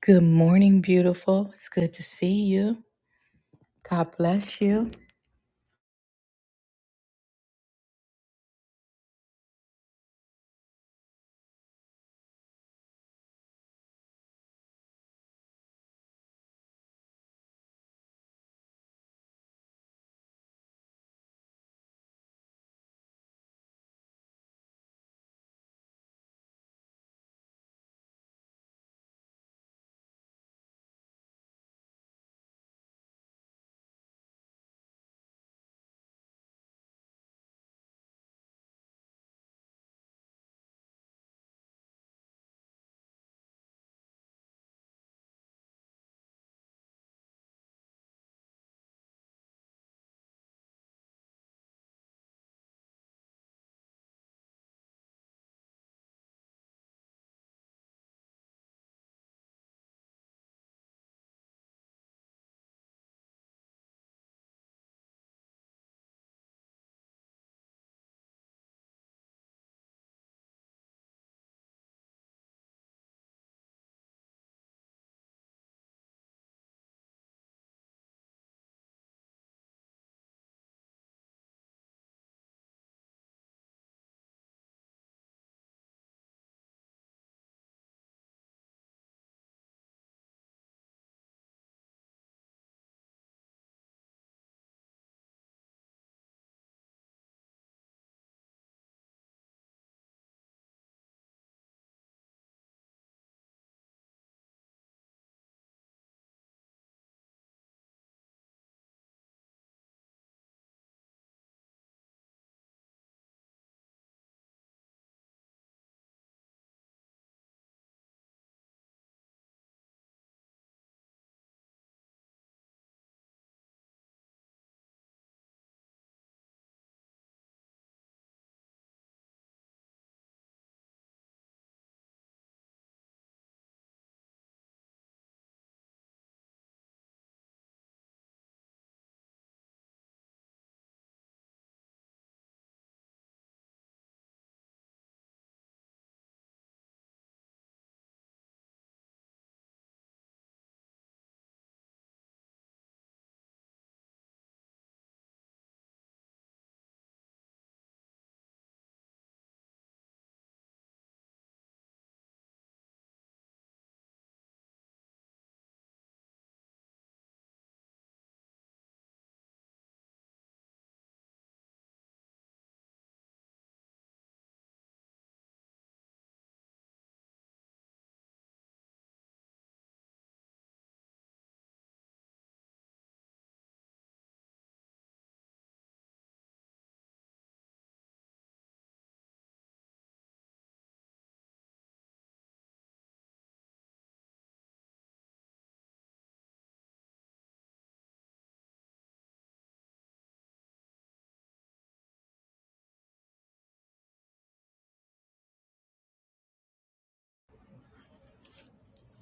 Good morning, beautiful. It's good to see you. God bless you.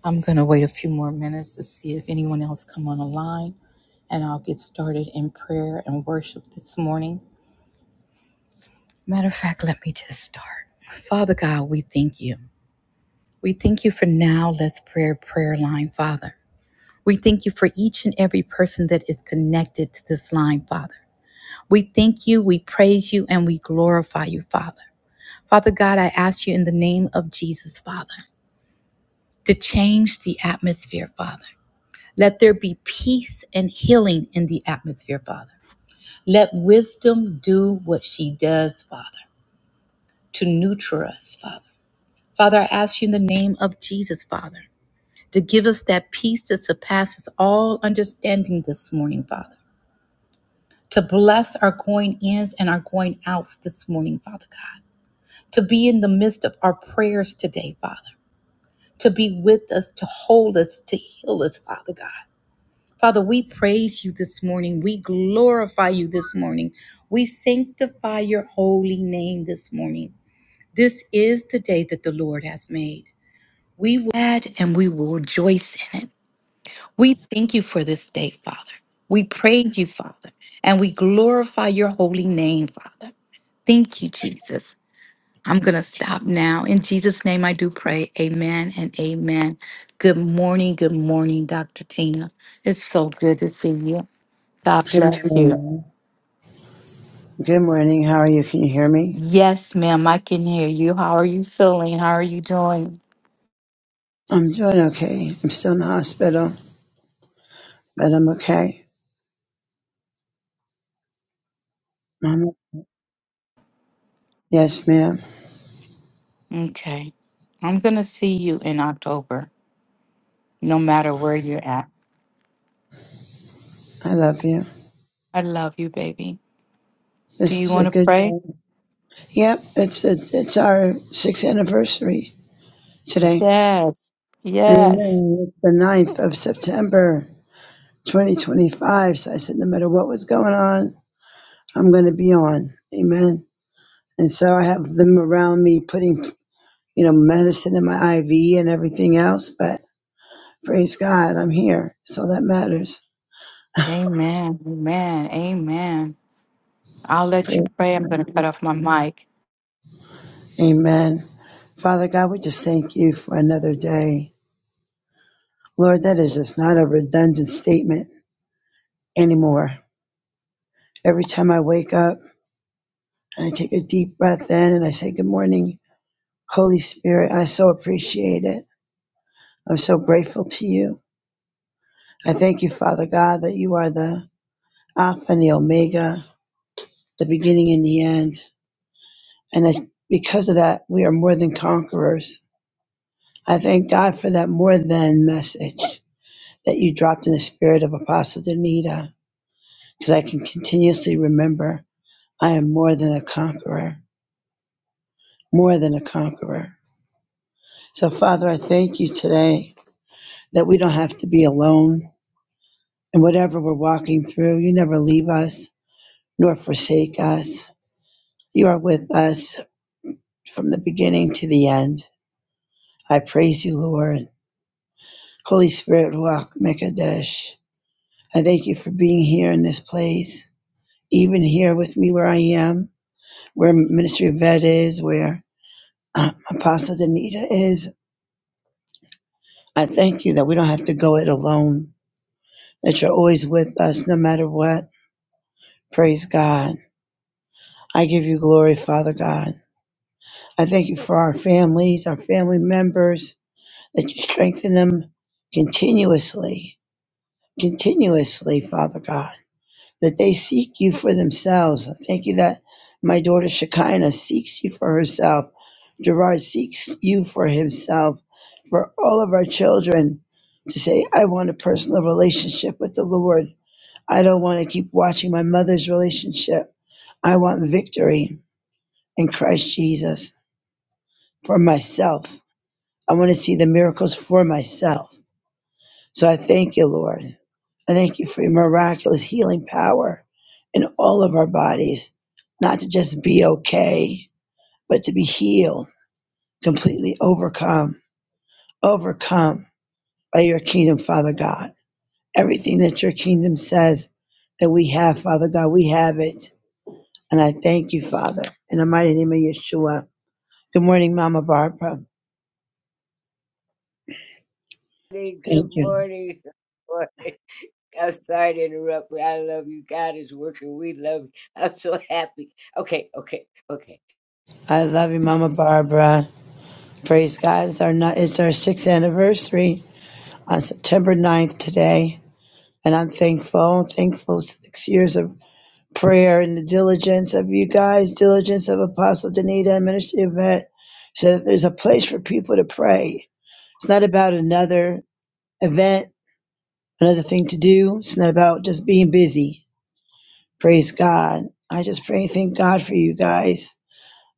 I'm going to wait a few more minutes to see if anyone else come on the line, and I'll get started in prayer and worship this morning. Matter of fact, let me just start. Father God, we thank you. We thank you for now. Let's prayer prayer line, Father. We thank you for each and every person that is connected to this line, Father. We thank you, we praise you, and we glorify you, Father. Father God, I ask you in the name of Jesus, Father. to change the atmosphere, Father. Let there be peace and healing in the atmosphere, Father. Let wisdom do what she does, Father, to nurture us, Father. Father, I ask you in the name of Jesus, Father, to give us that peace that surpasses all understanding this morning, Father. To bless our going ins and our going outs this morning, Father God. To be in the midst of our prayers today, Father. To be with us, to hold us, to heal us, Father God Father, we praise you this morning. We glorify you this morning. We sanctify your holy name this morning. This is the day that the Lord has made. We will add and we will rejoice in it. We thank you for this day, Father. We praise you, Father, and we glorify your holy name, Father. Thank you, Jesus. I'm going to stop now. In Jesus' name, I do pray. Amen and amen. Good morning. Good morning, Dr. Tina. It's so good to see you. God Good bless you. morning. Good morning. How are you? Can you hear me? Yes, ma'am, I can hear you. How are you feeling? How are you doing? I'm doing okay. I'm still in the hospital, but I'm okay. Mama. Yes, ma'am. Okay. I'm going to see you in October, no matter where you're at. I love you. I love you, baby. Do This you is want a to good pray? day. Yep, it's a, it's our sixth anniversary today. Yes. Amen. Yes. It's the ninth of September, 2025. So I said, no matter what was going on, I'm going to be on. Amen. And so I have them around me putting, you know, medicine in my IV and everything else, but Praise God, I'm here. So that matters. Amen. Amen. Amen. I'll let you Praise. pray. I'm going to cut off my mic. Amen. Father God, we just thank you for another day. Lord, that is just not a redundant statement anymore. Every time I wake up and I take a deep breath in and I say, Good morning, Holy Spirit, I so appreciate it. I'm so grateful to you. I thank you, Father God, that you are the Alpha and the Omega, the beginning and the end. And I, because of that, we are more than conquerors. I thank God for that more than message. that you dropped in the spirit of Apostle Danita, because I can continuously remember I am more than a conqueror, more than a conqueror. So, Father, I thank you today that we don't have to be alone. And whatever we're walking through, you never leave us nor forsake us. You are with us from the beginning to the end. I praise you, Lord. Holy Spirit, walk Mekadesh. I thank you for being here in this place, even here with me where I am. where Ministry of Ed is, where uh, Apostle Danita is. I thank you that we don't have to go it alone, that you're always with us no matter what. Praise God. I give you glory, Father God. I thank you for our families, our family members, that you strengthen them continuously, continuously, Father God. that they seek you for themselves. I thank you that my daughter Shekinah seeks you for herself. Gerard seeks you for himself, for all of our children to say, I want a personal relationship with the Lord. I don't want to keep watching my mother's relationship. I want victory in Christ Jesus for myself. I want to see the miracles for myself. So I thank you, Lord. I thank you for your miraculous healing power in all of our bodies, not to just be okay, but to be healed, completely overcome, overcome by your kingdom, Father God. Everything that your kingdom says that we have, Father God, we have it. And I thank you, Father, in the mighty name of Yeshua. Good morning, Mama Barbara. morning. Good Thank you. morning. Morning. I'm sorry to interrupt, but I love you. God is working. We love you. I'm so happy. Okay, okay, okay. I love you, Mama Barbara. Praise God. It's our, ni- it's our sixth anniversary on September ninth today. And I'm thankful. I'm thankful for six years of prayer and the diligence of you guys, diligence of Apostle Danita and Ministry Yvette. So that there's a place for people to pray. It's not about another event, another thing to do. It's not about just being busy. Praise God. I just pray and thank God for you guys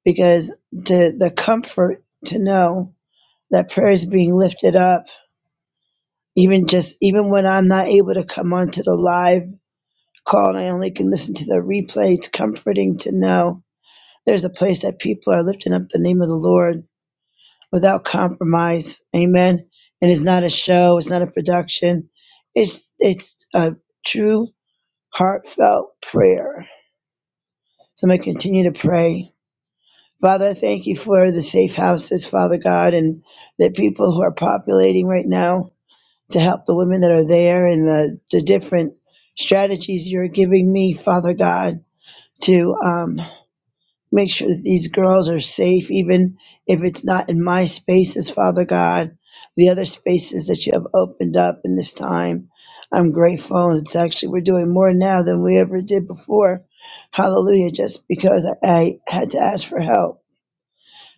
because to the comfort to know that prayer is being lifted up, even just even when I'm not able to come onto the live call and I only can listen to the replay. It's comforting to know there's a place that people are lifting up the name of the Lord without compromise. Amen. And it's not a show, it's not a production. It's it's a true heartfelt prayer. So I'm gonna continue to pray. Father, I thank you for the safe houses, Father God, and the people who are populating right now to help the women that are there and the, the different strategies you're giving me, Father God to um, Make sure that these girls are safe, even if it's not in my spaces, Father God, the other spaces that you have opened up in this time. I'm grateful. It's actually, we're doing more now than we ever did before. Hallelujah, just because I, I had to ask for help.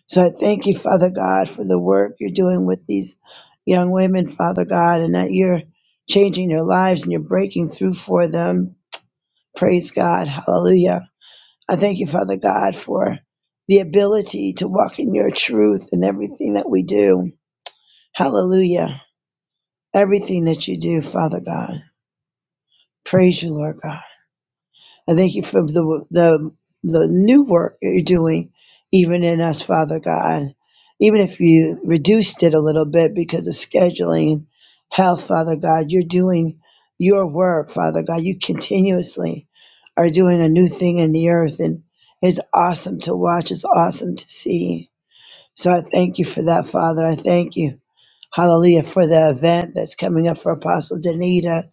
So I thank you, Father God, for the work you're doing with these young women, Father God, and that you're changing their lives and you're breaking through for them. Praise God. Hallelujah. I thank you, Father God, for the ability to walk in your truth in everything that we do. Hallelujah. Everything that you do, Father God. Praise you, Lord God. I thank you for the the the new work that you're doing, even in us, Father God. Even if you reduced it a little bit because of scheduling and health, Father God, you're doing your work, Father God. You continuously are doing a new thing in the earth, and it's awesome to watch. It's awesome to see. So I thank you for that, Father. I thank you, Hallelujah, for the event that's coming up for Apostle Danita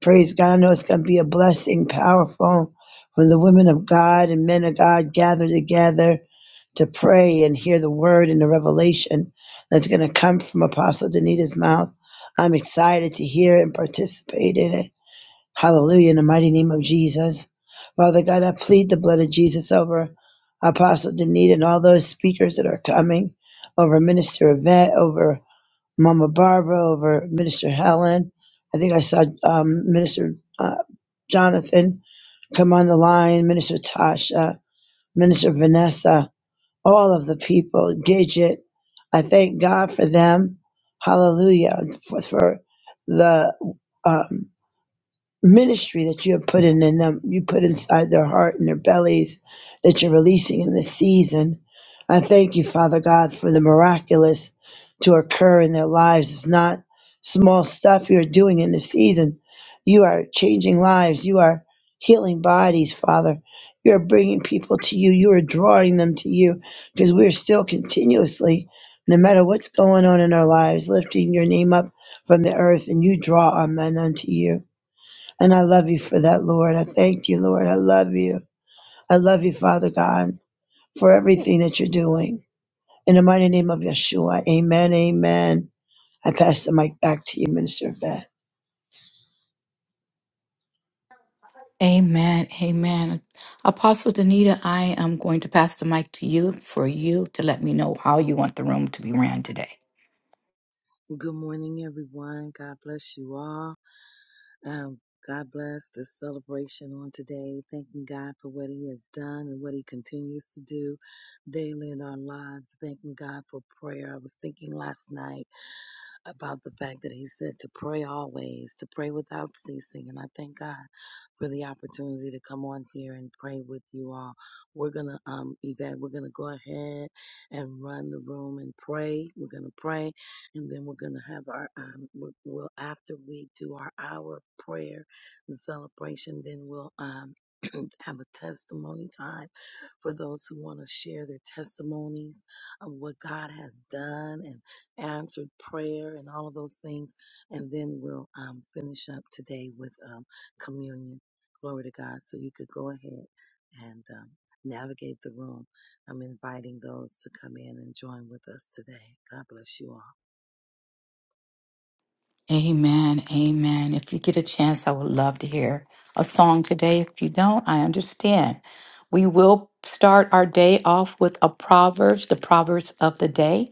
Praise God. I know it's going to be a blessing, powerful, when the women of God and men of God gather together to pray and hear the word and the revelation that's going to come from Apostle Danita's mouth. I'm excited to hear and participate in it. Hallelujah, in the mighty name of Jesus. Father God, I plead the blood of Jesus over Apostle Danita and all those speakers that are coming, over Minister Yvette, over Mama Barbara, over Minister Helen. I think I saw um, Minister uh, Jonathan come on the line, Minister Tasha, Minister Vanessa, all of the people, Gidget. I thank God for them. Hallelujah for, for the um, ministry that you have put in, in them, you put inside their heart and their bellies that you're releasing in this season. I thank you, Father God, for the miraculous to occur in their lives. It's not small stuff you're doing in this season. You are changing lives. You are healing bodies, Father. You're bringing people to you. You are drawing them to you because we're still continuously, no matter what's going on in our lives, lifting your name up from the earth and you draw our men unto you. And I love you for that, Lord. I thank you, Lord. I love you. I love you, Father God, for everything that you're doing. In the mighty name of Yeshua, amen, amen. I pass the mic back to you, Minister Vet. Amen. Amen. Apostle Danita, I am going to pass the mic to you for you to let me know how you want the room to be ran today. Good morning, everyone. God bless you all. Um, God bless this celebration on today, thanking God for what He has done and what He continues to do daily in our lives. Thanking God for prayer. I was thinking last night about the fact that He said to pray always, to pray without ceasing. And I thank God for the opportunity to come on here and pray with you all. We're gonna, um, Yvette, we're gonna go ahead and run the room and pray. We're gonna pray and then we're going to have our um we'll, we'll after we do our hour of prayer and celebration then we'll um have a testimony time for those who want to share their testimonies of what God has done and answered prayer and all of those things and then we'll um finish up today with um communion glory to God so you could go ahead and um navigate the room I'm inviting those to come in and join with us today. God bless you all. Amen. Amen. If you get a chance, I would love to hear a song today. If you don't, I understand. We will start our day off with a Proverbs, the Proverbs of the day.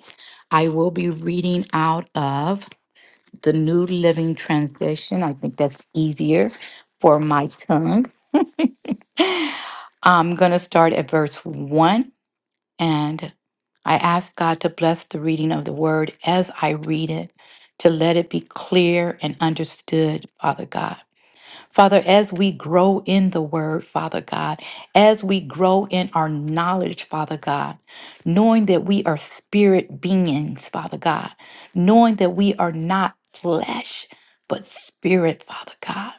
I will be reading out of the New Living Translation. I think that's easier for my tongue. I'm going to start at verse 1 and I ask God to bless the reading of the word as I read it, to let it be clear and understood, Father God. Father, as we grow in the word, Father God, as we grow in our knowledge, Father God, knowing that we are spirit beings, Father God, knowing that we are not flesh, but spirit, Father God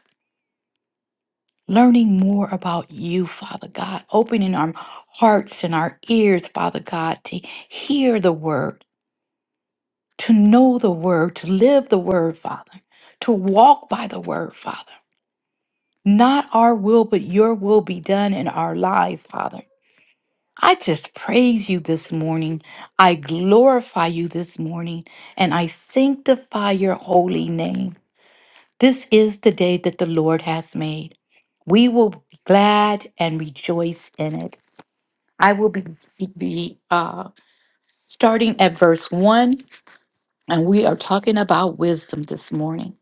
learning more about you, Father God, opening our hearts and our ears, Father God, to hear the word, to know the word, to live the word, Father, to walk by the word, Father. Not our will, but your will be done in our lives, Father. I just praise you this morning. I glorify you this morning, and I sanctify your holy name. This is the day that the Lord has made. We will be glad and rejoice in it. I will be, be uh, starting at verse 1, and we are talking about wisdom this morning.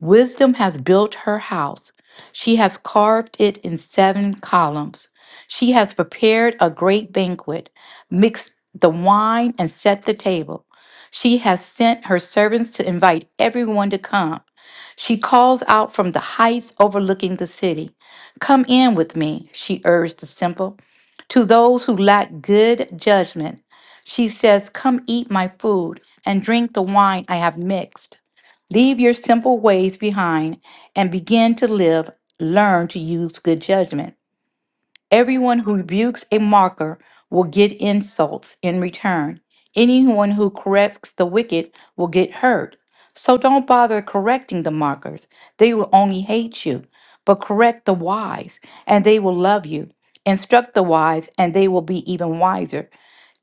Wisdom has built her house. She has carved it in seven columns. She has prepared a great banquet, mixed the wine, and set the table. She has sent her servants to invite everyone to come. She calls out from the heights overlooking the city. Come in with me, she urged the simple. To those who lack good judgment, she says, Come eat my food and drink the wine I have mixed. Leave your simple ways behind and begin to live. Learn to use good judgment. Everyone who rebukes a mocker will get insults in return. Anyone who corrects the wicked will get hurt. So don't bother correcting the mockers. They will only hate you. But correct the wise, and they will love you. Instruct the wise, and they will be even wiser.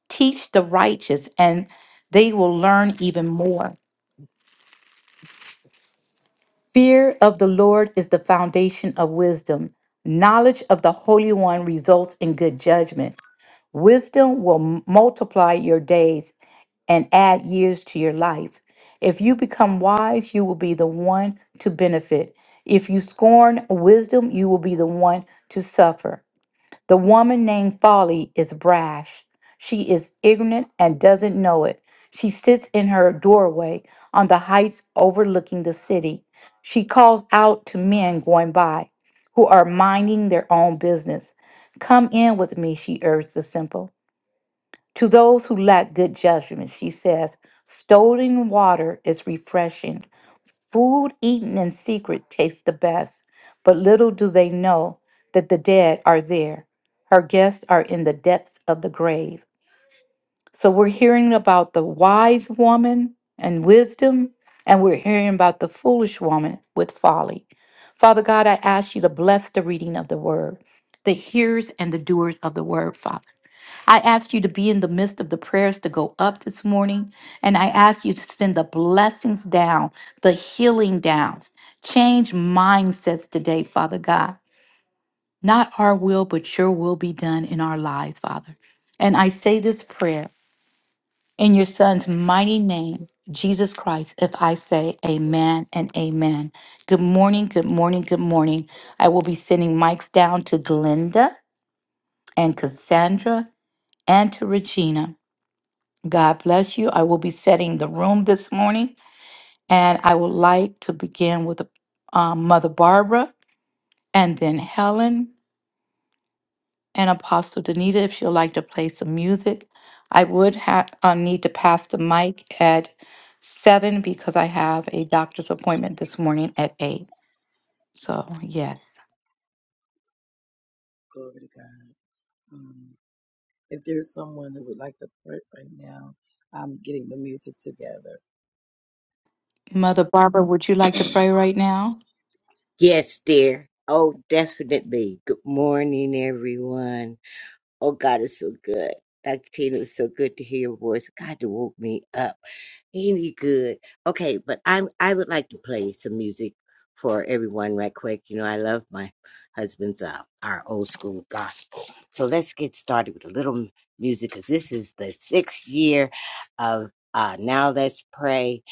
Teach the righteous, and they will learn even more. Fear of the Lord is the foundation of wisdom. Knowledge of the Holy One results in good judgment. Wisdom will m- multiply your days and add years to your life. If you become wise, you will be the one to benefit. If you scorn wisdom, you will be the one to suffer. The woman named Folly is brash. She is ignorant and doesn't know it. She sits in her doorway on the heights overlooking the city. She calls out to men going by who are minding their own business. Come in with me, she urged the simple. To those who lack good judgment, she says, stolen water is refreshing. Food eaten in secret tastes the best, but little do they know that the dead are there. Her guests are in the depths of the grave. So we're hearing about the wise woman and wisdom, and we're hearing about the foolish woman with folly. Father God, I ask you to bless the reading of the word, the hearers and the doers of the word, Father. I ask you to be in the midst of the prayers to go up this morning. And I ask you to send the blessings down, the healing downs. Change mindsets today, Father God. Not our will, but your will be done in our lives, Father. And I say this prayer in your Son's mighty name, Jesus Christ, if I say amen and amen. Good morning, good morning, good morning. I will be sending mics down to Glenda and Cassandra and to Regina. God bless you. I will be setting the room this morning, and I would like to begin with um, Mother Barbara and then Helen and Apostle Danita if she would like to play some music. I would ha- uh, need to pass the mic at seven because I have a doctor's appointment this morning at eight. So, yes. Glory to God. Um, if there's someone that would like to pray right now, I'm getting the music together. Mother Barbara, would you like to pray right now? Yes, dear. Oh, definitely. Good morning, everyone. Oh, God is so good. Dr. Tina, it's so good to hear your voice. God done woke me up. Ain't he good? Okay, but I'm I would like to play some music for everyone right quick. You know, I love my husband's uh, our old school gospel. So let's get started with a little music because this is the sixth year of uh, now let's pray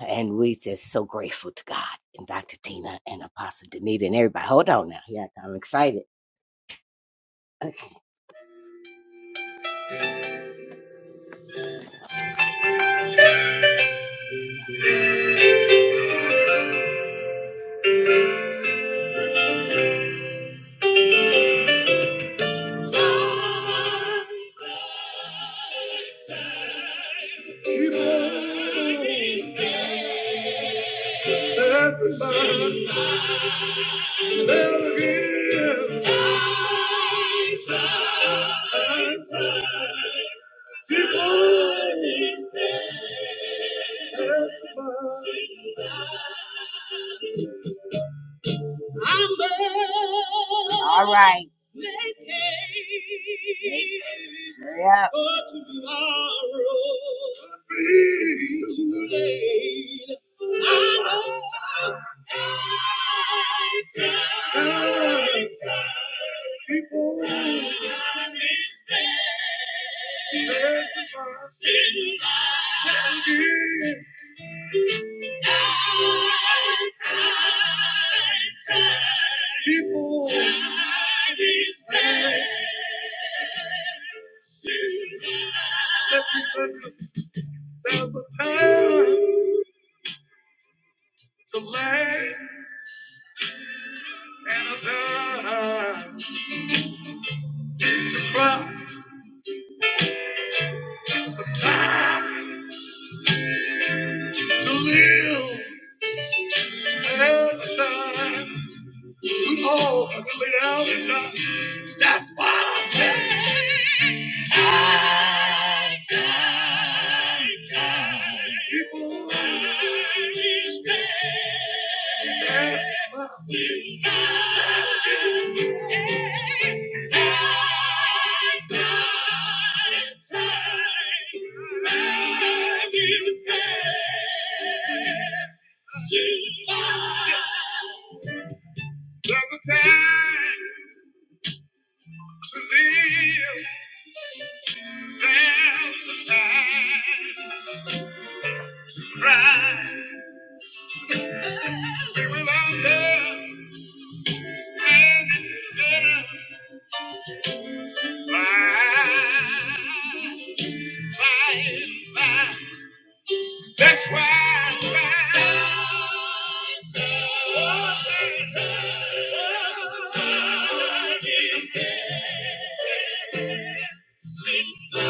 and we just so grateful to God and Dr. Tina and Apostle Danita and everybody. Hold on now. Yeah, I'm excited. Okay. Keep on passing by. Never again. Time, time, time. Keep on passing by. All right. Yep. People, let me say There's a time to laugh and a time to cry. time to live and have a time. We all got to lay down and die. That's why I can't. Time, time, time. People, time is precious. Time is precious. Time, time, time. Time is precious. There's a time to live. There's a time to cry. We will understand it better by, by, and by. That's why I cry. Oh, time, time, oh, time. Thank you. don't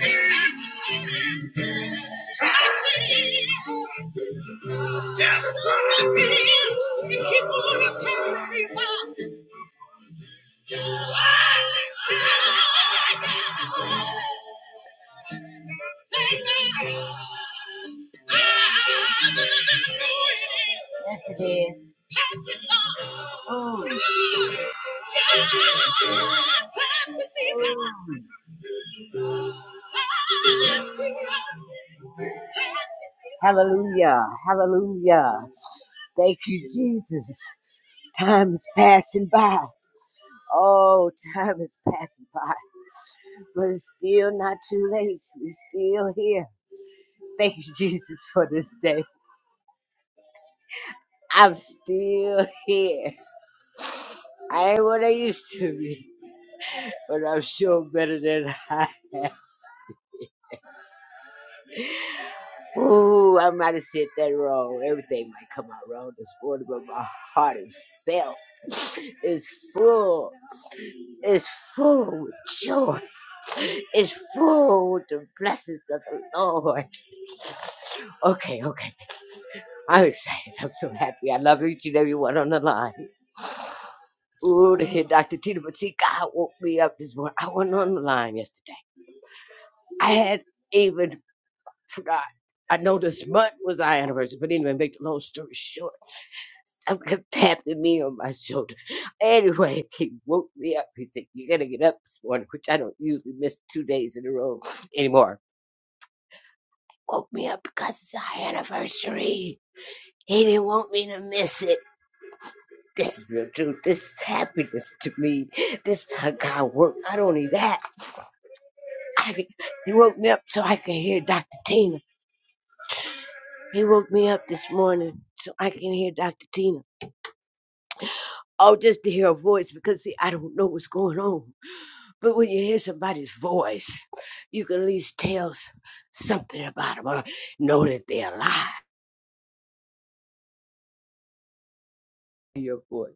have what you Yes, it is. Oh. Hallelujah. Hallelujah. Thank you, Jesus. Time is passing by. Oh, time is passing by. But it's still not too late. We're still here. Thank you, Jesus, for this day. I'm still here. I ain't what I used to be, but I'm sure better than I am. Ooh, I might have said that wrong. Everything might come out wrong this morning, but my heart is filled. It's full. It's full with joy. It's full with the blessings of the Lord. Okay, okay. I'm excited. I'm so happy. I love each and every one on the line. Ooh, to hear Dr. Tina Boutique, God woke me up this morning. I wasn't on the line yesterday. I had even God. I know this month was our anniversary, but anyway, make the long story short, something kept tapping me on my shoulder. Anyway, he woke me up. He said, you got to get up this morning, which I don't usually miss two days in a row anymore. Woke me up because it's our anniversary. He didn't want me to miss it. This is real truth. This is happiness to me. This is how God worked. Not only that, I can, he woke me up so I can hear Dr. Tina. He woke me up this morning so I can hear Dr. Tina. Oh, just to hear a voice because see, I don't know what's going on. But when you hear somebody's voice, you can at least tell s- something about them or know that they're alive. in Your voice.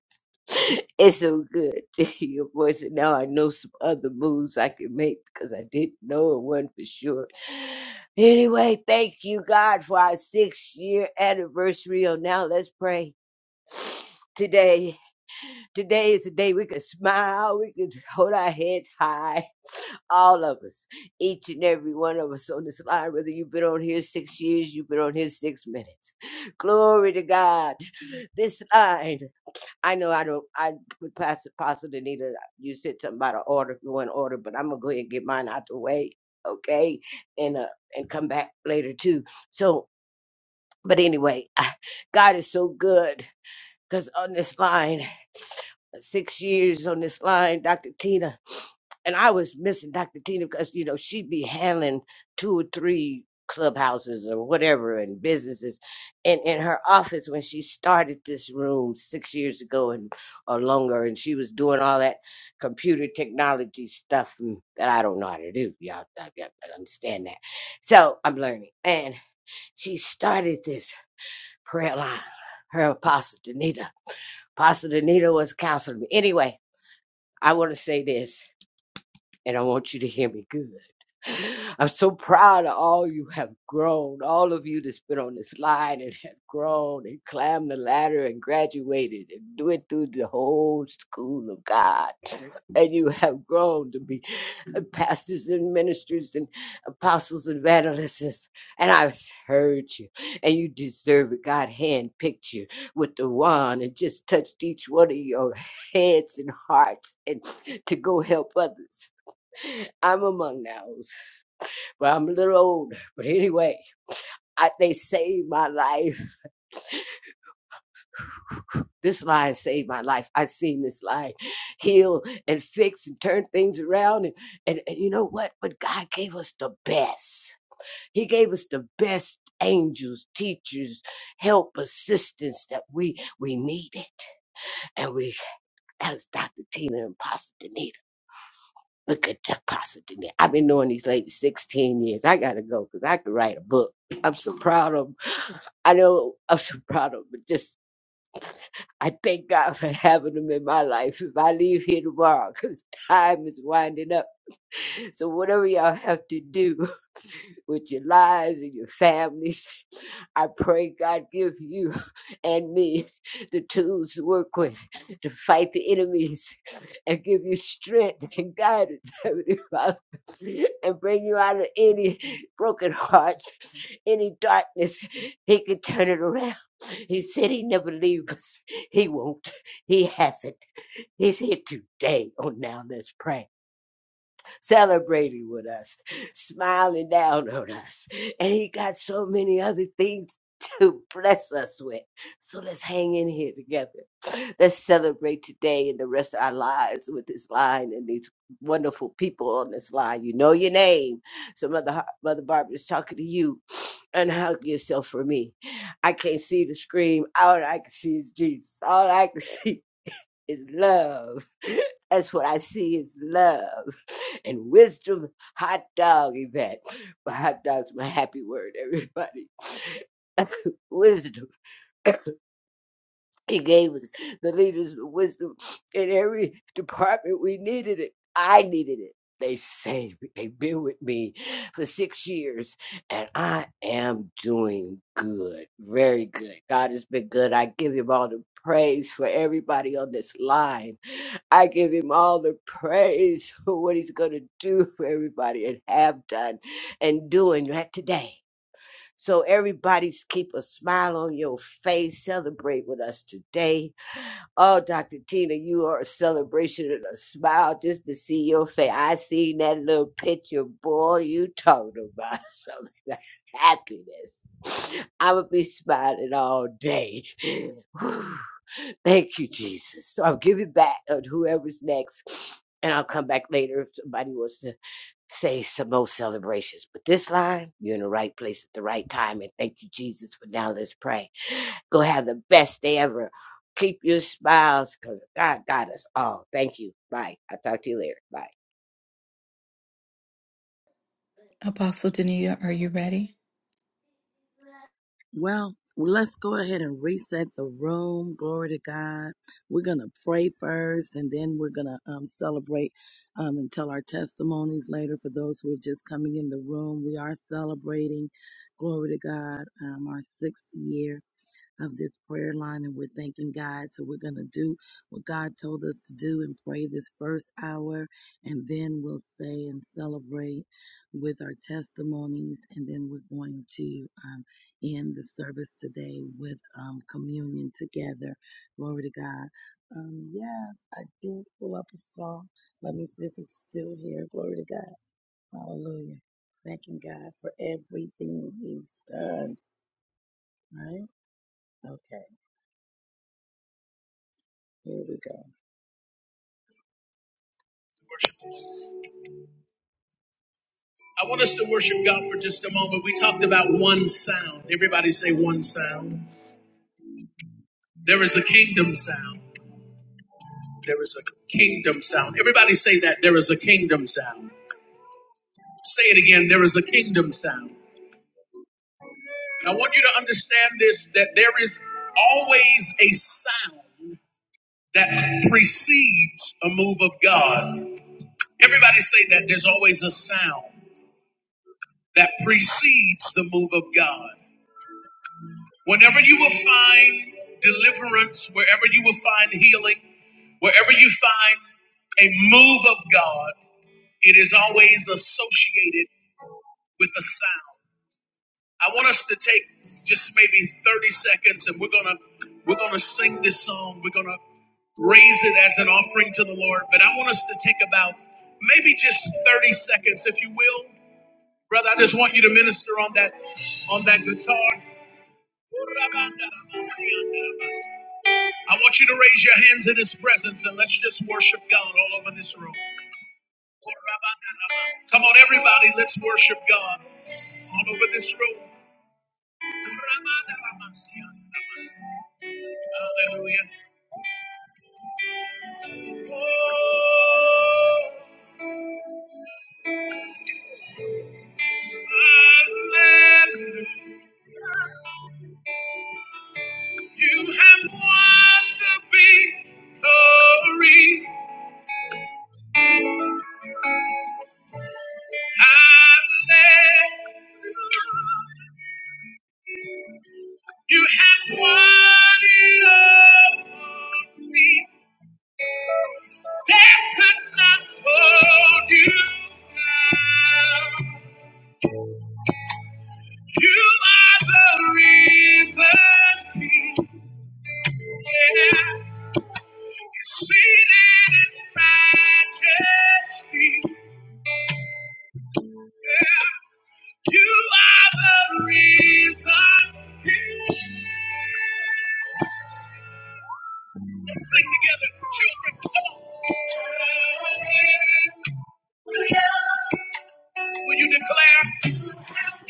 It's so good to hear your voice. And now I know some other moves I can make because I didn't know it one for sure. Anyway, thank you, God, for our six year anniversary. Oh, now let's pray. Today, today is the day we can smile, we can hold our heads high. all of us, each and every one of us on this line, whether you've been on here six years, you've been on here six minutes. Glory to God. This line, I know I don't, I would pass it, Pastor Danita. You said something about an order, go in order, but I'm going to go ahead and get mine out the way, okay? And, uh, and come back later too. So, but anyway, God is so good because on this line, six years on this line, Dr. Tina and I was missing Dr. Tina because you know she'd be handling two or three clubhouses or whatever and businesses, and in her office when she started this room six years ago and or longer, and she was doing all that computer technology stuff mm, that I don't know how to do. Y'all, I, I I understand that, so I'm learning. And she started this prayer line. Her apostle Danita, apostle Danita was counseling me. Anyway, I want to say this and I want you to hear me good. I'm so proud of all you have grown, all of you that's been on this line and have grown and climbed the ladder and graduated and went through the whole school of God. And you have grown to be pastors and ministers and apostles and evangelists. And I've heard you, and you deserve it. God handpicked you with the wand and just touched each one of your heads and hearts and to go help others. I'm among those, but I'm a little older. But anyway, I, they saved my life. This line saved my life. I've seen this line heal and fix and turn things around. And, and, and you know what? But God gave us the best. He gave us the best angels, teachers, help, assistance that we we needed. And we, that was Dr. Tina and Pastor Danita. Look at that Pastor Danita. I've been knowing these ladies 16 years. I got to go because I could write a book. I'm so proud of 'em. I know I'm so proud of him, but just I thank God for having him in my life. If I leave here tomorrow, because time is winding up. So whatever y'all have to do with your lives and your families, I pray God give you and me the tools to work with to fight the enemies and give you strength and guidance, Heavenly Father, and bring you out of any broken hearts, any darkness. He can turn it around. He said he never leave us. He won't. He hasn't. He's here today. Oh, now let's pray celebrating with us, smiling down on us. And he got so many other things to bless us with. So let's hang in here together. Let's celebrate today and the rest of our lives with this line and these wonderful people on this line. You know your name. So Mother Har- Mother Barbara is talking to you. Unhug yourself for me. I can't see the scream. All I can see is Jesus. All I can see is love. That's what I see is love and wisdom. Hot dog event. But hot dog's my happy word, everybody. wisdom. He gave us the leaders of wisdom in every department. We needed it. I needed it. They saved me. They've been with me for six years, and I am doing good. Very good. God has been good. I give him all the praise for everybody on this line. I give him all the praise for what he's going to do for everybody and have done and doing right today. So everybody's keep a smile on your face. Celebrate with us today. Oh, Dr. Tina, you are a celebration and a smile just to see your face. I seen that little picture, boy. You talking about something like happiness. I would be smiling all day. Whew. Thank you, Jesus. So I'll give it back to whoever's next. And I'll come back later if somebody wants to say some more celebrations. But this line, you're in the right place at the right time. And thank you, Jesus, for now. Let's pray. Go have the best day ever. Keep your smiles because God got us all. Thank you. Bye. I'll talk to you later. Bye. Apostle Danita, are you ready? Well, let's go ahead and reset the room. Glory to God. We're going to pray first and then we're going to um, celebrate um, and tell our testimonies later for those who are just coming in the room. We are celebrating, glory to God, um, our sixth year of this prayer line and we're thanking God. So we're going to do what God told us to do and pray this first hour. And then we'll stay and celebrate with our testimonies. And then we're going to um, end the service today with um, communion together. Glory to God. Um, yeah, I did pull up a song. Let me see if it's still here. Glory to God. Hallelujah. Thanking God for everything He's done. Right? Okay, here we go. I want us to worship God for just a moment. We talked about one sound. Everybody say one sound. There is a kingdom sound. There is a kingdom sound. Everybody say that. There is a kingdom sound. Say it again. There is a kingdom sound. And I want you to understand this that there is always a sound that precedes a move of God. Everybody say that. There's always a sound that precedes the move of God. Whenever you will find deliverance, wherever you will find healing, wherever you find a move of God, it is always associated with a sound. I want us to take just maybe 30 seconds and we're going to we're going to sing this song. We're going to raise it as an offering to the Lord, but I want us to take about maybe just 30 seconds if you will. Brother, I just want you to minister on that on that guitar. I want you to raise your hands in His presence and let's just worship God all over this room. Come on, everybody, let's worship God all over this room. Hallelujah. Oh, hallelujah. you have won the victory. Hallelujah. You have won it all for me. Death could not hold you down. You are the reason. Yeah. You see that in majesty. Yeah. You are the reason. Let's sing together, children. Come on. Will you declare?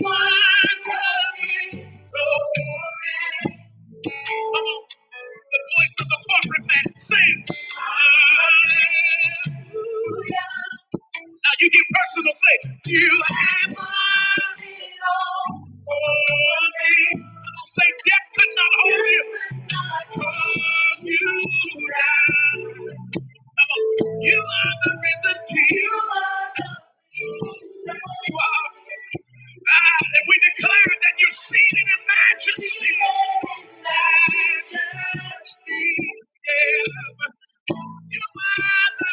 Wonderful, so Come on. The voice of the corporate man. Sing. Hallelujah. Now you get personal. Say, you have done it all for me. Come on, Say, death could not hold you. You could not hold you down. You are the risen King. You are the Yes, you are. Ah, and we declare that you're seated in majesty. Majesty. Yeah. You are the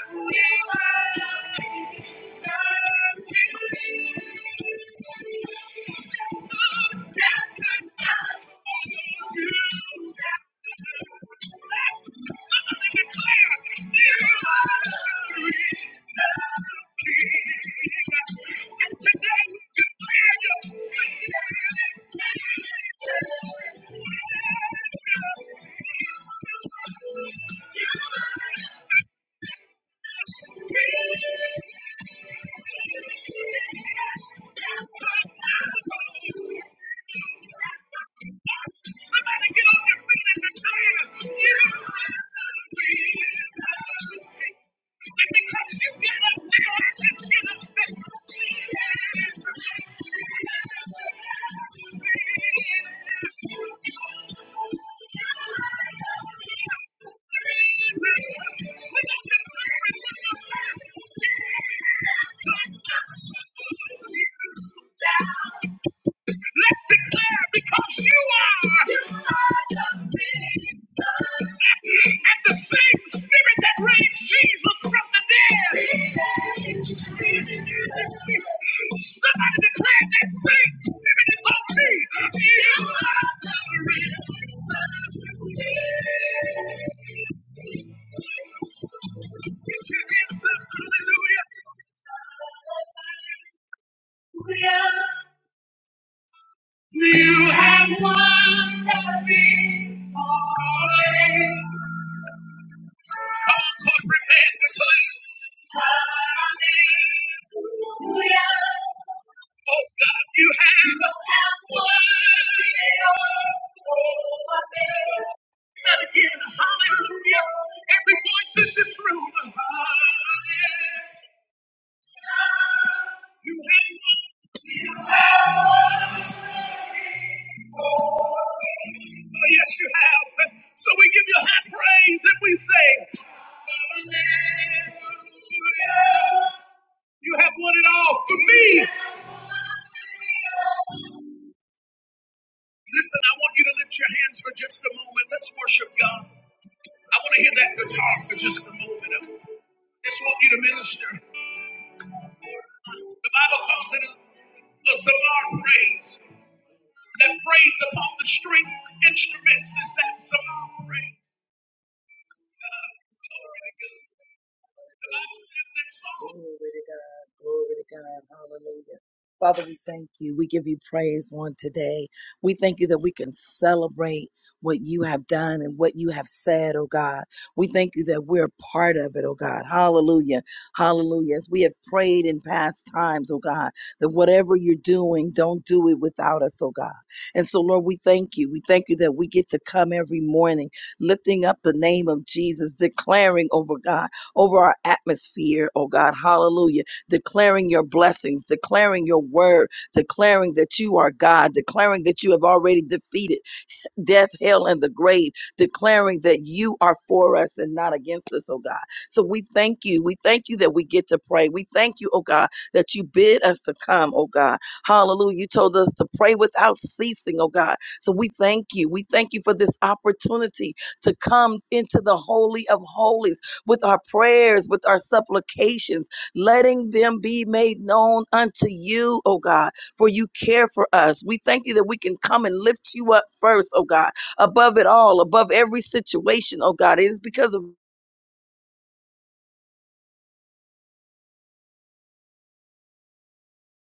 risen King. Thank you. Somebody get on your feet and declare, you are free. Because you got a will to get a down. Let's declare because you are. And the same spirit that raised Jesus from the dead. Somebody declare that same spirit is on me. You are the reason. Hallelujah. We are. You have won the victory. Come on, corporate man, please. Hallelujah. Oh God, you have won the victory. And again, hallelujah. Every voice in this room. Hallelujah. You have won. Oh, yes, you have. So we give you high praise and we say, Hallelujah. You have won it all for me. Listen, I want you to lift your hands for just a moment. Let's worship God. I want to hear that guitar for just a moment. I just want you to minister. The Bible calls it a, a Zamar praise. That praise upon the string instruments is that Zamar praise. Glory to God. The Bible says that Saul Glory to God. Glory to God. Hallelujah. Father, we thank you. We give you praise on today. We thank you that we can celebrate what you have done and what you have said, oh God. We thank you that we're part of it, oh God. Hallelujah. Hallelujah. As we have prayed in past times, oh God, that whatever you're doing, don't do it without us, oh God. And so, Lord, we thank you. We thank you that we get to come every morning lifting up the name of Jesus, declaring over God over our atmosphere, oh God. Hallelujah. Declaring your blessings, declaring your word, declaring that you are God, declaring that you have already defeated death, hell, and the grave, declaring that you are for us and not against us, oh God. So we thank you. We thank you that we get to pray. We thank you, oh God, that you bid us to come, oh God. Hallelujah. You told us to pray without ceasing, oh God. So we thank you. We thank you for this opportunity to come into the Holy of Holies with our prayers, with our supplications, letting them be made known unto you, oh God for you care for us. We thank you that we can come and lift you up first, oh God, above it all, above every situation, oh God. It is because of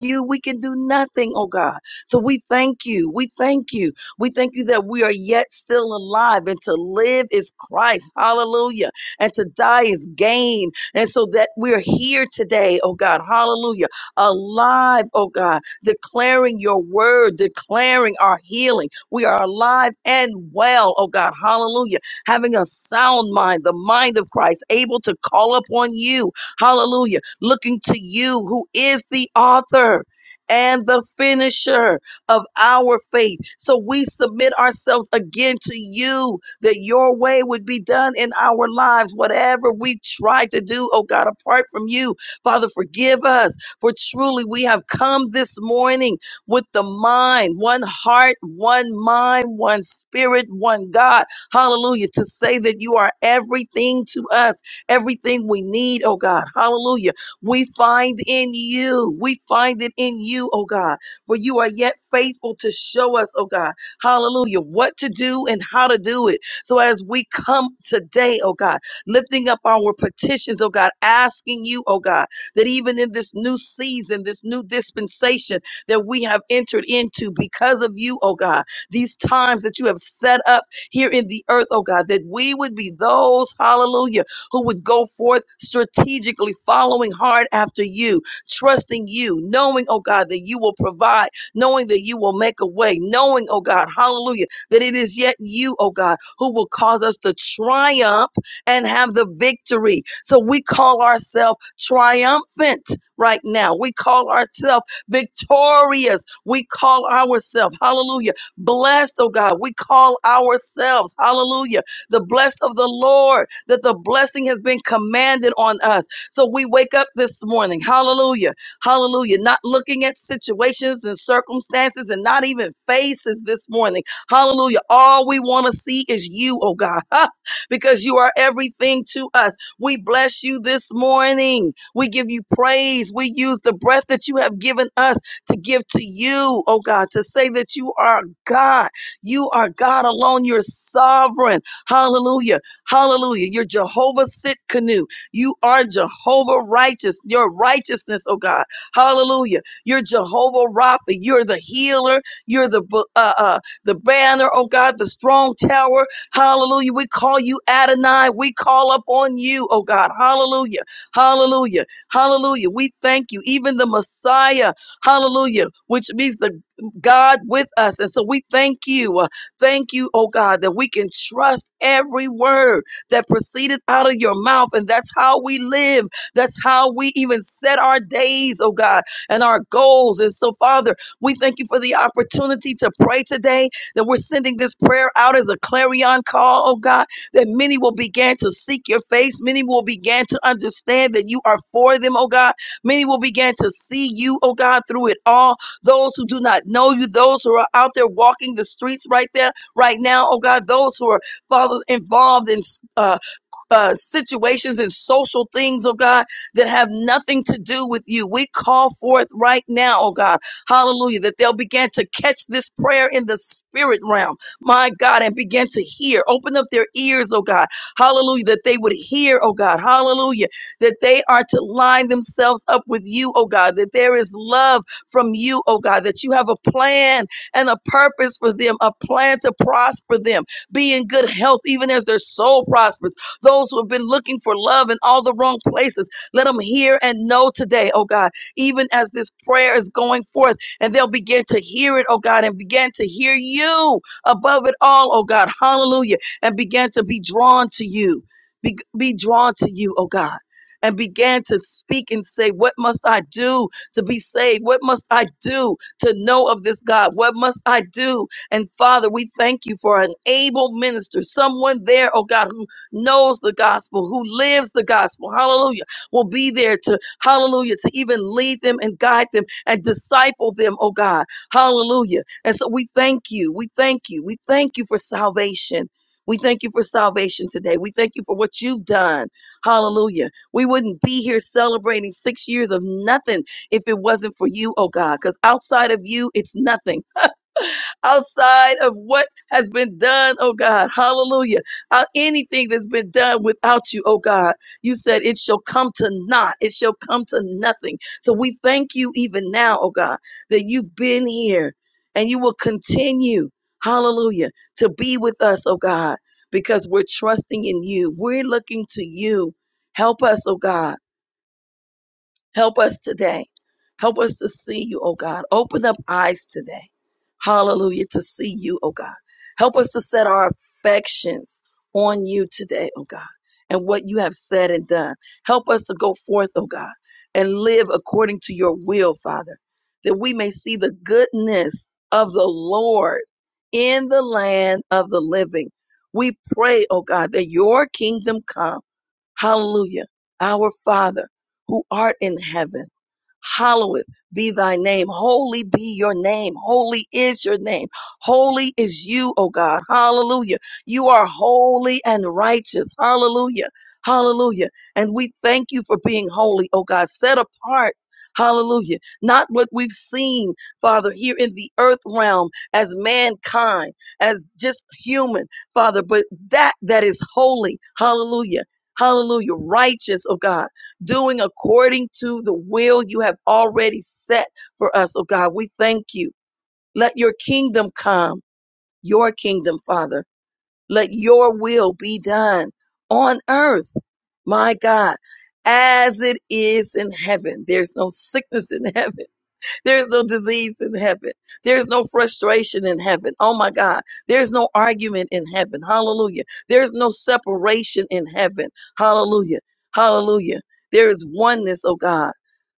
you, we can do nothing, oh God. So we thank you. We thank you. We thank you that we are yet still alive and to live is Christ. Hallelujah. And to die is gain. And so that we're here today, oh God. Hallelujah. Alive, oh God, declaring your word, declaring our healing. We are alive and well, oh God. Hallelujah. Having a sound mind, the mind of Christ, able to call upon you. Hallelujah looking to you who is the author and the finisher of our faith. So we submit ourselves again to you that your way would be done in our lives. Whatever we try to do, oh God, apart from you, Father, forgive us. For truly we have come this morning with the mind, one heart, one mind, one spirit, one God. Hallelujah. To say that you are everything to us, everything we need, oh God. Hallelujah we find in you. We find it in you, oh God. For you are yet faithful to show us, oh God, hallelujah, what to do and how to do it. So as we come today, oh God, lifting up our petitions, oh God, asking you, oh God, that even in this new season, this new dispensation that we have entered into because of you, oh God, these times that you have set up here in the earth, oh God, that we would be those, hallelujah who would go forth strategically, following hard after you, trusting you, knowing, oh God, that you will provide, knowing that you will make a way, knowing, oh God, hallelujah, that it is yet you, oh God, who will cause us to triumph and have the victory. So we call ourselves triumphant right now. We call ourselves victorious. We call ourselves, hallelujah, blessed, oh God. We call ourselves, hallelujah the bless of the Lord, that the blessing has been commanded on us. So we wake up this morning, hallelujah, hallelujah, not looking at situations and circumstances and not even faces this morning, hallelujah. All we want to see is you, oh God, because you are everything to us. We bless you this morning. We give you praise. We use the breath that you have given us to give to you, oh God, to say that you are God. You are God alone. You're sovereign. Hallelujah. Hallelujah. You're Jehovah sit canoe. You are Jehovah righteous. Your righteousness, oh God. Hallelujah. You're Jehovah Rapha. You're the healer. You're the uh, uh, the banner, oh God, the strong tower. Hallelujah. We call you Adonai. We call upon you, oh God. Hallelujah. Hallelujah. Hallelujah. We thank you. Even the Messiah, hallelujah, which means the God with us. And so we thank you. Thank you, oh God, that we can trust every word that proceedeth out of your mouth. And that's how we live. That's how we even set our days, oh God, and our goals. And so, Father, we thank you for the opportunity to pray today, that we're sending this prayer out as a clarion call, oh God, that many will begin to seek your face. Many will begin to understand that you are for them, oh God. Many will begin to see you, oh God, through it all those who do not know you, those who are out there walking the streets right there, right now, oh God, those who are, Father, involved in uh, uh, situations and social things, oh God, that have nothing to do with you. We call forth right now, oh God, hallelujah, that they'll begin to catch this prayer in the spirit realm, my God, and begin to hear. Open up their ears, oh God, hallelujah, that they would hear, oh God, hallelujah, that they are to line themselves up with you, oh God, that there is love from you, oh God, that you have a plan and a purpose for them, a plan to prosper them, be in good health, even as their soul prospers those who have been looking for love in all the wrong places, let them hear and know today, oh God, even as this prayer is going forth and they'll begin to hear it, oh God, and begin to hear you above it all, oh God. Hallelujah. And begin to be drawn to you. Be, be drawn to you, oh God. And began to speak and say, What must I do to be saved? What must I do to know of this God? What must I do? And Father, we thank you for an able minister, someone there, oh God, who knows the gospel, who lives the gospel, hallelujah, will be there to, hallelujah, to even lead them and guide them and disciple them, oh God, hallelujah. And so we thank you, we thank you, we thank you for salvation. We thank you for salvation today. We thank you for what you've done. Hallelujah. We wouldn't be here celebrating six years of nothing if it wasn't for you, oh God, because outside of you, it's nothing outside of what has been done, oh God. Hallelujah. Uh, anything that's been done without you, oh God. You said it shall come to naught. It shall come to nothing. So we thank you even now, oh God, that you've been here and you will continue, hallelujah, to be with us, oh God, because we're trusting in you. We're looking to you. Help us, oh God. Help us today. Help us to see you, oh God. Open up eyes today. Hallelujah. To see you, oh God. Help us to set our affections on you today, oh God, and what you have said and done. Help us to go forth, oh God, and live according to your will, Father, that we may see the goodness of the Lord in the land of the living. We pray, oh God, that your kingdom come Hallelujah. Our Father who art in heaven Hallowed be thy name. Holy be your name. Holy is your name. Holy is you, O God. Hallelujah. You are holy and righteous. Hallelujah. Hallelujah. And we thank you for being holy, O God. Set apart. Hallelujah. Not what we've seen, Father, here in the earth realm as mankind, as just human, Father, but that that is holy. Hallelujah. Hallelujah. Righteous, O God doing according to the will you have already set for us. Oh God, we thank you. Let your kingdom come, your kingdom, Father. Let your will be done on earth, my God, as it is in heaven. There's no sickness in heaven. There's no disease in heaven. There's no frustration in heaven. Oh my God. There's no argument in heaven. Hallelujah. There's no separation in heaven. Hallelujah. Hallelujah. There is oneness, oh God,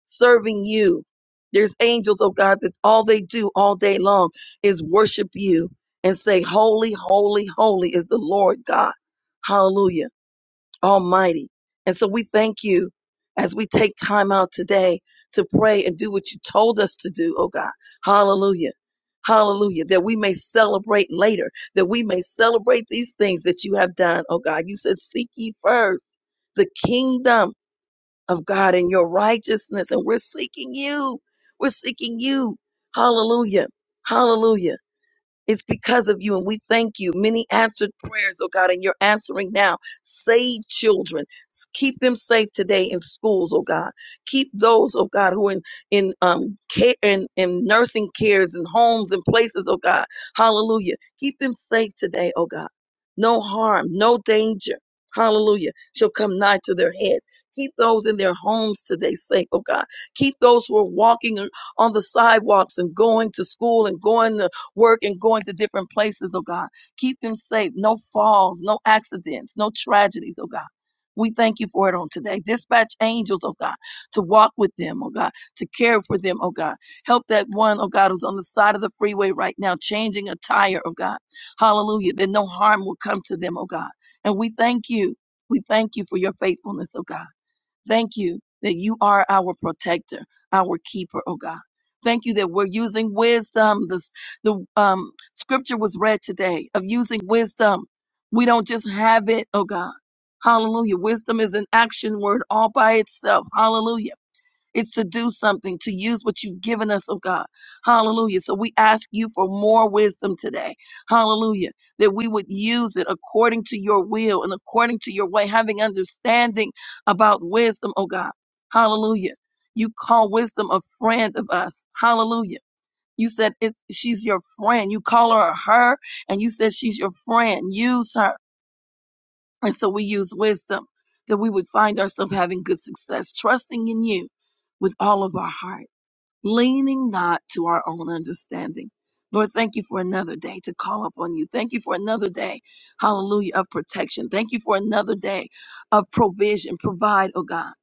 serving you. There's angels, oh God, that all they do all day long is worship you and say, Holy, holy, holy is the Lord God. Hallelujah. Almighty. And so we thank you as we take time out today to pray and do what you told us to do, oh God. Hallelujah. Hallelujah. That we may celebrate later, that we may celebrate these things that you have done, oh God. You said, Seek ye first the kingdom of God and your righteousness. And we're seeking you. We're seeking you. Hallelujah. Hallelujah. It's because of you, and we thank you. Many answered prayers, oh God, and you're answering now. Save children. S- Keep them safe today in schools, oh God. Keep those, oh God, who are in, in um care in, in nursing cares and homes and places, oh God. Hallelujah. Keep them safe today, oh God. No harm, no danger. Hallelujah. Shall come nigh to their heads. Keep those in their homes today safe, oh God. Keep those who are walking on the sidewalks and going to school and going to work and going to different places, oh God. Keep them safe. No falls, no accidents, no tragedies, oh God. We thank you for it on today. Dispatch angels, oh God, to walk with them, oh God, to care for them, oh God. Help that one, oh God, who's on the side of the freeway right now, changing a tire, oh God. Hallelujah. That no harm will come to them, oh God. And we thank you. We thank you for your faithfulness, oh God. Thank you that you are our protector, our keeper, oh God. Thank you that we're using wisdom. This, the um, scripture was read today of using wisdom. We don't just have it, oh God. Hallelujah. Wisdom is an action word all by itself. Hallelujah it's to do something, to use what you've given us, oh God. Hallelujah. So we ask you for more wisdom today. Hallelujah. That we would use it according to your will and according to your way, having understanding about wisdom, oh God. Hallelujah. You call wisdom a friend of us. Hallelujah. You said it's she's your friend. You call her her, and you said she's your friend. Use her. And so we use wisdom that we would find ourselves having good success, trusting in you with all of our heart leaning not to our own understanding. Lord, thank you for another day to call upon you. Thank you for another day, hallelujah, of protection. Thank you for another day of provision. Provide, oh God,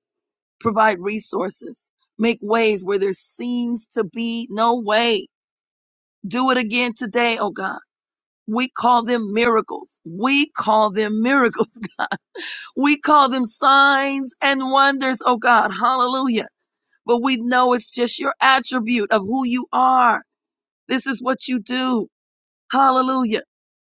provide resources. Make ways where there seems to be no way. Do it again today, oh God. We call them miracles. We call them miracles. We call them signs and wonders, oh God. Hallelujah. But we know it's just your attribute of who you are. This is what you do. Hallelujah.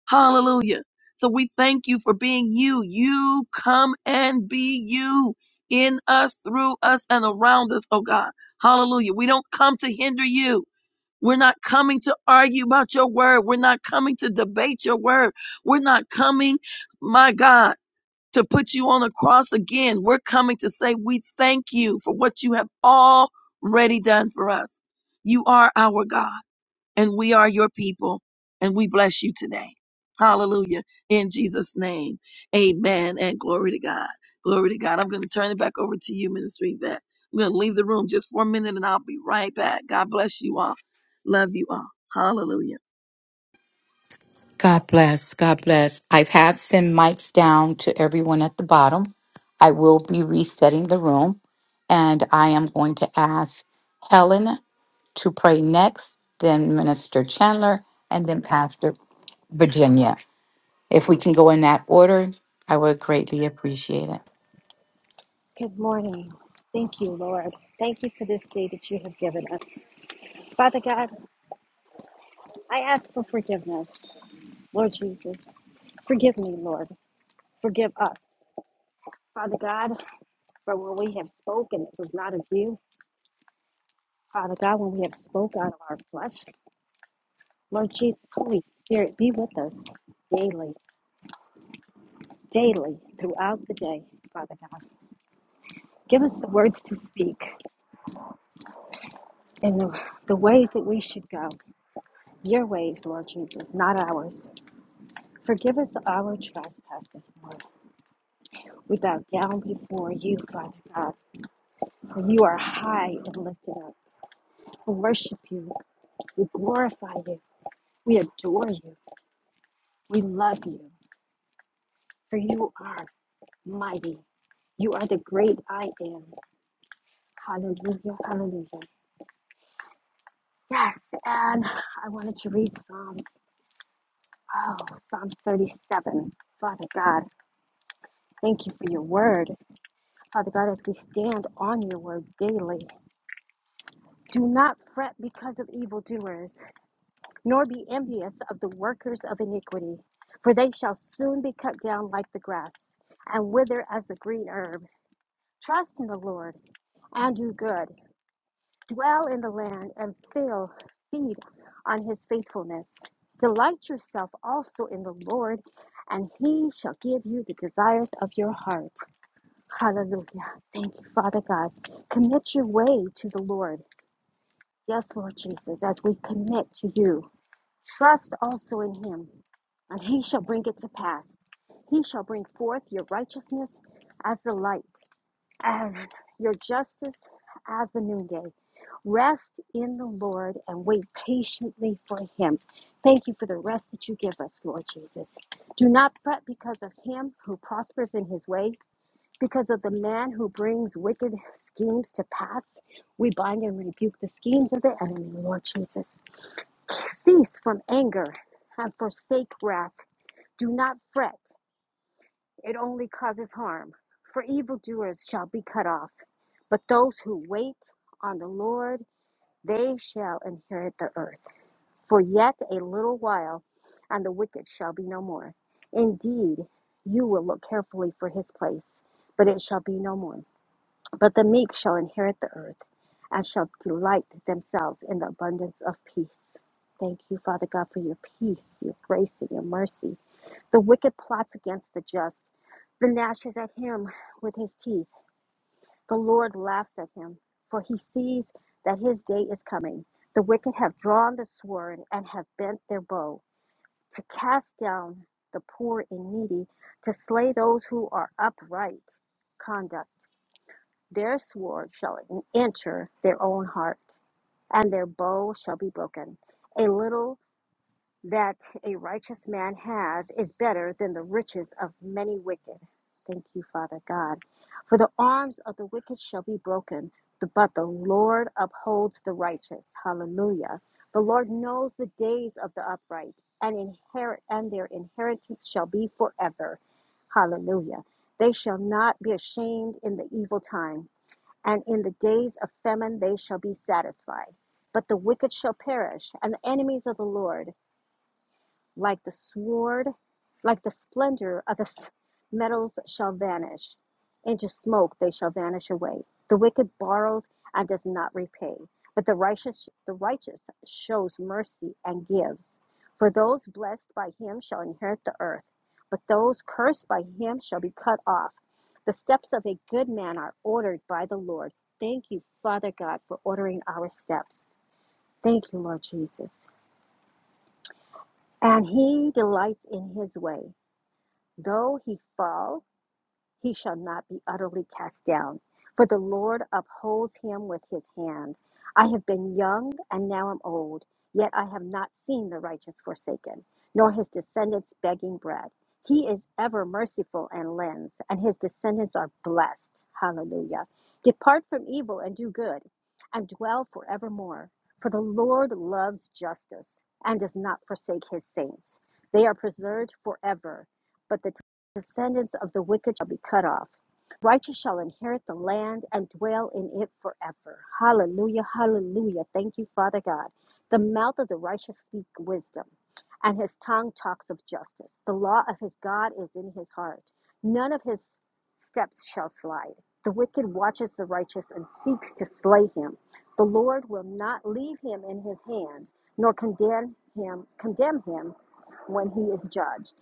Hallelujah. So we thank you for being you. You come and be you in us, through us, and around us, oh God. Hallelujah. We don't come to hinder you. We're not coming to argue about your word. We're not coming to debate your word. We're not coming, my God, to put you on the cross again. We're coming to say we thank you for what you have already done for us. You are our God and we are your people and we bless you today. Hallelujah. In Jesus' name. Amen. And glory to God. Glory to God. I'm going to turn it back over to you, Ministry Vet. I'm going to leave the room just for a minute and I'll be right back. God bless you all. Love you all. Hallelujah. God bless. God bless. I have sent mics down to everyone at the bottom. I will be resetting the room and I am going to ask Helen to pray next, then Minister Chandler, and then Pastor Virginia. If we can go in that order, I would greatly appreciate it. Good morning. Thank you, Lord. Thank you for this day that you have given us. Father God, I ask for forgiveness. Lord Jesus, forgive me, Lord. Forgive us. Father God, for when we have spoken, it was not of you. Father God, when we have spoken out of our flesh, Lord Jesus, Holy Spirit, be with us daily, daily, throughout the day, Father God. Give us the words to speak and the, the ways that we should go. Your ways, Lord Jesus, not ours. Forgive us our trespasses, Lord. We bow down before you, Father God, for you are high and lifted up. We worship you. We glorify you. We adore you. We love you, for you are mighty. You are the great I am. Hallelujah, hallelujah. Yes, and I wanted to read Psalms. Oh, Psalms 37. Father God, thank you for your word. Father God, as we stand on your word daily, Do not fret because of evildoers, nor be envious of the workers of iniquity, for they shall soon be cut down like the grass and wither as the green herb. Trust in the Lord and do good. Dwell in the land and fill, feed on his faithfulness. Delight yourself also in the Lord, and he shall give you the desires of your heart. Hallelujah. Thank you, Father God. Commit your way to the Lord. Yes, Lord Jesus, as we commit to you, trust also in him, and he shall bring it to pass. He shall bring forth your righteousness as the light, and your justice as the noonday. Rest in the Lord and wait patiently for him. Thank you for the rest that you give us, Lord Jesus. Do not fret because of him who prospers in his way, because of the man who brings wicked schemes to pass, we bind and rebuke the schemes of the enemy, Lord Jesus. Cease from anger and forsake wrath. Do not fret, it only causes harm. For evildoers shall be cut off, but those who wait on the Lord, they shall inherit the earth. For yet a little while, and the wicked shall be no more. Indeed, you will look carefully for his place, but it shall be no more. But the meek shall inherit the earth and shall delight themselves in the abundance of peace. Thank you, Father God, for your peace, your grace, and your mercy. The wicked plots against the just. The gnashes at him with his teeth. The Lord laughs at him, for he sees that his day is coming. The wicked have drawn the sword and have bent their bow to cast down the poor and needy, to slay those who are upright conduct. Their sword shall enter their own heart, and their bow shall be broken. A little that a righteous man has is better than the riches of many wicked. Thank you, Father God. For the arms of the wicked shall be broken, but the Lord upholds the righteous. Hallelujah. The Lord knows the days of the upright, and inherit and their inheritance shall be forever. Hallelujah. They shall not be ashamed in the evil time and in the days of famine they shall be satisfied. But the wicked shall perish, and the enemies of the Lord like the sword, like the splendor of the metals shall vanish. Into smoke they shall vanish away. The wicked borrows and does not repay, but the righteous the righteous shows mercy and gives. For those blessed by him shall inherit the earth, but those cursed by him shall be cut off. The steps of a good man are ordered by the Lord. Thank you, Father God, for ordering our steps. Thank you, Lord Jesus. And he delights in his way. Though he fall, he shall not be utterly cast down, for the Lord upholds him with his hand. I have been young and now am old, yet I have not seen the righteous forsaken, nor his descendants begging bread. He is ever merciful and lends, and his descendants are blessed. Hallelujah. Depart from evil and do good, and dwell forevermore. For the Lord loves justice and does not forsake his saints. They are preserved forever. but the descendants of the wicked shall be cut off. Righteous shall inherit the land and dwell in it forever. Hallelujah, hallelujah. Thank you, Father God. The mouth of the righteous speak wisdom, and his tongue talks of justice. The law of his God is in his heart. None of his steps shall slide. The wicked watches the righteous and seeks to slay him. The Lord will not leave him in his hand, nor condemn him, condemn him when he is judged.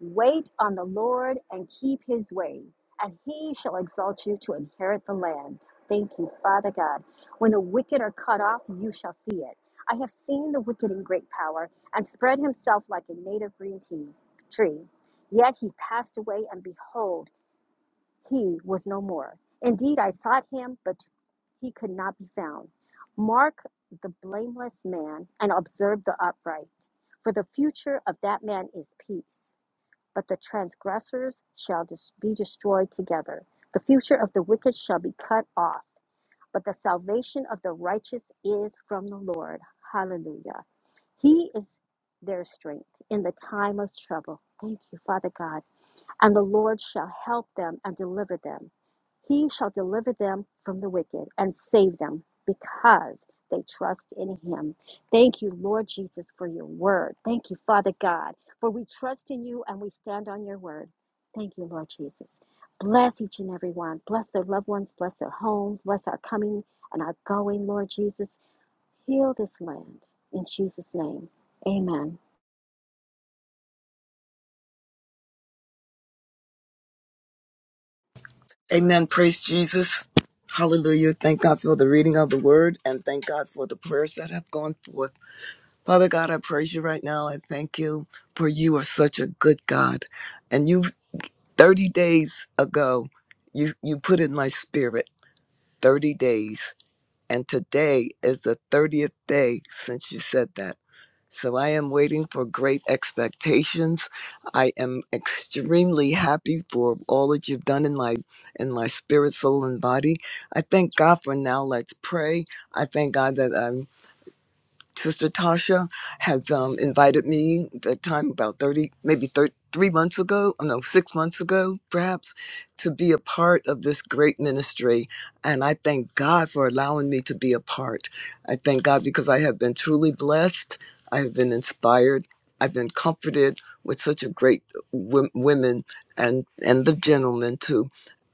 Wait on the Lord and keep his way, and he shall exalt you to inherit the land. Thank you, Father God. When the wicked are cut off, you shall see it. I have seen the wicked in great power and spread himself like a native green tea tree. Yet he passed away, and behold, he was no more. Indeed, I sought him, but he could not be found. Mark the blameless man and observe the upright, for the future of that man is peace but the transgressors shall be destroyed together. The future of the wicked shall be cut off, but the salvation of the righteous is from the Lord. Hallelujah. He is their strength in the time of trouble. Thank you, Father God and the Lord shall help them and deliver them. He shall deliver them from the wicked and save them because they trust in him. Thank you, Lord Jesus, for your word. Thank you, Father God, for we trust in you and we stand on your word. Thank you, Lord Jesus. Bless each and every one. Bless their loved ones. Bless their homes. Bless our coming and our going, Lord Jesus. Heal this land. In Jesus' name, amen. Amen. Praise Jesus. Hallelujah. Thank God for the reading of the word and thank God for the prayers that have gone forth. Father God, I praise you right now. I thank you for you are such a good God. And you 30 days ago, you you put in my spirit 30 days. And today is the 30th day since you said that. So I am waiting for great expectations. I am extremely happy for all that you've done in my in my spirit, soul, and body. I thank God for now. Let's pray. I thank God that I'm Sister Tasha has um, invited me That time about 30, maybe thir- three months ago, oh no, six months ago, perhaps, to be a part of this great ministry. And I thank God for allowing me to be a part. I thank God because I have been truly blessed. I have been inspired. I've been comforted with such a great w- women and, and the gentlemen too,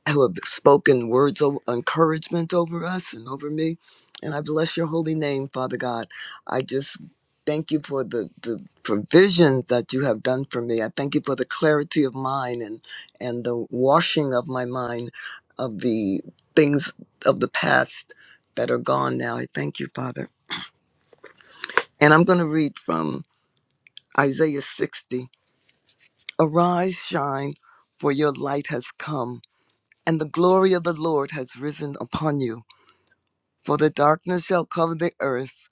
who have spoken words of encouragement over us and over me. And I bless your holy name, Father God. I just thank you for the, the provision that you have done for me. I thank you for the clarity of mind and, and the washing of my mind of the things of the past that are gone now. I thank you, Father. And I'm going to read from Isaiah 60 Arise, shine, for your light has come, and the glory of the Lord has risen upon you. For the darkness shall cover the earth,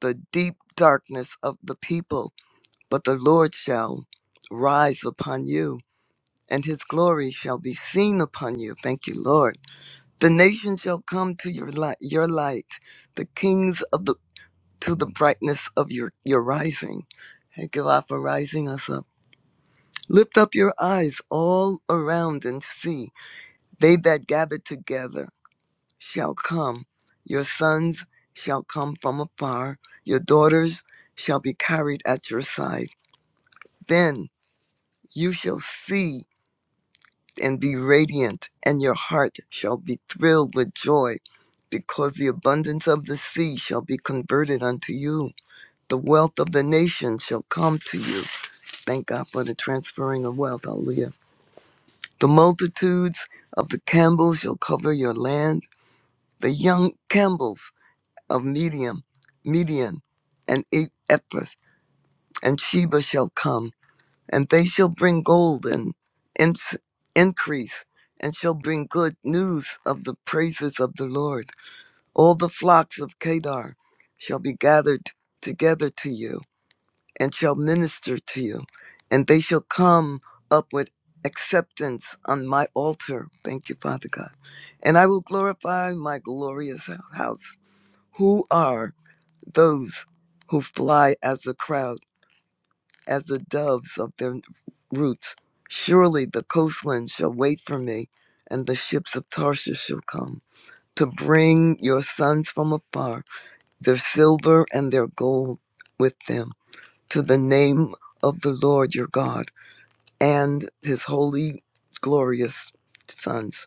the deep darkness of the people But the Lord shall rise upon you, and his glory shall be seen upon you. Thank you, Lord. The nations shall come to your light, your light, the kings of the to the brightness of your, your rising. Thank you, Lord, for rising us up. Lift up your eyes all around and see. They that gather together shall come. Your sons shall come from afar. Your daughters shall be carried at your side. Then you shall see and be radiant, and your heart shall be thrilled with joy, because the abundance of the sea shall be converted unto you. The wealth of the nations shall come to you. Thank God for the transferring of wealth. Hallelujah. The multitudes of the Campbells shall cover your land. The young Campbells of Medium, Median, and E-, Ephrath and Sheba shall come and they shall bring gold and ins- increase, and shall bring good news of the praises of the Lord. All the flocks of Kedar shall be gathered together to you, and shall minister to you, and they shall come up with acceptance on my altar. Thank you, Father God. And I will glorify my glorious house. Who are those who fly as a crowd? as the doves of their roots. Surely the coastland shall wait for me, and the ships of Tarshish shall come to bring your sons from afar, their silver and their gold with them, to the name of the Lord your God and his holy, glorious sons.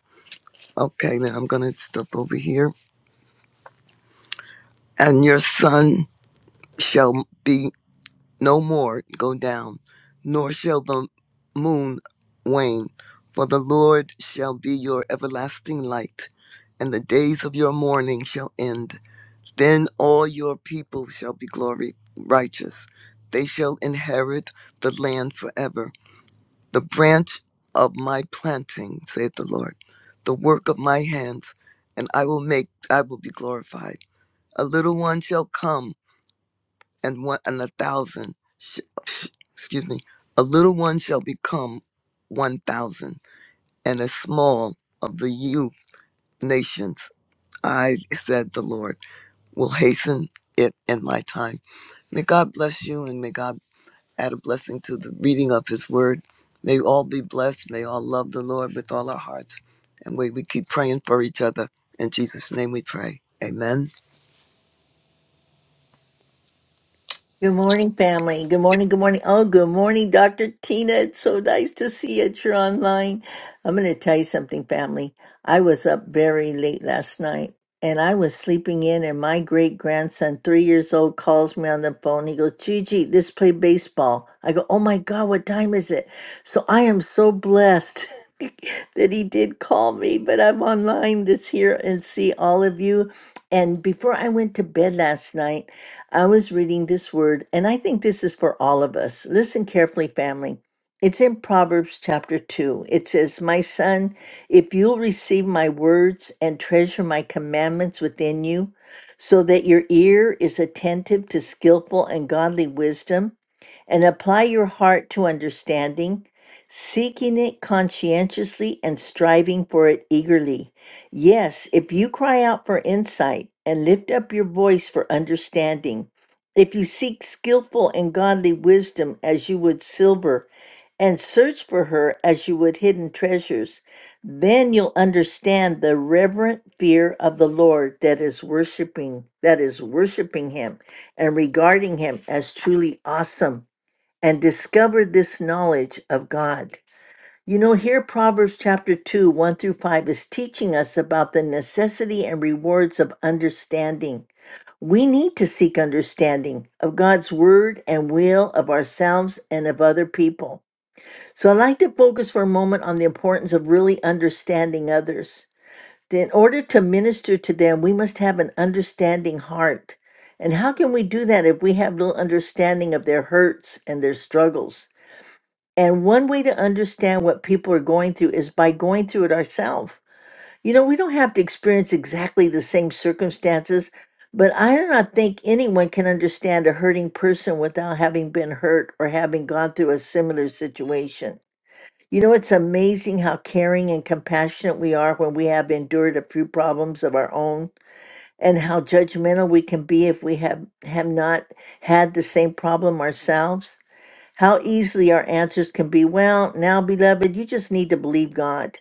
Okay, now I'm going to step over here. And your son shall be. no more go down, nor shall the moon wane. For the Lord shall be your everlasting light, and the days of your mourning shall end. Then all your people shall be glory righteous. They shall inherit the land forever. The branch of my planting, saith the Lord, the work of my hands, and I will make I will be glorified. A little one shall come and one and a thousand sh- sh- excuse me a little one shall become one thousand and a small of the youth nations i said the lord will hasten it in my time may god bless you and may god add a blessing to the reading of his word may we all be blessed may all love the lord with all our hearts and may we keep praying for each other in jesus name we pray amen Good morning, family. Good morning. Good morning. Oh, good morning, Dr. Tina. It's so nice to see you. You're online. I'm going to tell you something, family. I was up very late last night and I was sleeping in, and my great grandson, three years old, calls me on the phone. He goes, Gigi, let's play baseball. I go, Oh my God, what time is it? So I am so blessed that he did call me, but I'm online this here and see all of you. And before I went to bed last night, I was reading this word, and I think this is for all of us. Listen carefully, family. It's in Proverbs chapter 2. It says, My son, if you'll receive my words and treasure my commandments within you, so that your ear is attentive to skillful and godly wisdom and apply your heart to understanding, seeking it conscientiously and striving for it eagerly. Yes, if you cry out for insight and lift up your voice for understanding, if you seek skillful and godly wisdom as you would silver, and search for her as you would hidden treasures, then you'll understand the reverent fear of the Lord that is worshiping, that is worshiping him and regarding him as truly awesome and discover this knowledge of God. You know, here Proverbs chapter 2, 1 through 5 is teaching us about the necessity and rewards of understanding. We need to seek understanding of God's word and will of ourselves and of other people. So I'd like to focus for a moment on the importance of really understanding others. In order to minister to them, we must have an understanding heart. And how can we do that if we have little understanding of their hurts and their struggles? And one way to understand what people are going through is by going through it ourselves. You know, we don't have to experience exactly the same circumstances, but I do not think anyone can understand a hurting person without having been hurt or having gone through a similar situation. You know, it's amazing how caring and compassionate we are when we have endured a few problems of our own, and how judgmental we can be if we have, have not had the same problem ourselves. How easily our answers can be, well, now, beloved, you just need to believe God.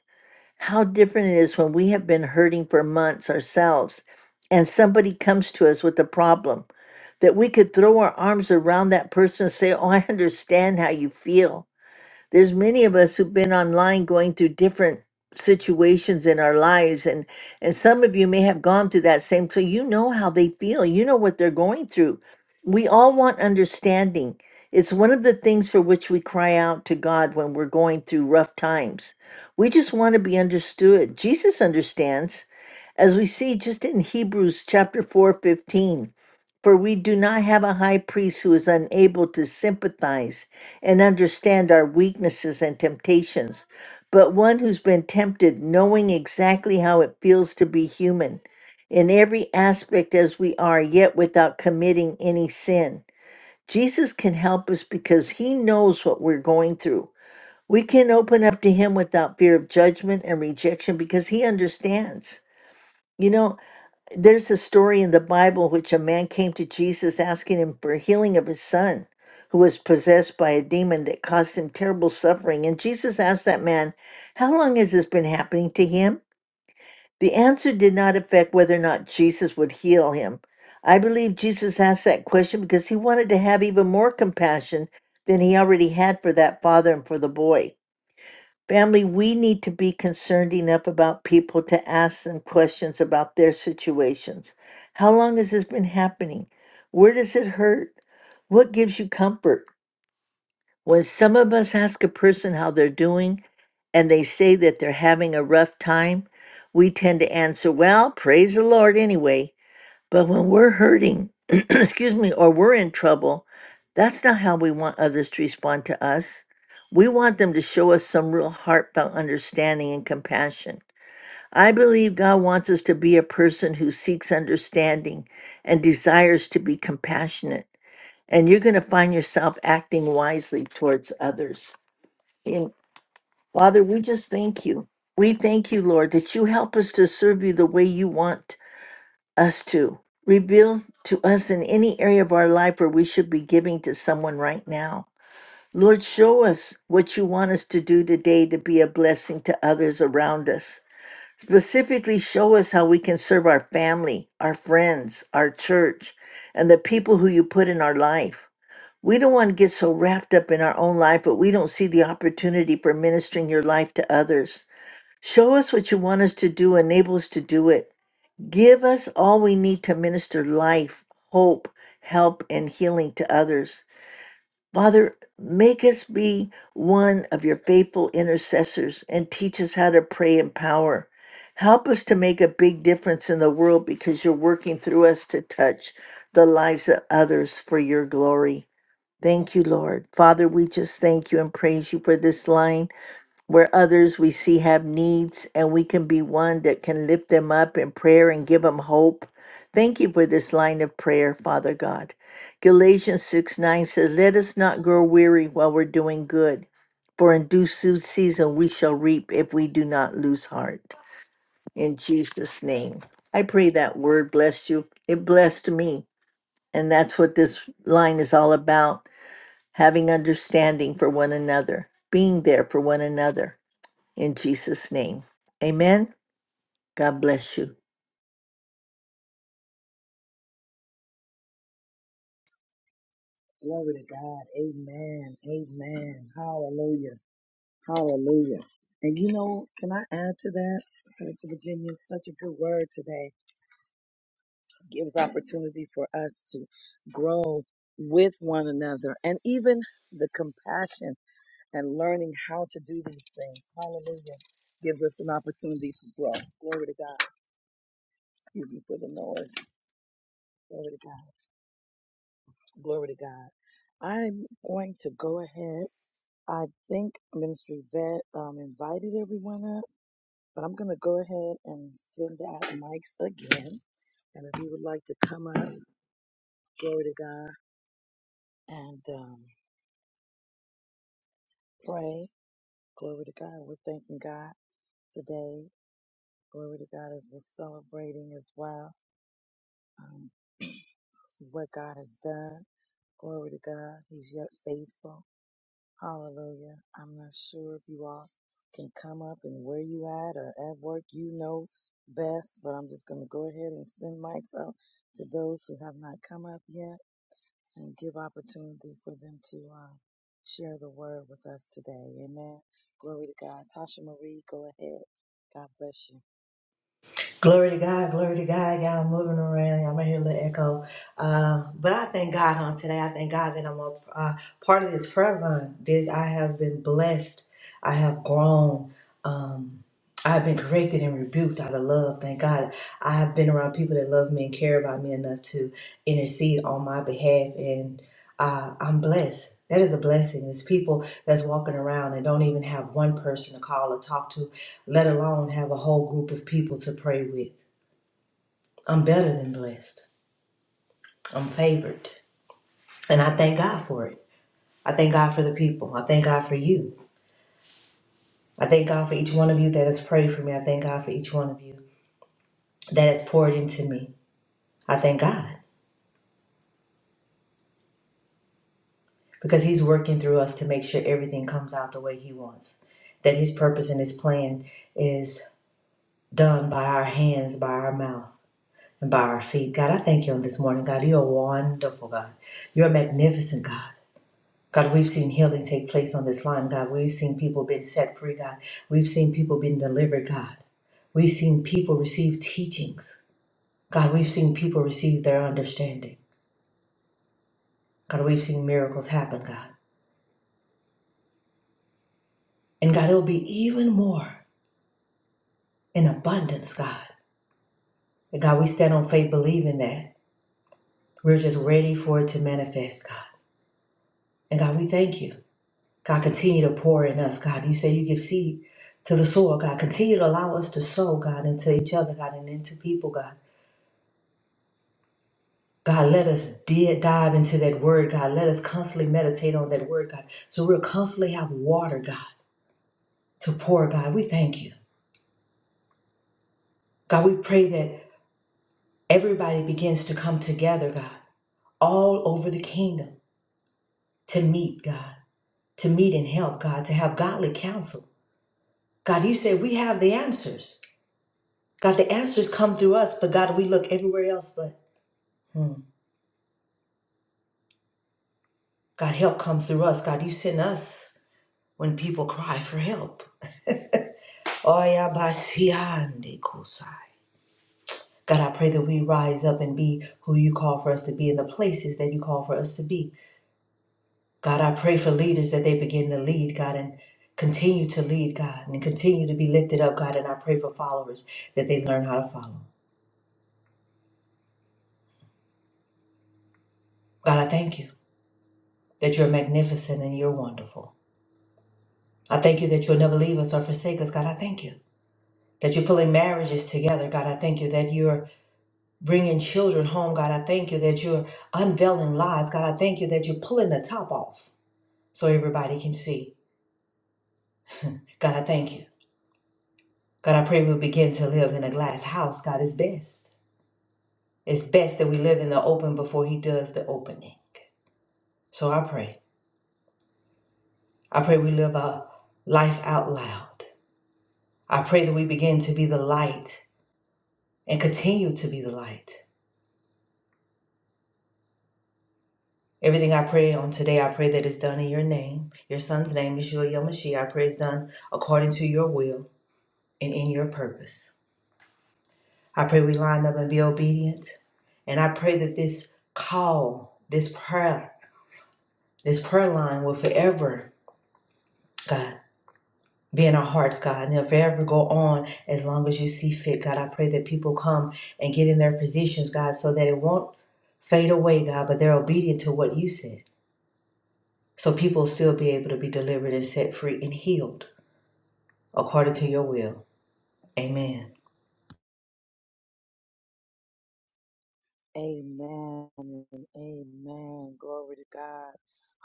How different it is when we have been hurting for months ourselves and somebody comes to us with a problem that we could throw our arms around that person and say, Oh, I understand how you feel there's many of us who've been online going through different situations in our lives and and some of you may have gone through that same so you know how they feel you know what they're going through we all want understanding it's one of the things for which we cry out to God when we're going through rough times we just want to be understood jesus understands as we see just in Hebrews chapter 4:15 for we do not have a high priest who is unable to sympathize and understand our weaknesses and temptations, but one who's been tempted, knowing exactly how it feels to be human, in every aspect as we are, yet without committing any sin. Jesus can help us because he knows what we're going through. We can open up to him without fear of judgment and rejection because he understands. You know, there's a story in the Bible which a man came to Jesus asking him for healing of his son who was possessed by a demon that caused him terrible suffering. And Jesus asked that man, How long has this been happening to him? The answer did not affect whether or not Jesus would heal him. I believe Jesus asked that question because he wanted to have even more compassion than he already had for that father and for the boy. Family, we need to be concerned enough about people to ask them questions about their situations. How long has this been happening? Where does it hurt? What gives you comfort? When some of us ask a person how they're doing and they say that they're having a rough time, we tend to answer, Well, praise the Lord anyway. But when we're hurting, excuse me, or we're in trouble, that's not how we want others to respond to us. We want them to show us some real heartfelt understanding and compassion. I believe God wants us to be a person who seeks understanding and desires to be compassionate. And you're going to find yourself acting wisely towards others. And Father, we just thank you. We thank you, Lord, that you help us to serve you the way you want us to. Reveal to us in any area of our life where we should be giving to someone right now. Lord, show us what you want us to do today to be a blessing to others around us. Specifically, show us how we can serve our family, our friends, our church, and the people who you put in our life. We don't want to get so wrapped up in our own life, but we don't see the opportunity for ministering your life to others. Show us what you want us to do, enable us to do it. Give us all we need to minister life, hope, help, and healing to others. Father, make us be one of your faithful intercessors and teach us how to pray in power. Help us to make a big difference in the world because you're working through us to touch the lives of others for your glory. Thank you, Lord. Father, we just thank you and praise you for this line where others we see have needs and we can be one that can lift them up in prayer and give them hope. Thank you for this line of prayer, Father God. Galatians 6 9 says, Let us not grow weary while we're doing good, for in due se- season we shall reap if we do not lose heart. In Jesus' name. I pray that word bless you. It blessed me. And that's what this line is all about having understanding for one another, being there for one another in Jesus' name. Amen. God bless you. Glory to God. Amen. Amen. Hallelujah. Hallelujah. And you know, can I add to that? Pastor Virginia, such a good word today. gives opportunity for us to grow with one another and even the compassion and learning how to do these things. Hallelujah. Gives us an opportunity to grow. Glory to God. Excuse me for the noise. Glory to God. Glory to God. I'm going to go ahead. I think Ministry Vet um, invited everyone up, but I'm going to go ahead and send out mics again. And if you would like to come up, glory to God, and um, pray. Glory to God. We're thanking God today. Glory to God as we're celebrating as well um, what God has done. Glory to God. He's yet faithful. Hallelujah. I'm not sure if you all can come up and where you at or at work. You know best, but I'm just going to go ahead and send mics out to those who have not come up yet. and give opportunity for them to uh, share the word with us today. Amen. Glory to God. Tasha Marie, go ahead. God bless you. Glory to God, glory to God. Y'all moving around. Y'all might hear a little echo. Uh, but I thank God on today. I thank God that I'm a uh, part of this prayer run. That I have been blessed. I have grown. Um, I have been corrected and rebuked out of love. Thank God. I have been around people that love me and care about me enough to intercede on my behalf. And uh, I'm blessed. That is a blessing. It's people that's walking around and don't even have one person to call or talk to let alone have a whole group of people to pray with. I'm better than blessed. I'm favored. And I thank God for it. I thank God for the people. I thank God for you. I thank God for each one of you that has prayed for me. I thank God for each one of you that has poured into me. I thank God because He's working through us to make sure everything comes out the way He wants, that His purpose and His plan is done by our hands, by our mouth, and by our feet. God, I thank you on this morning, God. You're a wonderful God. You're a magnificent God. God, we've seen healing take place on this line, God. We've seen people been set free, God. We've seen people being delivered, God. We've seen people receive teachings. God, we've seen people receive their understanding. God, we've seen miracles happen, God. And God, it'll be even more in abundance, God. And God, we stand on faith believing that. We're just ready for it to manifest, God. And God, we thank you. God, continue to pour in us, God. You say you give seed to the soil, God. Continue to allow us to sow, God, into each other, God, and into people, God. God, let us di- dive into that word, God. Let us constantly meditate on that word, God. So we'll constantly have water, God, to pour, God. We thank you. God, we pray that everybody begins to come together, God, all over the kingdom to meet, God, to meet and help, God, to have godly counsel. God, you said we have the answers. God, the answers come through us, but God, we look everywhere else, but hmm, God, help comes through us. God, you send us when people cry for help. Oya basiande kosa. God, I pray that we rise up and be who you call for us to be in the places that you call for us to be. God, I pray for leaders that they begin to lead, God, and continue to lead, God, and continue to be lifted up, God. And I pray for followers that they learn how to follow. God, I thank you that you're magnificent and you're wonderful. I thank you that you'll never leave us or forsake us, God. I thank you that you're pulling marriages together, God. I thank you that you're bringing children home, God. I thank you that you're unveiling lies, God. I thank you that you're pulling the top off so everybody can see. God, I thank you. God, I pray we begin to live in a glass house. God is best. It's best that we live in the open before He does the opening. So I pray. I pray we live our life out loud. I pray that we begin to be the light and continue to be the light. Everything I pray on today, I pray that it's done in your name. Your son's name, is Yeshua Yamashia. I pray it's done according to your will and in your purpose. I pray we line up and be obedient. And I pray that this call, this prayer This prayer line will forever, God, be in our hearts, God, and it'll forever go on as long as you see fit, God. I pray that people come and get in their positions, God, so that it won't fade away, God, but they're obedient to what you said. So people will still be able to be delivered and set free and healed according to your will. Amen. Amen. Amen. Glory to God.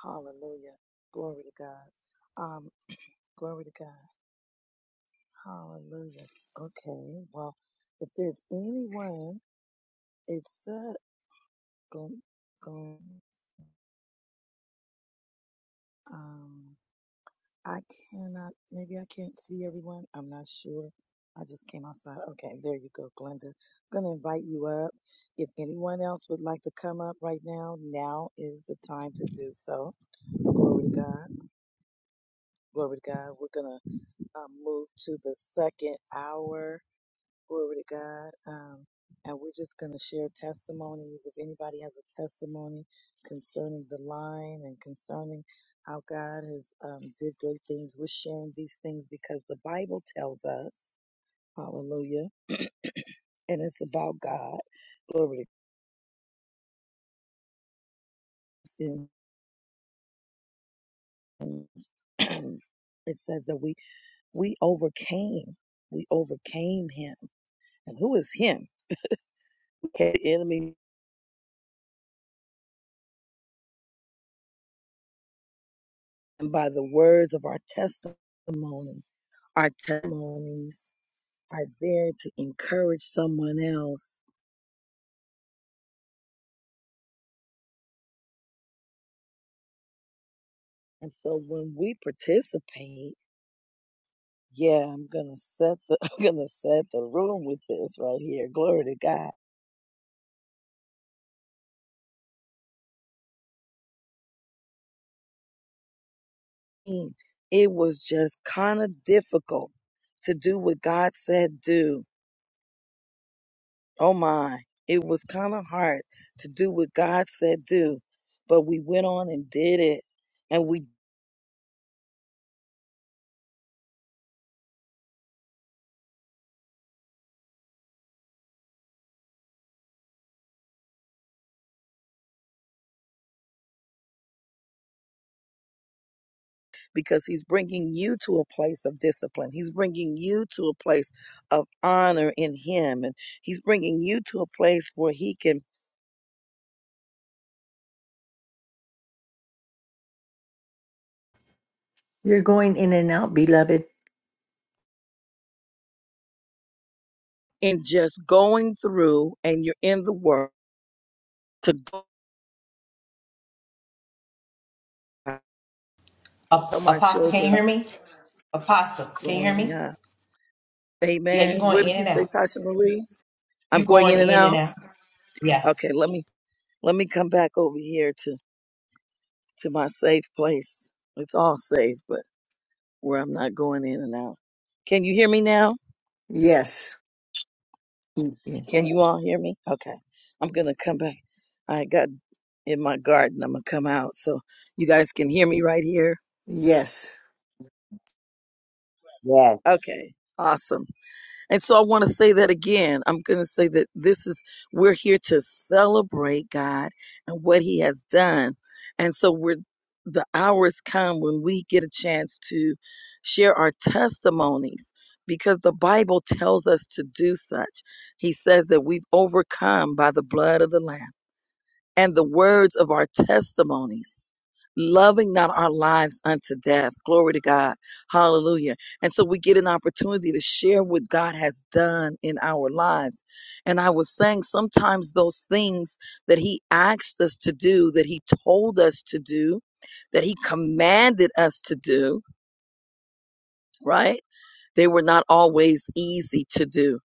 Hallelujah. Glory to God. Um, glory to God. Hallelujah. Okay. Well, if there's anyone, it said, go, go, um, I cannot, maybe I can't see everyone. I'm not sure. I just came outside. Okay, there you go, Glenda. I'm going to invite you up. If anyone else would like to come up right now, now is the time to do so. Glory to God. Glory to God. We're going to uh, move to the second hour. Glory to God. Um, and we're just going to share testimonies. If anybody has a testimony concerning the line and concerning how God has um, did great things, we're sharing these things because the Bible tells us, hallelujah, and it's about God. Glory to God. And It says that we, we overcame, we overcame him. And who is him? Okay, the enemy by the words of our testimony. Our testimonies are there to encourage someone else. And so when we participate, yeah, I'm gonna set the I'm gonna set the room with this right here. Glory to God. Mm. It was just kind of difficult to do what God said do. Oh my. It was kind of hard to do what God said do. But we went on and did it. And we because he's bringing you to a place of discipline. He's bringing you to a place of honor in him. And he's bringing you to a place where he can, You're going in and out, beloved. in just going through and you're in the work to go out. A- tell my Apostle, can you children hear me? Apostle, can you hear growing me? up. Yeah, you Amen. going Where did in you and say, out. Tasha Marie? I'm You going going in and in and out. out. Yeah. Okay, let me let me come back over here to to my safe place. It's all safe, but where I'm not going in and out. Can you hear me now? Yes. Mm, yeah. Can you all hear me? Okay. I'm going to come back. I got in my garden. I'm going to come out so you guys can hear me right here. Yes. Yes. Okay. Awesome. And so I want to say that again. I'm going to say that this is, we're here to celebrate God and what he has done. And so we're, the hours come when we get a chance to share our testimonies because the Bible tells us to do such. He says that we've overcome by the blood of the Lamb and the words of our testimonies, loving not our lives unto death. Glory to God. Hallelujah. And so we get an opportunity to share what God has done in our lives. And I was saying sometimes those things that He asked us to do, that He told us to do, that He commanded us to do, right? They were not always easy to do.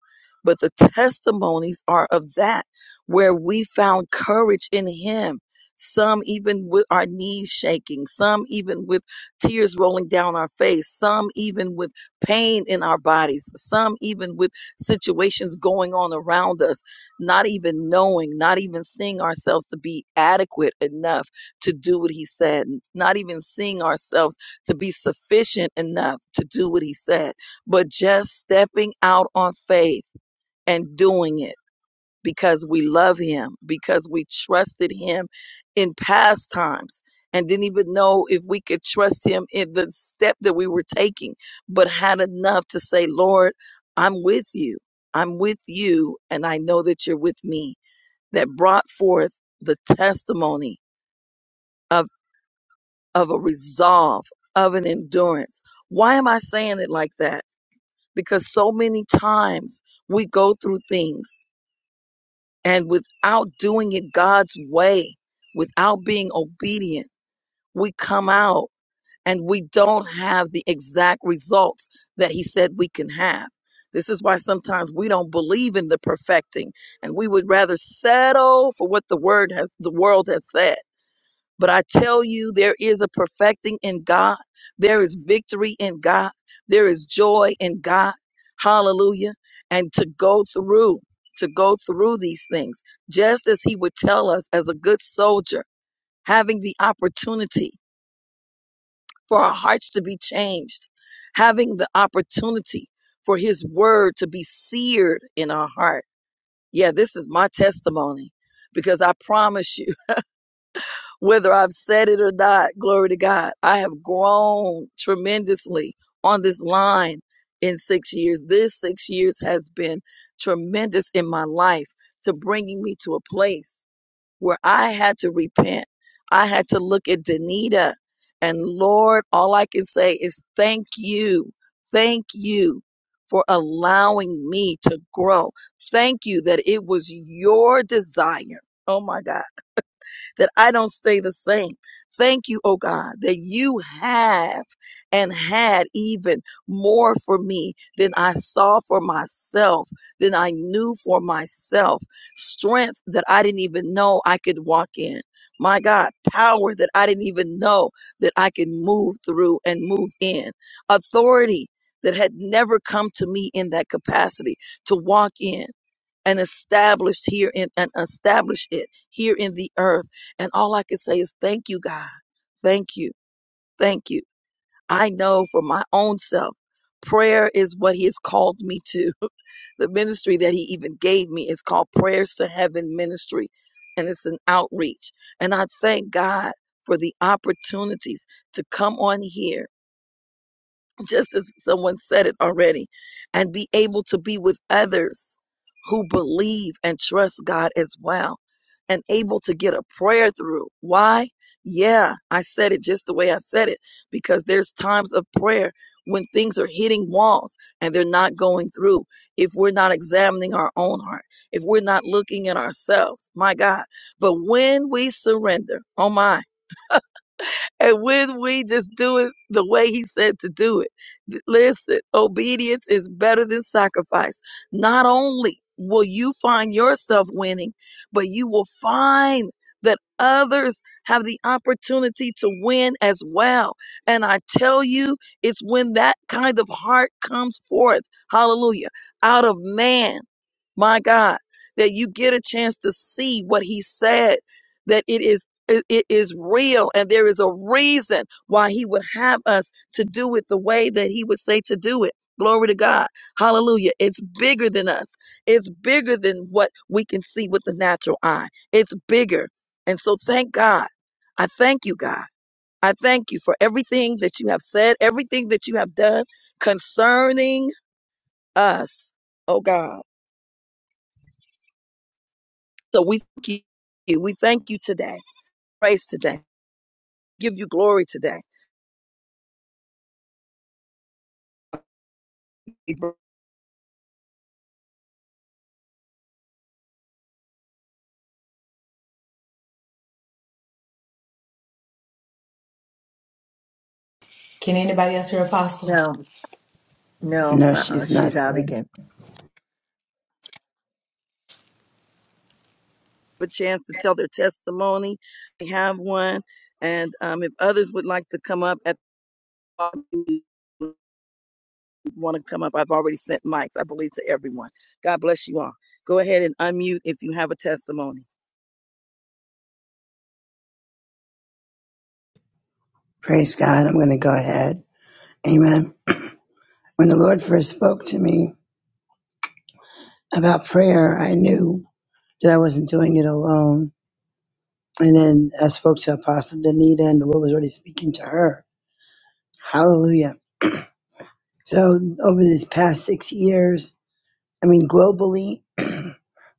But the testimonies are of that where we found courage in Him. Some even with our knees shaking, some even with tears rolling down our face, some even with pain in our bodies, some even with situations going on around us, not even knowing, not even seeing ourselves to be adequate enough to do what he said, not even seeing ourselves to be sufficient enough to do what he said but just stepping out on faith and doing it because we love him, because we trusted him in past times and didn't even know if we could trust him in the step that we were taking, but had enough to say, Lord, I'm with you. I'm with you, and I know that you're with me. That brought forth the testimony of, of a resolve, of an endurance. Why am I saying it like that? because so many times we go through things and without doing it God's way, without being obedient, we come out and we don't have the exact results that He said we can have. This is why sometimes we don't believe in the perfecting and we would rather settle for what the word has the world has said but I tell you, there is a perfecting in God. There is victory in God. There is joy in God. Hallelujah. And to go through, to go through these things, just as he would tell us as a good soldier, having the opportunity for our hearts to be changed, having the opportunity for his word to be seared in our heart. Yeah, this is my testimony because I promise you. whether I've said it or not, glory to God, I have grown tremendously on this line in six years. This six years has been tremendous in my life to bringing me to a place where I had to repent. I had to look at Danita. And Lord, all I can say is thank you. Thank you for allowing me to grow. Thank you that it was your desire. Oh my God that I don't stay the same. Thank you, oh God, that you have and had even more for me than I saw for myself, than I knew for myself, strength that I didn't even know I could walk in. My God, power that I didn't even know that I could move through and move in, authority that had never come to me in that capacity to walk in and established here in and establish it here in the earth. And all I can say is thank you, God. Thank you. Thank you. I know for my own self, prayer is what he has called me to. The ministry that he even gave me is called Prayers to Heaven Ministry. And it's an outreach. And I thank God for the opportunities to come on here just as someone said it already, and be able to be with others who believe and trust God as well, and able to get a prayer through. Why? Yeah, I said it just the way I said it, because there's times of prayer when things are hitting walls and they're not going through. If we're not examining our own heart, if we're not looking at ourselves, my God. But when we surrender, oh my, and when we just do it the way he said to do it, th- listen, obedience is better than sacrifice. Not only will you find yourself winning, but you will find that others have the opportunity to win as well. And I tell you, it's when that kind of heart comes forth, hallelujah, out of man, my God, that you get a chance to see what he said, that it is. It, it is real, and there is a reason why He would have us to do it the way that He would say to do it. Glory to God. Hallelujah. It's bigger than us. It's bigger than what we can see with the natural eye. It's bigger. And so thank God. I thank you, God. I thank you for everything that you have said, everything that you have done concerning us. Oh God. So we thank you. We thank you today. Praise today. Give you glory today Can anybody else hear Apostle? No. No. No, Uh-uh. she's not She's out there. again. a chance to tell their testimony. They have one. And um, if others would like to come up at the, want to come up, I've already sent mics, I believe, to everyone. God bless you all. Go ahead and unmute if you have a testimony. Praise God. I'm going to go ahead. Amen. When the Lord first spoke to me about prayer, I knew that I wasn't doing it alone. And then I spoke to Apostle Danita, and the Lord was already speaking to her. Hallelujah. So, over these past six years, I mean, globally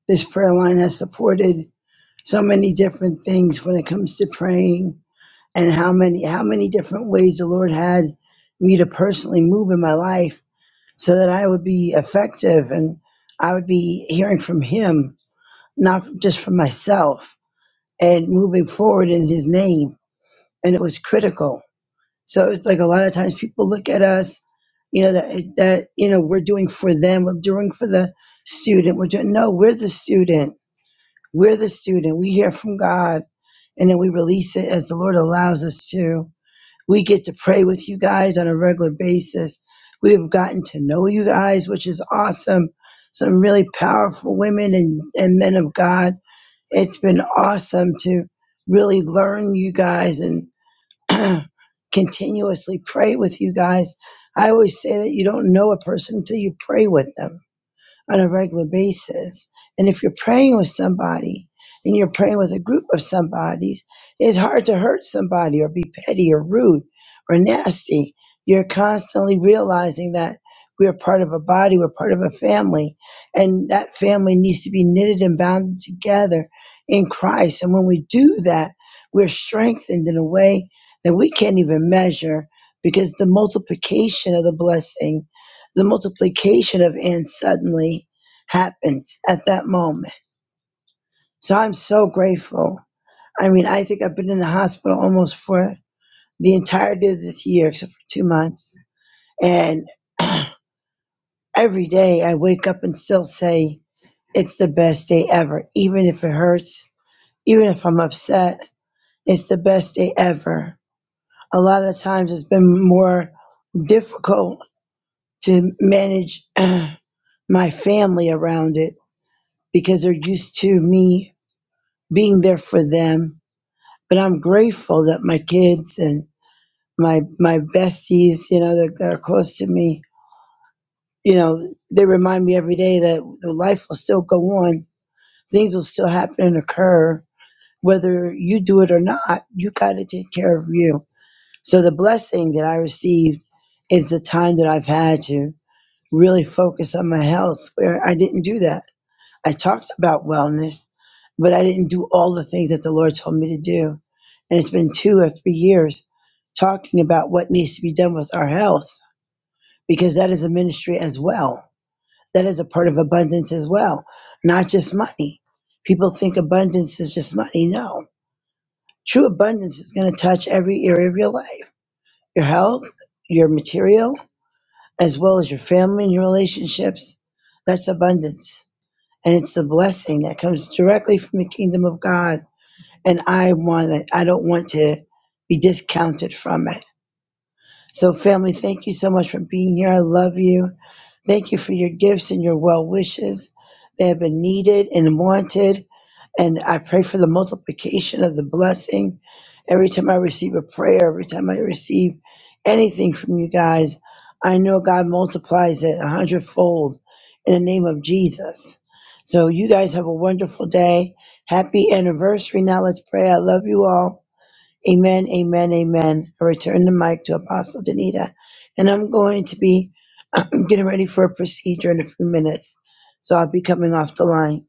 This prayer line has supported so many different things when it comes to praying and how many how many different ways the Lord had me to personally move in my life so that I would be effective and I would be hearing from him, not just from myself, and moving forward in his name. And it was critical. So it's like a lot of times people look at us, you know, that that you know, we're doing for them, we're doing for the student, we're doing no, we're the student we're the student. We hear from God and then we release it as the Lord allows us to. We get to pray with you guys on a regular basis. We have gotten to know you guys, which is awesome. Some really powerful women and, and men of God. It's been awesome to really learn you guys and continuously pray with you guys. I always say that you don't know a person until you pray with them on a regular basis. And if you're praying with somebody and you're praying with a group of somebodies, it's hard to hurt somebody or be petty or rude or nasty. You're constantly realizing that we are part of a body, we're part of a family, and that family needs to be knitted and bound together in Christ. And when we do that, we're strengthened in a way that we can't even measure because the multiplication of the blessing the multiplication of and suddenly happens at that moment. So I'm so grateful. I mean, I think I've been in the hospital almost for the entirety of this year, except for two months. And every day I wake up and still say, it's the best day ever. Even if it hurts, even if I'm upset, it's the best day ever. A lot of times it's been more difficult to manage my family around it because they're used to me being there for them. But I'm grateful that my kids and my my besties, you know, that are close to me, you know, they remind me every day that life will still go on, things will still happen and occur, whether you do it or not. You got to take care of you. So the blessing that I received is the time that I've had to really focus on my health, where I didn't do that. I talked about wellness, but I didn't do all the things that the Lord told me to do. And it's been two or three years talking about what needs to be done with our health, because that is a ministry as well. That is a part of abundance as well, not just money. People think abundance is just money. No, true abundance is going to touch every area of your life your health, your material, as well as your family and your relationships. That's abundance and it's the blessing that comes directly from the kingdom of God. And I want it. I don't want to be discounted from it. So, family, thank you so much for being here. I love you. Thank you for your gifts and your well wishes. They have been needed and wanted. And I pray for the multiplication of the blessing. Every time I receive a prayer, every time I receive anything from you guys, I know God multiplies it a hundredfold in the name of Jesus. So you guys have a wonderful day. Happy anniversary. Now let's pray. I love you all. Amen, amen, amen. I return the mic to Apostle Danita. And I'm going to be getting ready for a procedure in a few minutes. So I'll be coming off the line.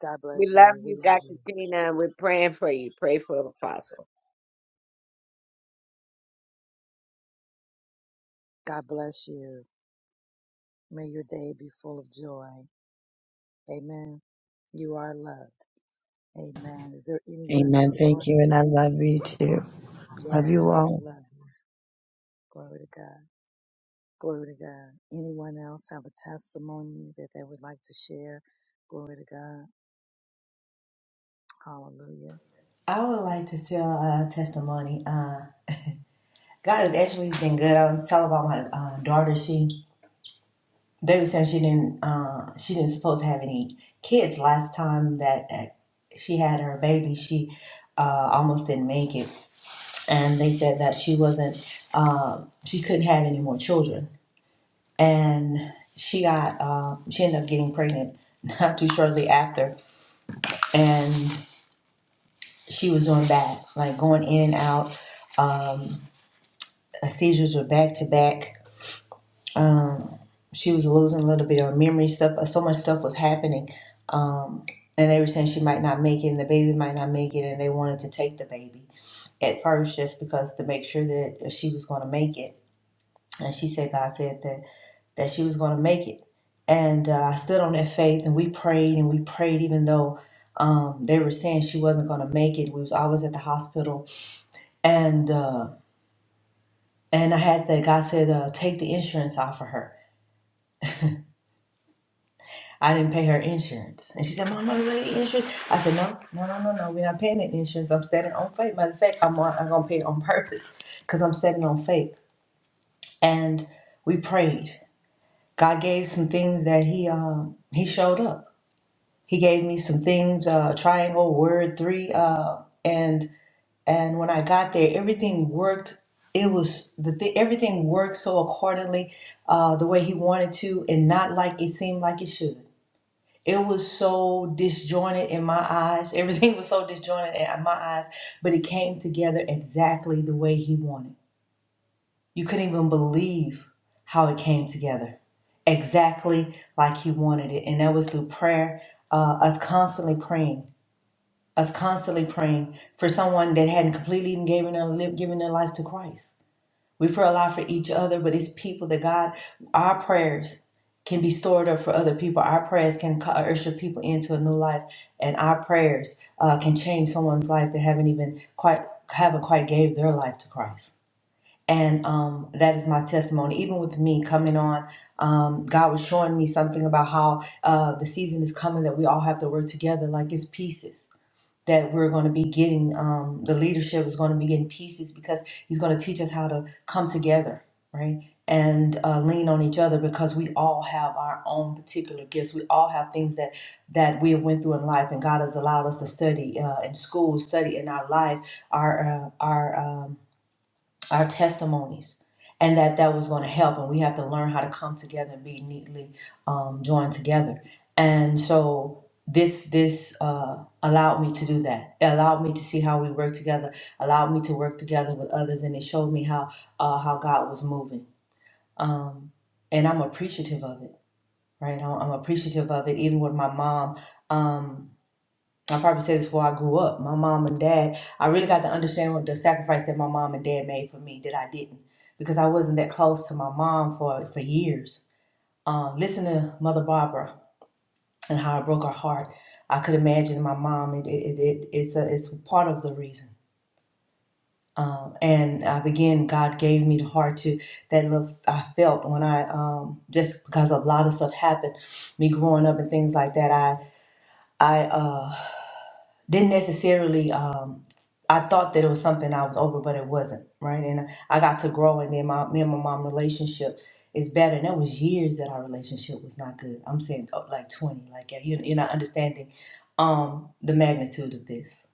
God We bless love you. We you, love Dr. you. Tina, and we're praying for you. Pray for the apostle. God bless you. May your day be full of joy. Amen. You are loved. Amen. Is there anyone Amen. else? Go Thank you. ahead. And I love you too. Love Yeah, you all. I love you. Glory to God. Glory to God. Anyone else have a testimony that they would like to share? Glory to God. Hallelujah. I would like to tell a testimony. Uh. God has actually been good. I was telling about my uh, daughter. She they were saying she didn't uh, she didn't supposed to have any kids last time that uh, she had her baby. She uh, almost didn't make it, and they said that she wasn't uh, she couldn't have any more children. And she got uh, she ended up getting pregnant not too shortly after, and she was doing bad, like going in and out. Um, seizures were back to back um she was losing a little bit of her memory stuff uh, so much stuff was happening um and they were saying she might not make it and the baby might not make it and they wanted to take the baby at first just because to make sure that uh, she was going to make it and she said god said that that she was going to make it and uh, i stood on that faith and we prayed and we prayed even though um, they were saying she wasn't going to make it we was always at the hospital and uh, and i had that god said uh, take the insurance off of her I didn't pay her insurance. And she said, Mom, I'm ready insurance. I said, No, no, no, no, no. We're not paying that insurance. I'm standing on faith. Matter of fact, I'm, on- I'm going to pay it on purpose because I'm standing on faith. And we prayed. God gave some things that He um, He showed up. He gave me some things, uh, triangle, word, three. Uh, and and when I got there, everything worked. It was the th- everything worked so accordingly, uh, the way he wanted to, and not like it seemed like it should it was so disjointed in my eyes. Everything was so disjointed in my eyes, but it came together exactly the way he wanted. You couldn't even believe how it came together exactly like he wanted it. And that was through prayer, uh, us constantly praying, us constantly praying for someone that hadn't completely even given their, li- given their life to Christ we pray a lot for each other, but it's people that God, our prayers can be stored up for other people. Our prayers can co- usher people into a new life, and our prayers uh, can change someone's life that haven't even quite haven't quite gave their life to Christ. And um, that is my testimony. Even with me coming on, um, God was showing me something about how uh, the season is coming that we all have to work together like it's pieces that we're going to be getting um, the leadership is going to be getting pieces because he's going to teach us how to come together right and uh, lean on each other because we all have our own particular gifts we all have things that that we have went through in life and god has allowed us to study uh, in school study in our life our uh, our um, our testimonies and that that was going to help and we have to learn how to come together and be neatly um, joined together and so this this uh, allowed me to do that it allowed me to see how we work together allowed me to work together with others and it showed me how uh, how god was moving um, and i'm appreciative of it right i'm I'm appreciative of it even with my mom Um, I probably said this before I grew up. My mom and dad, I really got to understand what the sacrifice that my mom and dad made for me that I didn't because I wasn't that close to my mom for, for years. Uh, listen to Mother Barbara and how it broke her heart. I could imagine my mom, it, it, it, it's, a, it's part of the reason. Um, and I began, God gave me the heart to that love I felt when I, um, just because a lot of stuff happened, me growing up and things like that, I, I, uh, didn't necessarily um I thought that it was something I was over, but it wasn't, right? And I got to grow and then my me and my mom relationship is better. And that was years that our relationship was not good. I'm saying oh, like 20, like yeah, you you're not understanding um the magnitude of this,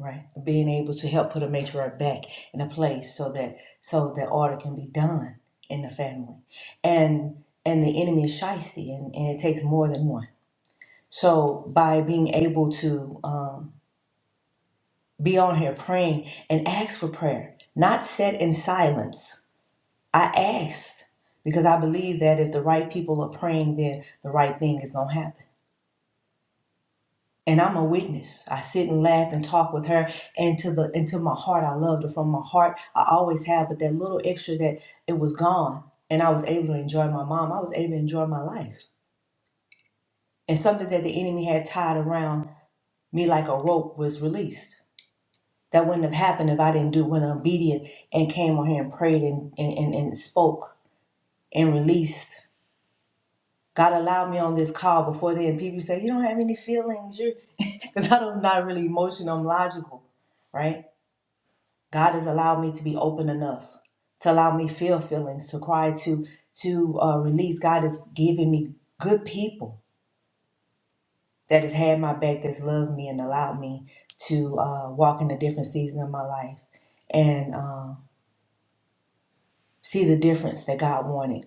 right? Being able to help put a matriarch back in a place so that so that order can be done in the family. And and the enemy is shisty and, and it takes more than one. So by being able to um be on here praying and ask for prayer, not set in silence. I asked because I believe that if the right people are praying, then the right thing is going to happen. And I'm a witness. I sit and laugh and talk with her, and to the and to my heart, I loved her from my heart. I always have, but that little extra that it was gone, and I was able to enjoy my mom. I was able to enjoy my life, and something that the enemy had tied around me like a rope was released. That wouldn't have happened if I didn't do what I'm obedient and came on here and prayed and, and, and, and spoke and released. God allowed me on this call before then. People say, You don't have any feelings. You're because I'm not really emotional, I'm logical, right? God has allowed me to be open enough to allow me feel feelings, to cry, to to uh, release. God has given me good people that has had my back, that's loved me and allowed me to uh, walk in a different season of my life. And um see the difference that God wanted.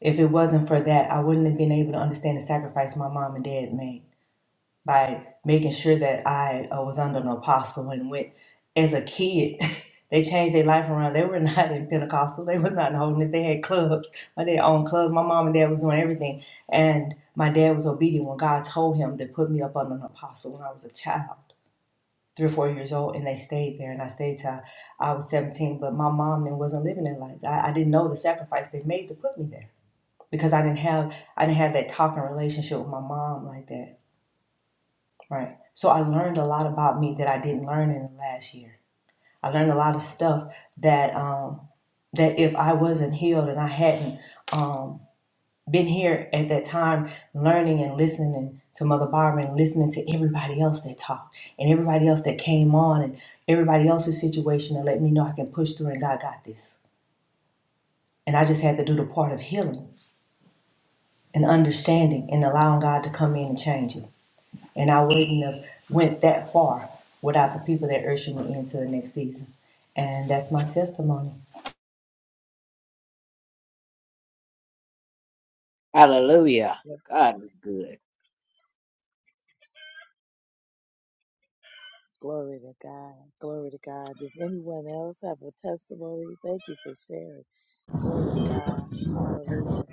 If it wasn't for that, I wouldn't have been able to understand the sacrifice my mom and dad made by making sure that I uh, was under an apostle and went as a kid. They changed their life around. They were not in Pentecostal. They was not in holiness. They had clubs. My dad owned clubs. My mom and dad was doing everything. And my dad was obedient when God told him to put me up under an apostle when I was a child three or four years old and they stayed there and I stayed till I was 17. But my mom then wasn't living their life. I, I didn't know the sacrifice they made to put me there because I didn't have I didn't have that talking relationship with my mom like that. Right. So I learned a lot about me that I didn't learn in the last year. I learned a lot of stuff that um that if I wasn't healed and I hadn't um been here at that time learning and listening to Mother Barbara and listening to everybody else that talked and everybody else that came on and everybody else's situation and let me know I can push through and God got this. And I just had to do the part of healing and understanding and allowing God to come in and change it. And I wouldn't have went that far without the people that ursulated me into the next season. And that's my testimony. Hallelujah. Yep. God is good. Glory to God. Glory to God. Does anyone else have a testimony? Thank you for sharing. Glory to God. Hallelujah.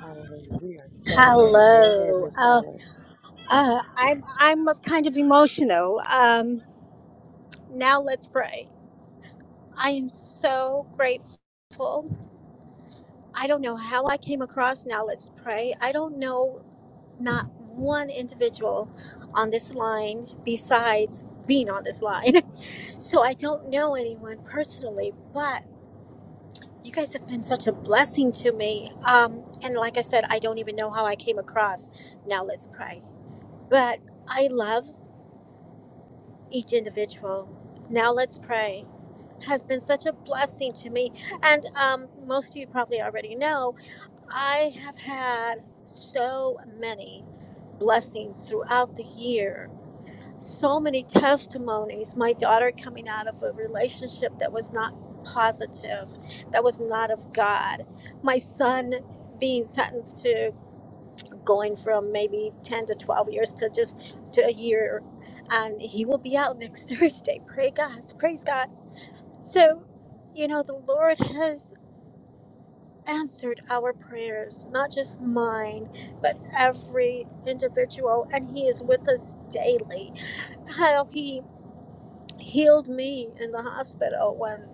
Hallelujah. We are celebrating. Go ahead, Hello. Miss Oh, Helen. Uh, I'm I'm kind of emotional. Um, now let's pray. I am so grateful. I don't know how I came across. Now let's pray. I don't know not one individual on this line besides being on this line. So I don't know anyone personally, but you guys have been such a blessing to me. Um, and like I said, I don't even know how I came across. Now let's pray. But I love each individual. Now let's pray. Has been such a blessing to me. And um, most of you probably already know, I have had so many blessings throughout the year, so many testimonies. My daughter coming out of a relationship that was not positive, that was not of God, my son being sentenced to going from maybe 10 to 12 years to just to a year and he will be out next thursday pray god praise god so you know the lord has answered our prayers not just mine but every individual and he is with us daily how he healed me in the hospital when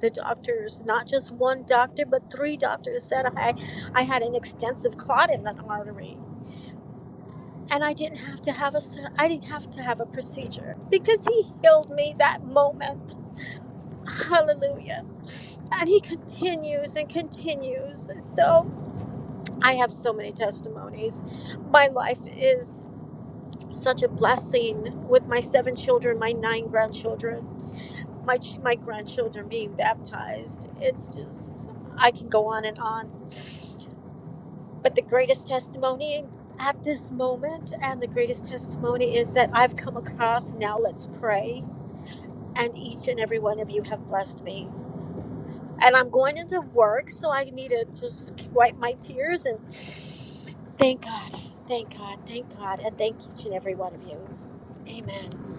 the doctors, not just one doctor, but three doctors said I, I had an extensive clot in an artery. and I didn't have to have a sur- I didn't have to have a procedure because he healed me that moment. Hallelujah. And he continues and continues. So I have so many testimonies. My life is such a blessing with my seven children, my nine grandchildren, my ch- my grandchildren being baptized. It's just I can go on and on. But the greatest testimony at this moment and the greatest testimony is that I've come across now let's pray and each and every one of you have blessed me. And I'm going into work, so I need to just wipe my tears and thank God, thank God, thank God, and thank each and every one of you. Amen.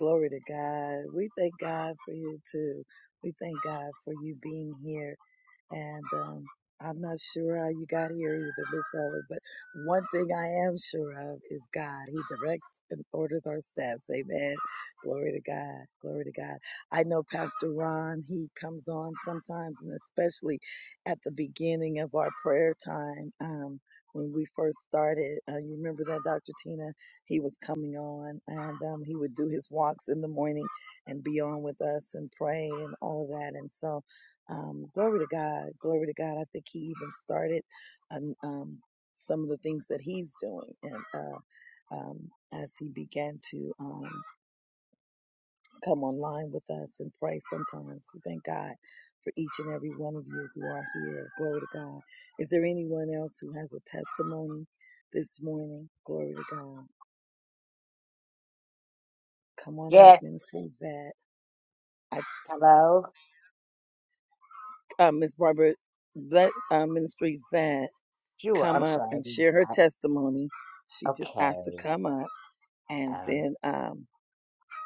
Glory to God. We thank God for you too. We thank God for you being here And um, I'm not sure how you got here either, Miss Helen, but one thing I am sure of is God. He directs and orders our steps. Amen. Glory to God. Glory to God. I know Pastor Ron, he comes on sometimes, and especially at the beginning of our prayer time. Um, when we first started, uh, you remember that Dr. Tina, he was coming on and um, he would do his walks in the morning and be on with us and pray and all of that. And so um, glory to God. Glory to God. I think he even started um, um, some of the things that he's doing. And uh, um, as he began to um, come online with us and pray sometimes, we thank God for each and every one of you who are here. Glory to God. Is there anyone else who has a testimony this morning? Glory to God. Come on up, Yes. Ministry Vet. I, Hello. uh, Miss Barbara, let uh, Ministry Vet. Sure. come I'm up and sorry. share her I- testimony. She just asked Okay. to come up, and Um, then um,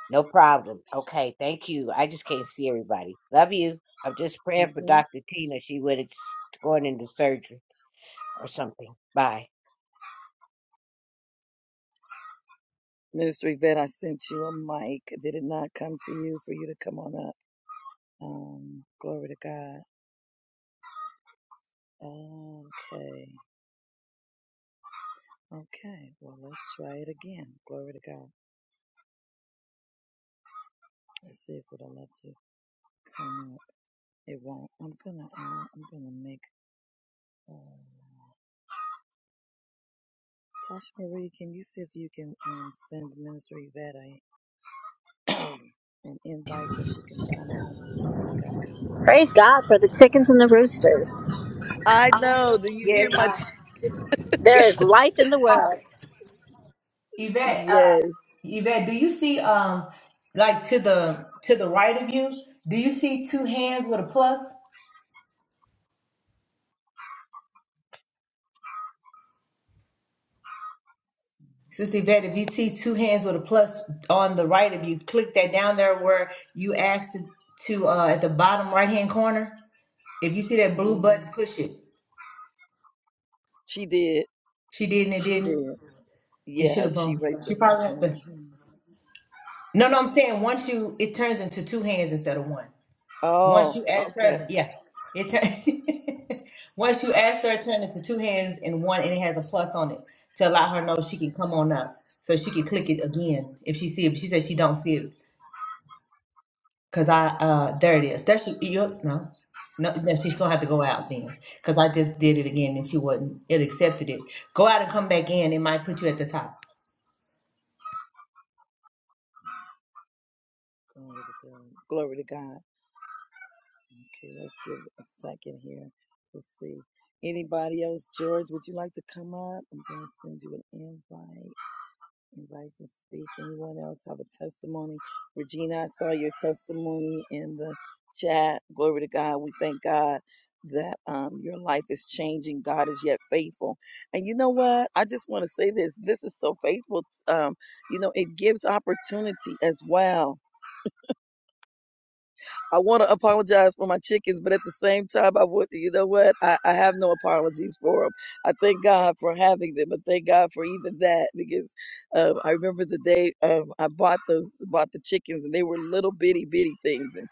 No problem. Okay, thank you. I just can't see everybody. Love you. I'm just praying for mhm. Dr. Tina. She would it's going into surgery or something. Bye. Minister Yvette, I sent you a mic. Did it not come to you for you to come on up? Um, glory to God. Okay. Okay. Well, let's try it again. Glory to God. Let's see if it'll let you come up. It won't. I'm gonna. Uh, I'm gonna make. Uh, Tasha Marie, can you see if you can um, send Minister Yvette? a an invite so she can come up. Glory to God. Praise God for the chickens and the roosters. I know. Do you hear Yes, my? I T- There yeah. is life in the world. Yvette, yes. Yvette, do you see um like to the to the right of you? Do you see two hands with a plus? Sister Yvette, if you see two hands with a plus on the right of you, click that down there where you asked to, to uh at the bottom right hand corner. If you see that blue button, hmm push it. She did. She didn't, it She didn't. did. It should Yeah, have she been her. raised She her hand. probably has to. hmm No, no, I'm saying once you it turns into two hands instead of one. Once Oh, you ask okay. her, yeah, it. Turn, once you ask her, turn it to two hands and one, and it has a plus on it to allow her know she can come on up, so she can click it again if she see it. She said she don't see it because I uh there it is. There she you no. No, no, she's gonna have to go out then, cause I just did it again and she wasn't. It accepted it. Go out and come back in. It might put you at the top. Glory to God. Glory to God. Okay, let's give it a second here. Let's see. Anybody else? George, would you like to come up? I'm going to send you an invite. invite to speak. Anyone else have a testimony? Regina, I saw your testimony in the chat. Glory to God. We thank God that um, your life is changing. God is yet faithful. And you know what? I just want to say this. This is so faithful. Um, you know, it gives opportunity as well I want to apologize for my chickens, but at the same time, I would, you know what? I, I have no apologies for them. I thank God for having them, and thank God for even that because um, I remember the day um, I bought those, bought the chickens, and they were little bitty bitty things, and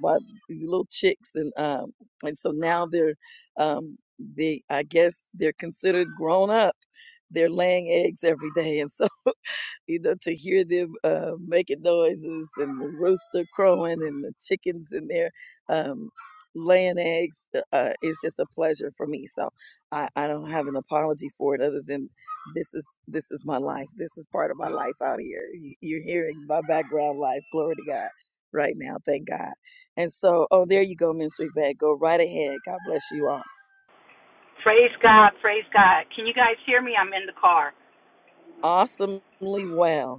bought these little chicks, and um, and so now they're, um, they I guess they're considered grown up. They're laying eggs every day, and so you know, to hear them uh, making noises and the rooster crowing and the chickens in there um, laying eggs uh, uh, is just a pleasure for me. So I, I don't have an apology for it other than this is this is my life. This is part of my life out here. You- You're hearing my background life. Glory to God right now. Thank God. And so, oh, there you go, Ministry Bag. Go right ahead. God bless you all. Awesomely well.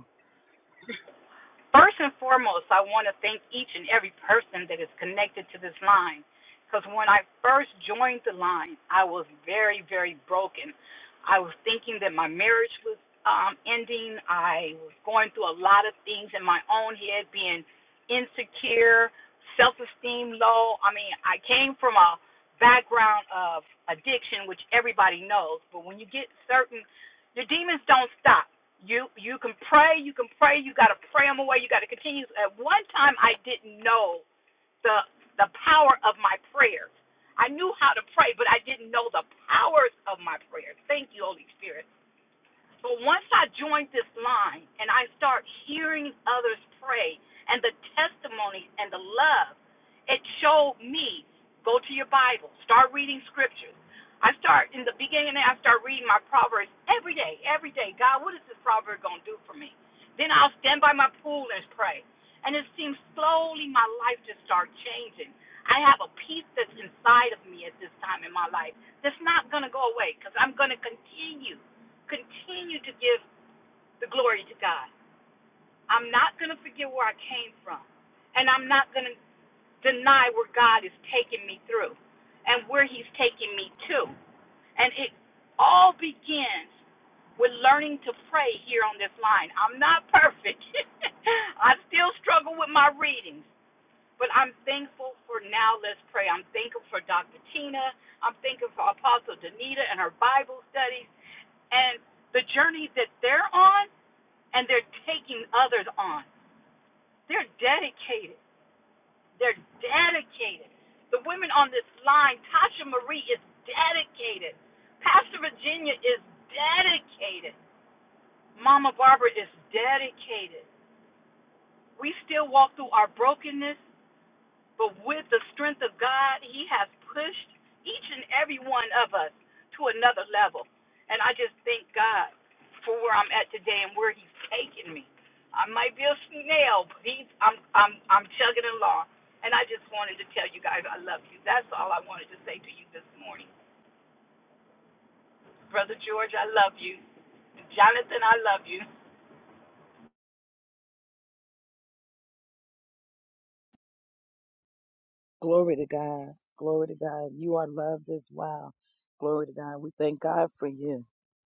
Glory to God. Glory to God. You are loved as well. Glory to God. We thank God for you.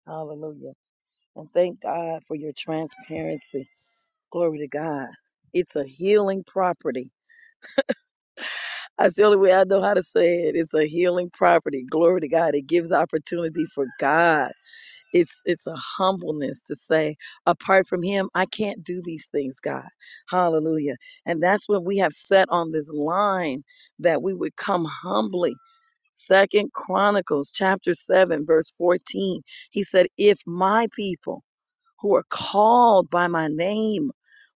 Hallelujah. And thank God for your transparency. Glory to God. It's a healing property. That's the only way I know how to say it. It's a healing property. Glory to God. It gives opportunity for God it's it's a humbleness to say apart from him i can't do these things god hallelujah and that's what we have set on this line that we would come humbly second chronicles chapter 7 verse 14 he said if my people who are called by my name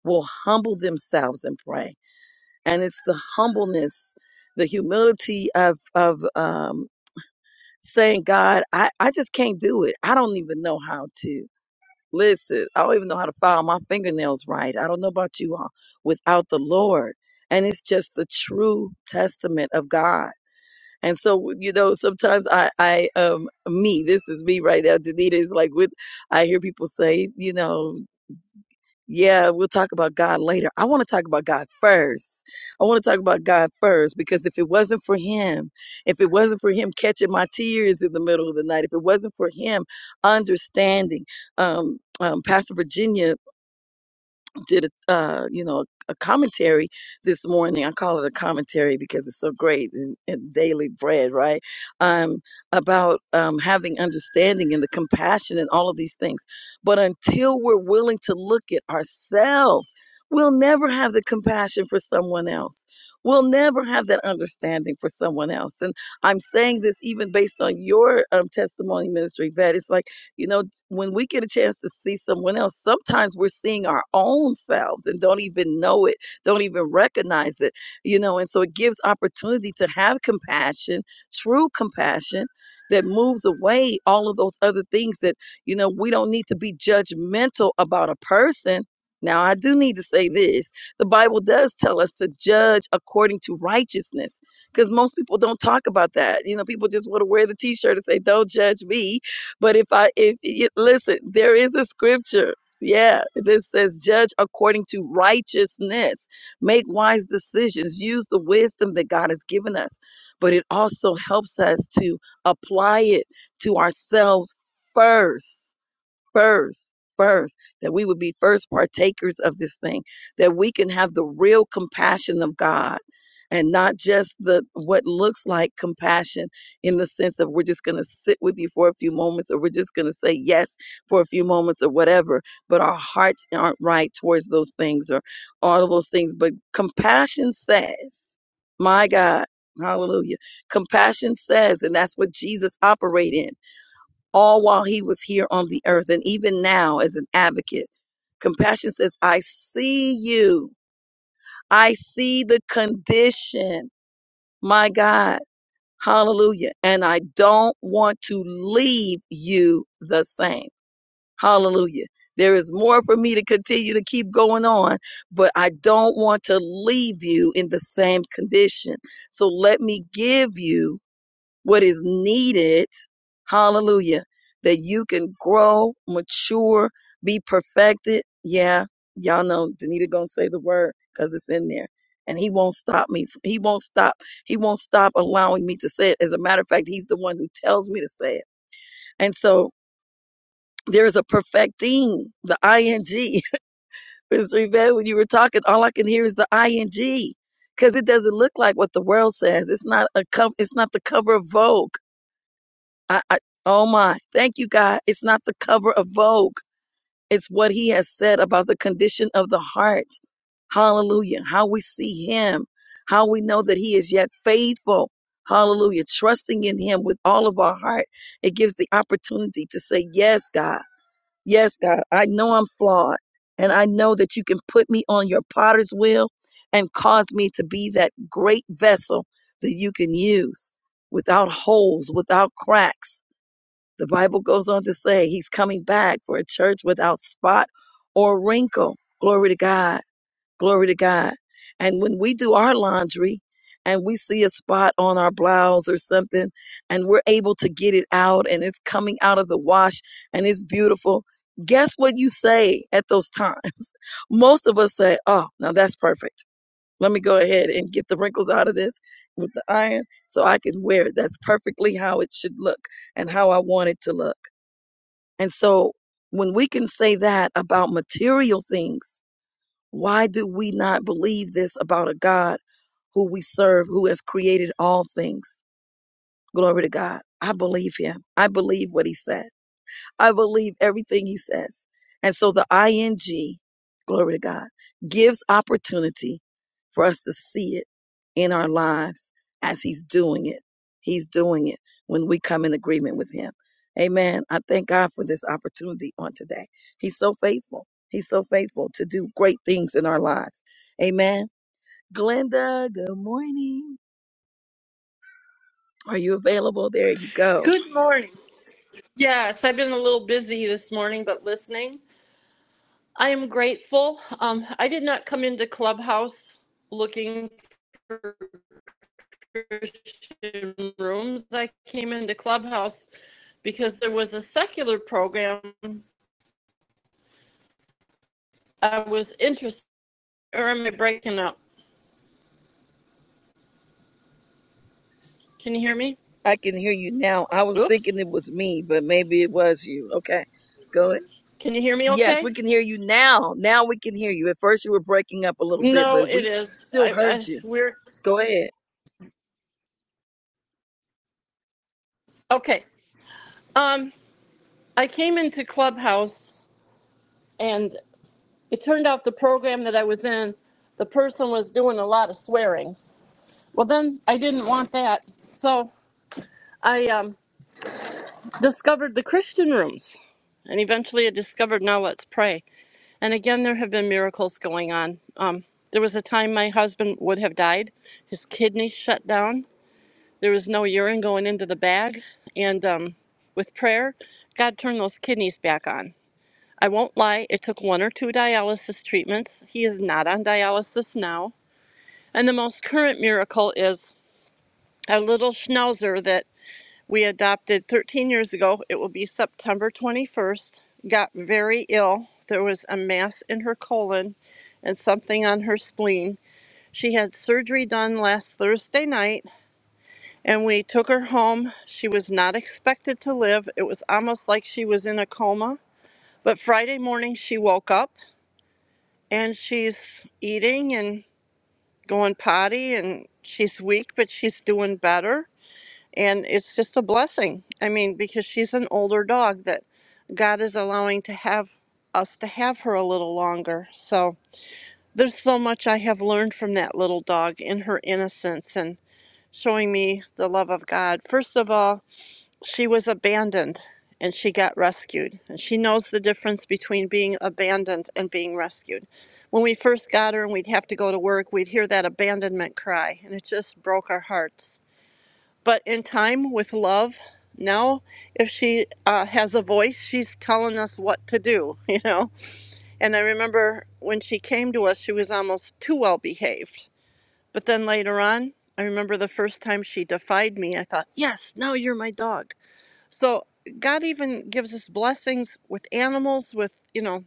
will humble themselves and pray and it's the humbleness the humility of of um saying god i i just can't do it i don't even know how to Listen, I don't even know how to file my fingernails right. I don't know about you all without the Lord. And it's just the true testament of God. And so, you know, sometimes I, I, um, me, this is me right now. Danita is like, with, I hear people say, you know, yeah, we'll talk about God later. I want to talk about God first. I want to talk about God first because if it wasn't for Him, if it wasn't for Him catching my tears in the middle of the night, if it wasn't for Him understanding, um, um, Pastor Virginia did a uh, you know a commentary this morning. I call it a commentary because it's so great and, and daily bread, right? Um, about um, having understanding and the compassion and all of these things. But until we're willing to look at ourselves, we'll never have the compassion for someone else. We'll never have that understanding for someone else. And I'm saying this even based on your um, testimony, Ministry Vet. It's like you know when we get a chance to see someone else, sometimes we're seeing our own selves and don't even know it, don't even recognize it, you know. And so it gives opportunity to have compassion, true compassion that moves away all of those other things that, you know, we don't need to be judgmental about a person. Now, I do need to say this. The Bible does tell us to judge according to righteousness because most people don't talk about that. You know, people just want to wear the t shirt and say, Don't judge me but if I, if y- listen, there is a scripture. Yeah, this says, judge according to righteousness, make wise decisions, use the wisdom that God has given us. But it also helps us to apply it to ourselves first first, first, that we would be first partakers of this thing, that we can have the real compassion of God and not just the what looks like compassion in the sense of we're just going to sit with you for a few moments or we're just going to say yes for a few moments or whatever but our hearts aren't right towards those things or all of those things but compassion says my god hallelujah compassion says and that's what jesus operated in all while he was here on the earth and even now as an advocate. Compassion says, I see you. I see the condition. My God. Hallelujah. And I don't want to leave you the same. Hallelujah. There is more for me to continue to keep going on, but I don't want to leave you in the same condition. So let me give you what is needed, hallelujah, that you can grow, mature, be perfected. Yeah, y'all know Danita gonna say the word because it's in there. And he won't stop me. He won't stop. He won't stop allowing me to say it. As a matter of fact, he's the one who tells me to say it. And so there is a perfecting, the ing. Ms. Rivette, when you were talking, all I can hear is the ing because it doesn't look like what the world says. It's not a co- It's not the cover of Vogue. I, I, oh my. Thank you, God. It's not the cover of Vogue. It's what he has said about the condition of the heart. Hallelujah. How we see him, how we know that he is yet faithful. Hallelujah. Trusting in him with all of our heart. It gives the opportunity to say, Yes, God. Yes, God. I know I'm flawed. And I know that you can put me on your potter's wheel and cause me to be that great vessel that you can use without holes, without cracks the Bible goes on to say he's coming back for a church without spot or wrinkle. Glory to God. Glory to God. And when we do our laundry and we see a spot on our blouse or something and we're able to get it out and it's coming out of the wash and it's beautiful, guess what you say at those times? Most of us say, oh, now that's perfect. Let me go ahead and get the wrinkles out of this with the iron so I can wear it. That's perfectly how it should look and how I want it to look. And so when we can say that about material things, why do we not believe this about a God who we serve, who has created all things? Glory to God. I believe him. I believe what he said. I believe everything he says. And so the ing, glory to God, gives opportunity for us to see it in our lives as he's doing it. He's doing it when we come in agreement with him. Amen. I thank God for this opportunity on today. He's so faithful. He's so faithful to do great things in our lives. Amen. Glenda, good morning. Are you available? There you go. Good morning. Yes, I've been a little busy this morning, but listening. I am grateful. Um, I did not come into Clubhouse looking for Christian rooms. I came into Clubhouse because there was a secular program I was interested. Or am I breaking up? Can you hear me? I can hear you now. I was Oops. thinking it was me, but maybe it was you. Okay. Go ahead. Can you hear me? Yes, we Okay. can hear you now. Now we can hear you. At first you were breaking up a little bit, No, but it we is. still I, heard I you. we're Go ahead. okay. Um, I came into Clubhouse and. It turned out the program that I was in, the person was doing a lot of swearing. Well, then I didn't want that. So I um, discovered the Christian rooms. And eventually I discovered Now Let's Pray. And again, there have been miracles going on. Um, there was a time my husband would have died, his kidneys shut down. There was no urine going into the bag. And um, with prayer, God turned those kidneys back on. I won't lie, it took one or two dialysis treatments. He is not on dialysis now And the most current miracle is a little schnauzer that we adopted 13 years ago. It will be September 21st. Got very ill. There was a mass in her colon and something on her spleen. She had surgery done last Thursday night and we took her home. She was not expected to live. It was almost like she was in a coma. But Friday morning she woke up and she's eating and going potty and she's weak, but she's doing better And it's just a blessing. I mean, because she's an older dog that God is allowing to have us to have her a little longer. So there's so much I have learned from that little dog in her innocence and showing me the love of God. First of all, she was abandoned and she got rescued. And she knows the difference between being abandoned and being rescued. When we first got her and we'd have to go to work, we'd hear that abandonment cry, and it just broke our hearts but in time with love now if she uh, has a voice she's telling us what to do you know and i remember when she came to us she was almost too well behaved but then later on i remember the first time she defied me i thought yes now you're my dog so god even gives us blessings with animals with you know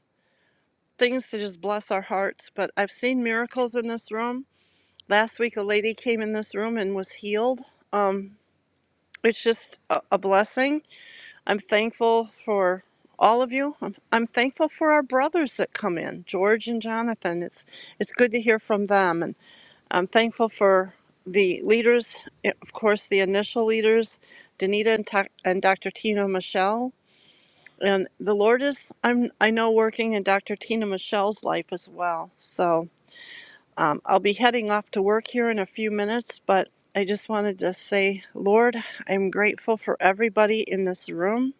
things to just bless our hearts but i've seen miracles in this room last week a lady came in this room and was healed um, it's just a, a blessing I'm thankful for all of you. I'm, I'm thankful for our brothers that come in, George and Jonathan. It's it's good to hear from them, and I'm thankful for the leaders, eh, of course, the initial leaders, Danita and, Ta- and Dr. Tina Michelle. And the Lord is, I'm, I know, working in Dr. Tina Michelle's life as well. So um, I'll be heading off to work here in a few minutes, but I just wanted to say, Lord, I'm grateful for everybody in this room.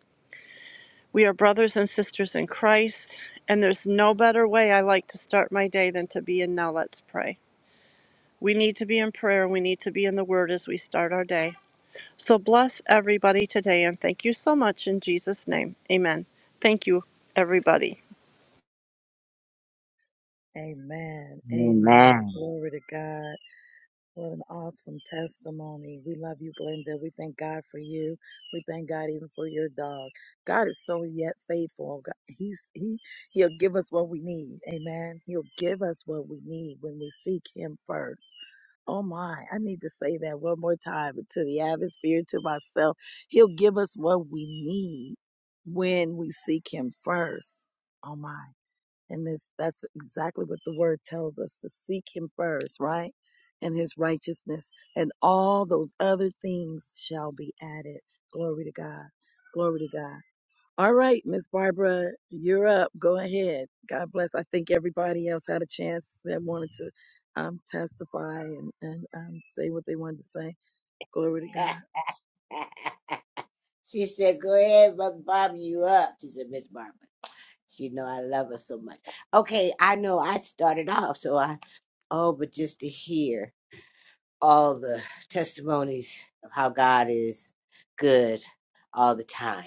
We are brothers and sisters in Christ, and there's no better way I like to start my day than to be in Now Let's Pray. We need to be in prayer, and we need to be in the Word as we start our day. So bless everybody today, and thank you so much in Jesus' name. Amen. Thank you, everybody. Amen. Amen. Amen. Glory to God. What an awesome testimony. We love you, Glenda. We thank God for you. We thank God even for your dog. God is so yet faithful. oh God- He's he he'll give us what we need. Amen. He'll give us what we need when we seek him first. Oh my, I need to say that one more time to the atmosphere, to myself. He'll give us what we need when we seek him first. Oh my. And this that's exactly what the word tells us to seek him first, right? And his righteousness and all those other things shall be added. Glory to God. Glory to God. All right, Miss Barbara, you're up. Go ahead. God bless. I think everybody else had a chance that wanted to um, testify and, and um, say what they wanted to say. Glory to God. she said, Go ahead, Mother Bob, you up. She said, Miss Barbara. She know I love her so much. Okay, I know I started off, so I oh, but just to hear. all the testimonies of how God is good all the time.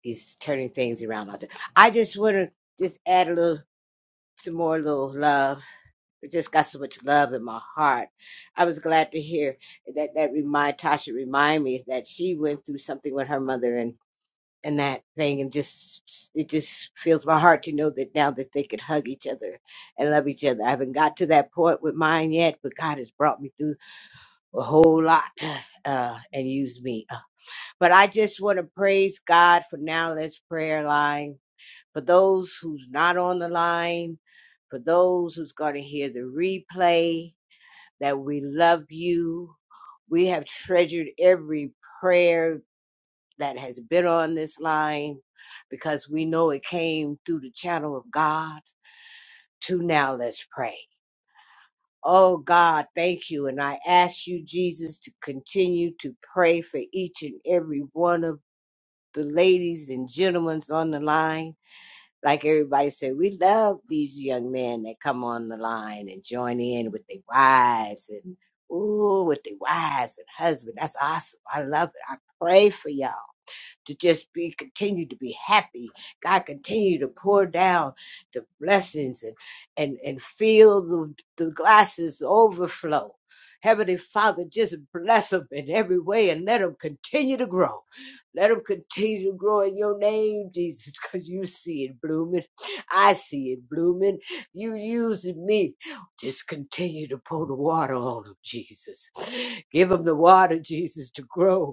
He's turning things around all the time. I just want to just add a little, some more little love. I just got so much love in my heart. I was glad to hear that that remind Tasha remind me that she went through something with her mother and and that thing and just it just fills my heart to know that now that they could hug each other and love each other. I haven't got to that point with mine yet, but God has brought me through a whole lot uh, and use me. Uh, But I just want to praise God for now. Let's prayer line for those who's not on the line, for those who's going to hear the replay. That we love you. We have treasured every prayer that has been on this line because we know it came through the channel of God. To now, let's pray. Oh God, thank you. And I ask you, Jesus, to continue to pray for each and every one of the ladies and gentlemen on the line. Like everybody said, we love these young men that come on the line and join in with their wives and ooh, with their wives and husband. That's awesome. I love it. I pray for y'all to just be continue to be happy. God continue to pour down the blessings and and and fill the, the glasses overflow. Heavenly Father, just bless them in every way and let them continue to grow. Let them continue to grow in your name, Jesus, because you see it blooming. I see it blooming. You using me. Just continue to pour the water on them, Jesus. Give them the water, Jesus, to grow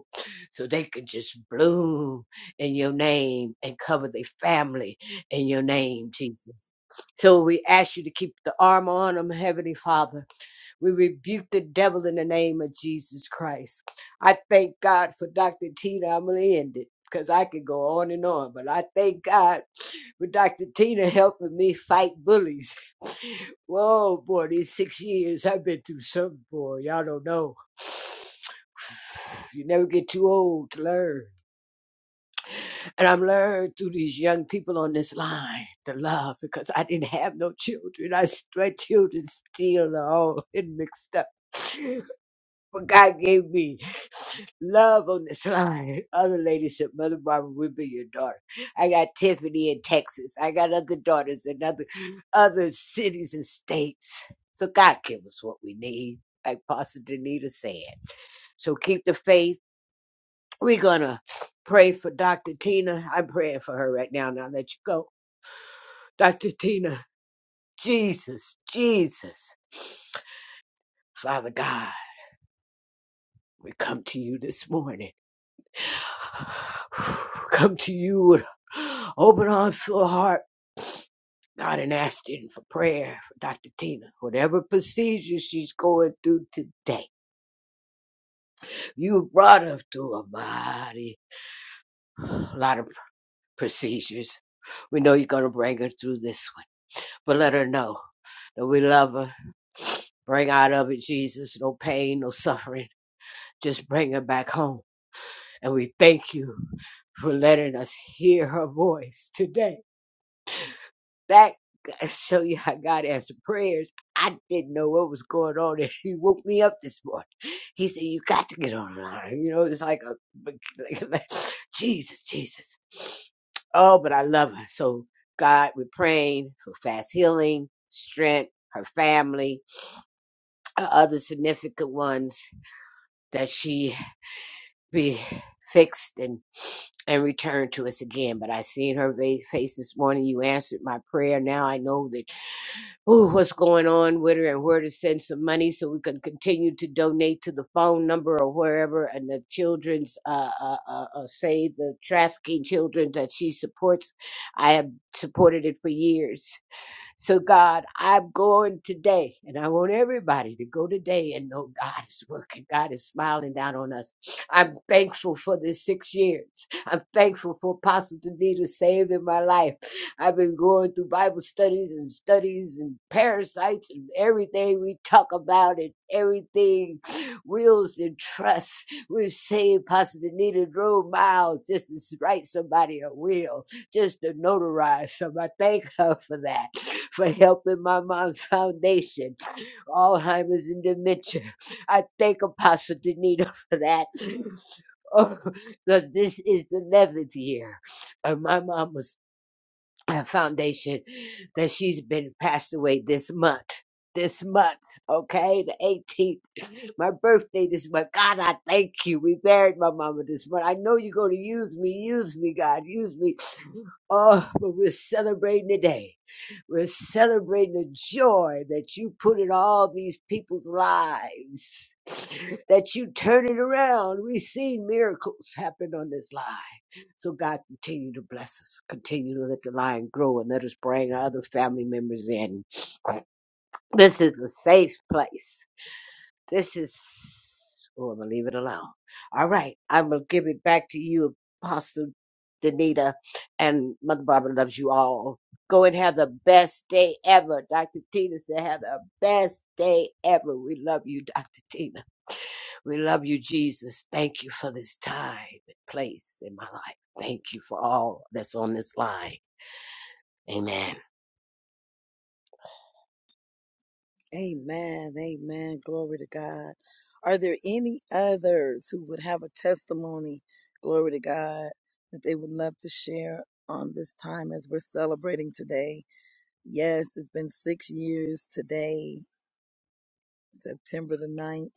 so they could just bloom in your name and cover their family in your name, Jesus. So we ask you to keep the armor on them, Heavenly Father. We rebuke the devil in the name of Jesus Christ. I thank God for Dr. Tina. I'm going to end it because I could go on and on, but I thank God for Dr. Tina helping me fight bullies. Whoa, boy, these six years I've been through something, boy. Y'all don't know. You never get too old to learn. And I've learned through these young people on this line to love because I didn't have no children. I, s- my children still are all in mixed up. But God gave me love on this line. Other ladies said, Mother Barbara will be your daughter. I got Tiffany in Texas. I got other daughters in other, other cities and states. So God give us what we need, like Pastor Danita said. So keep the faith we're gonna pray for Dr. Tina. I'm praying for her right now, and I'll let you go. Dr. Tina, Jesus, Jesus, Father God, we come to you this morning. Come to you with open arms, full heart, God, and asking for prayer for Dr. Tina. Whatever procedure she's going through today, you brought her through a mighty lot of procedures. We know you're going to bring her through this one, but let her know. that we love her. Bring out of it, Jesus, no pain, no suffering. Just bring her back home. And we thank you for letting us hear her voice today. That show you how God answered prayers. I didn't know what was going on, and He woke me up this morning. He said, "You got to get online." You know, it's like a Jesus, Jesus. Oh, but I love her so. God, we're praying for fast healing, strength, her family, uh, other significant ones that she be fixed and and returned to us again. But I seen her va- face this morning. You answered my prayer. Now I know that ooh, what's going on with her and where to send some money so we can continue to donate to the phone number or wherever and the children's uh, uh, uh, uh save the trafficking children that she supports. I have supported it for years so, God, I'm going today, and I want everybody to go today and know God is working. God is smiling down on us. I'm thankful for this six years. I'm thankful for Apostle Danita saving my life. I've been going through Bible studies and studies and parasites and everything we talk about and everything wills and trusts. We've saved Pastor Danita drove miles just to write somebody a will just to notarize some. I thank her for that, for helping my mom's foundation, Alzheimer's and dementia. I thank Apostle Danita for that. Because this is the 11th year of my mama's uh, foundation that she's been passed away this month. This month, okay? The 18th my birthday this month. God, I thank you. We buried my mama this month. I know you're going to use me. Use me, God. Use me. Oh, but we're celebrating today. We're celebrating the joy that you put in all these people's lives, that you turn it around. We've seen miracles happen on this line. So, God, continue to bless us. Continue to let the line grow and let us bring our other family members in. This is a safe place. This is. Oh, I'm going to leave it alone. All right. I'm going to give it back to you, Apostle Danita. And Mother Barbara loves you all. Go and have the best day ever. Dr. Tina said, have the best day ever. We love you, Dr. Tina. We love you, Jesus. Thank you for this time and place in my life. Thank you for all that's on this line. Amen. Amen. Amen. Glory to God. Are there any others who would have a testimony, glory to God, that they would love to share on this time as we're celebrating today? Yes, it's been six years today, September the ninth.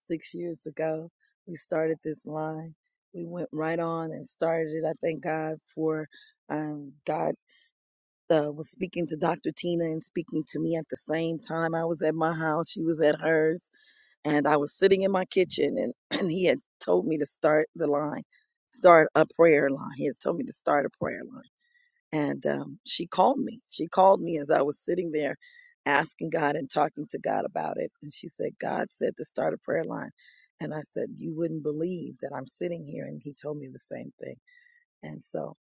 six years ago. We started this line. We went right on and started it. I thank God for um, God uh, was speaking to Dr. Tina and speaking to me at the same time. I was at my house, she was at hers and I was sitting in my kitchen and, and he had told me to start the line, start a prayer line. He had told me to start a prayer line. And um, she called me. She called me as I was sitting there asking God and talking to God about it. And she said, God said to start a prayer line. And I said, You wouldn't believe that I'm sitting here. And he told me the same thing. And so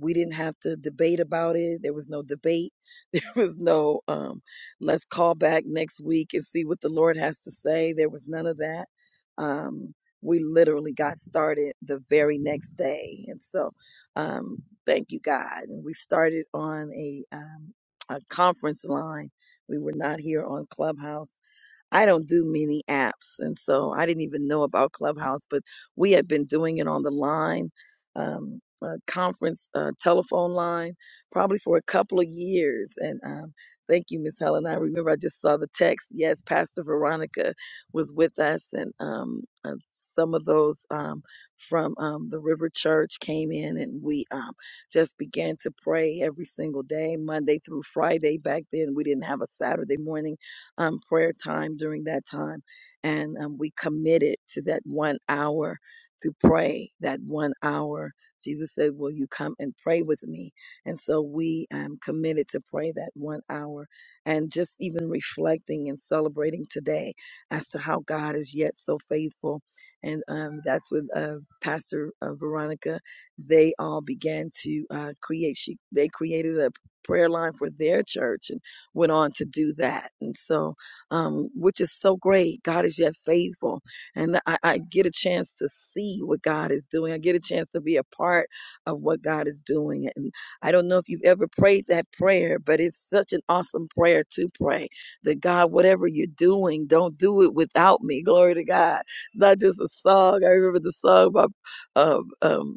we didn't have to debate about it. There was no debate. There was no, um, let's call back next week and see what the Lord has to say. There was none of that. Um, we literally got started the very next day. And so, um, thank you, God. And we started on a, um, a conference line. We were not here on Clubhouse I don't do many apps, and so I didn't even know about Clubhouse, but we had been doing it on the line, um, uh, conference uh, telephone line, probably for a couple of years. And um, thank you, Miss Helen. I remember I just saw the text. Yes, Pastor Veronica was with us, and um, uh, some of those um, from um, the River Church came in, and we um, just began to pray every single day, Monday through Friday. Back then, we didn't have a Saturday morning um, prayer time during that time. And um, we committed to that one hour to pray, that one hour. Jesus said, Will you come and pray with me? And so we um, committed to pray that one hour and just even reflecting and celebrating today as to how God is yet so faithful. And um, that's when uh, Pastor uh, Veronica, they all began to uh, create, she, they created a prayer line for their church. And went on to do that. And so, um, which is so great. God is yet faithful. And I, I get a chance to see what God is doing. I get a chance to be a part of what God is doing. And I don't know if you've ever prayed that prayer, but it's such an awesome prayer to pray that God, whatever you're doing, don't do it without me. Glory to God. Not just a song. I remember the song by um, um,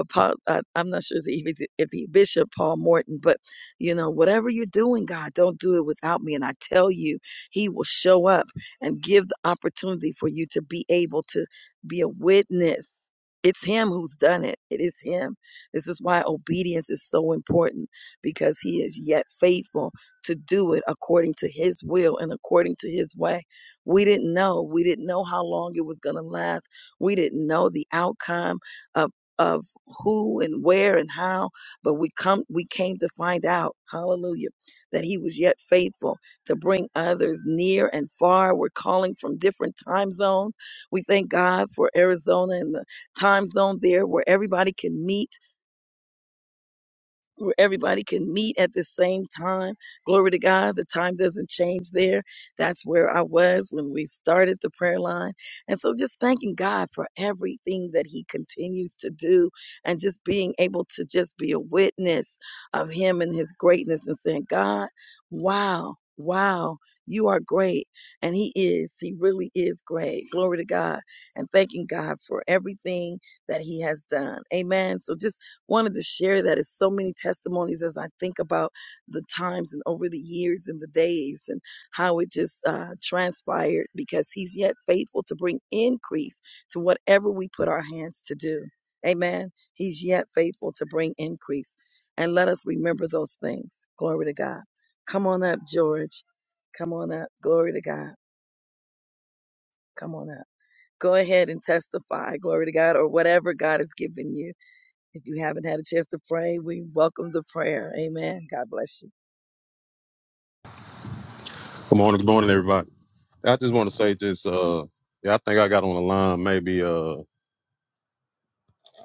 Apo- I, I'm not sure if he, if he Bishop Paul Morton, but you know, whatever you're doing, God, don't do it without me. And I tell you, He will show up and give the opportunity for you to be able to be a witness. It's Him who's done it. It is Him. This is why obedience is so important because He is yet faithful to do it according to His will and according to His way. We didn't know. We didn't know how long it was going to last. We didn't know the outcome of of who and where and how. But we come, we came to find out, hallelujah, that he was yet faithful to bring others near and far. We're calling from different time zones. We thank God for Arizona and the time zone there where everybody can meet where everybody can meet at the same time. Glory to God, the time doesn't change there. That's where I was when we started the prayer line. And so just thanking God for everything that He continues to do and just being able to just be a witness of Him and His greatness and saying, God, wow. Wow, you are great. And he is. He really is great. Glory to God. And thanking God for everything that he has done. Amen. So just wanted to share that it's so many testimonies as I think about the times and over the years and the days and how it just uh, transpired because he's yet faithful to bring increase to whatever we put our hands to do. Amen. He's yet faithful to bring increase. And let us remember those things. Glory to God. Come on up, George. Come on up. Glory to God. Come on up. Go ahead and testify. Glory to God or whatever God has given you. If you haven't had a chance to pray, we welcome the prayer. Amen. God bless you. Good morning, good morning, everybody. I just want to say this. Uh, yeah, I think I got on the line maybe. Uh,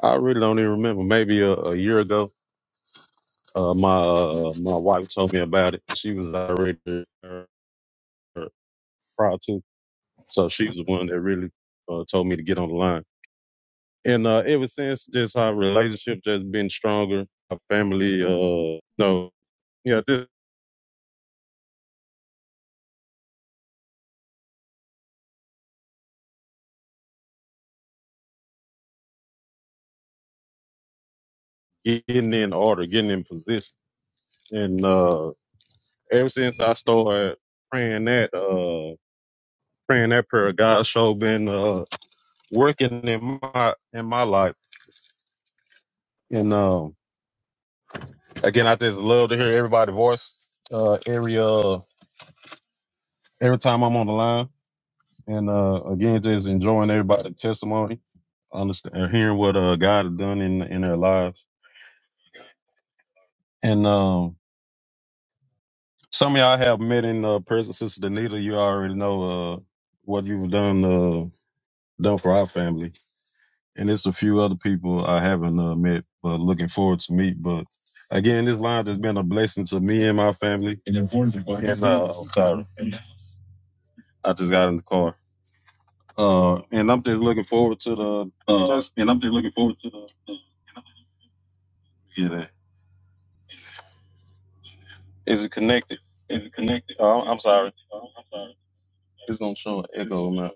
I really don't even remember. Maybe a, a year ago. Uh, my uh, my wife told me about it. She was already uh, prior to, so she was the one that really uh, told me to get on the line. And uh, ever since, just our relationship just been stronger. Our family, uh, no, yeah, just getting in order, getting in position. And uh, ever since I started praying that. uh. praying that prayer. God show been uh, working in my in my life. And um, again, I just love to hear everybody's voice. Uh, every uh, every time I'm on the line, and uh, again, just enjoying everybody's testimony, understand, hearing what uh God has done in in their lives. And um, some of y'all have met in uh, person, Sister Danita. You already know uh what you've done uh done for our family. and it's a few other people I haven't uh, met, but looking forward to meet. But again, this line has been a blessing to me and my family. And unfortunately, and, uh, I'm sorry, I just got in the car, uh, and I'm just looking forward to the. Uh, just get it. Is it connected? Is it connected? Oh, I'm sorry, it's gonna show an echo now.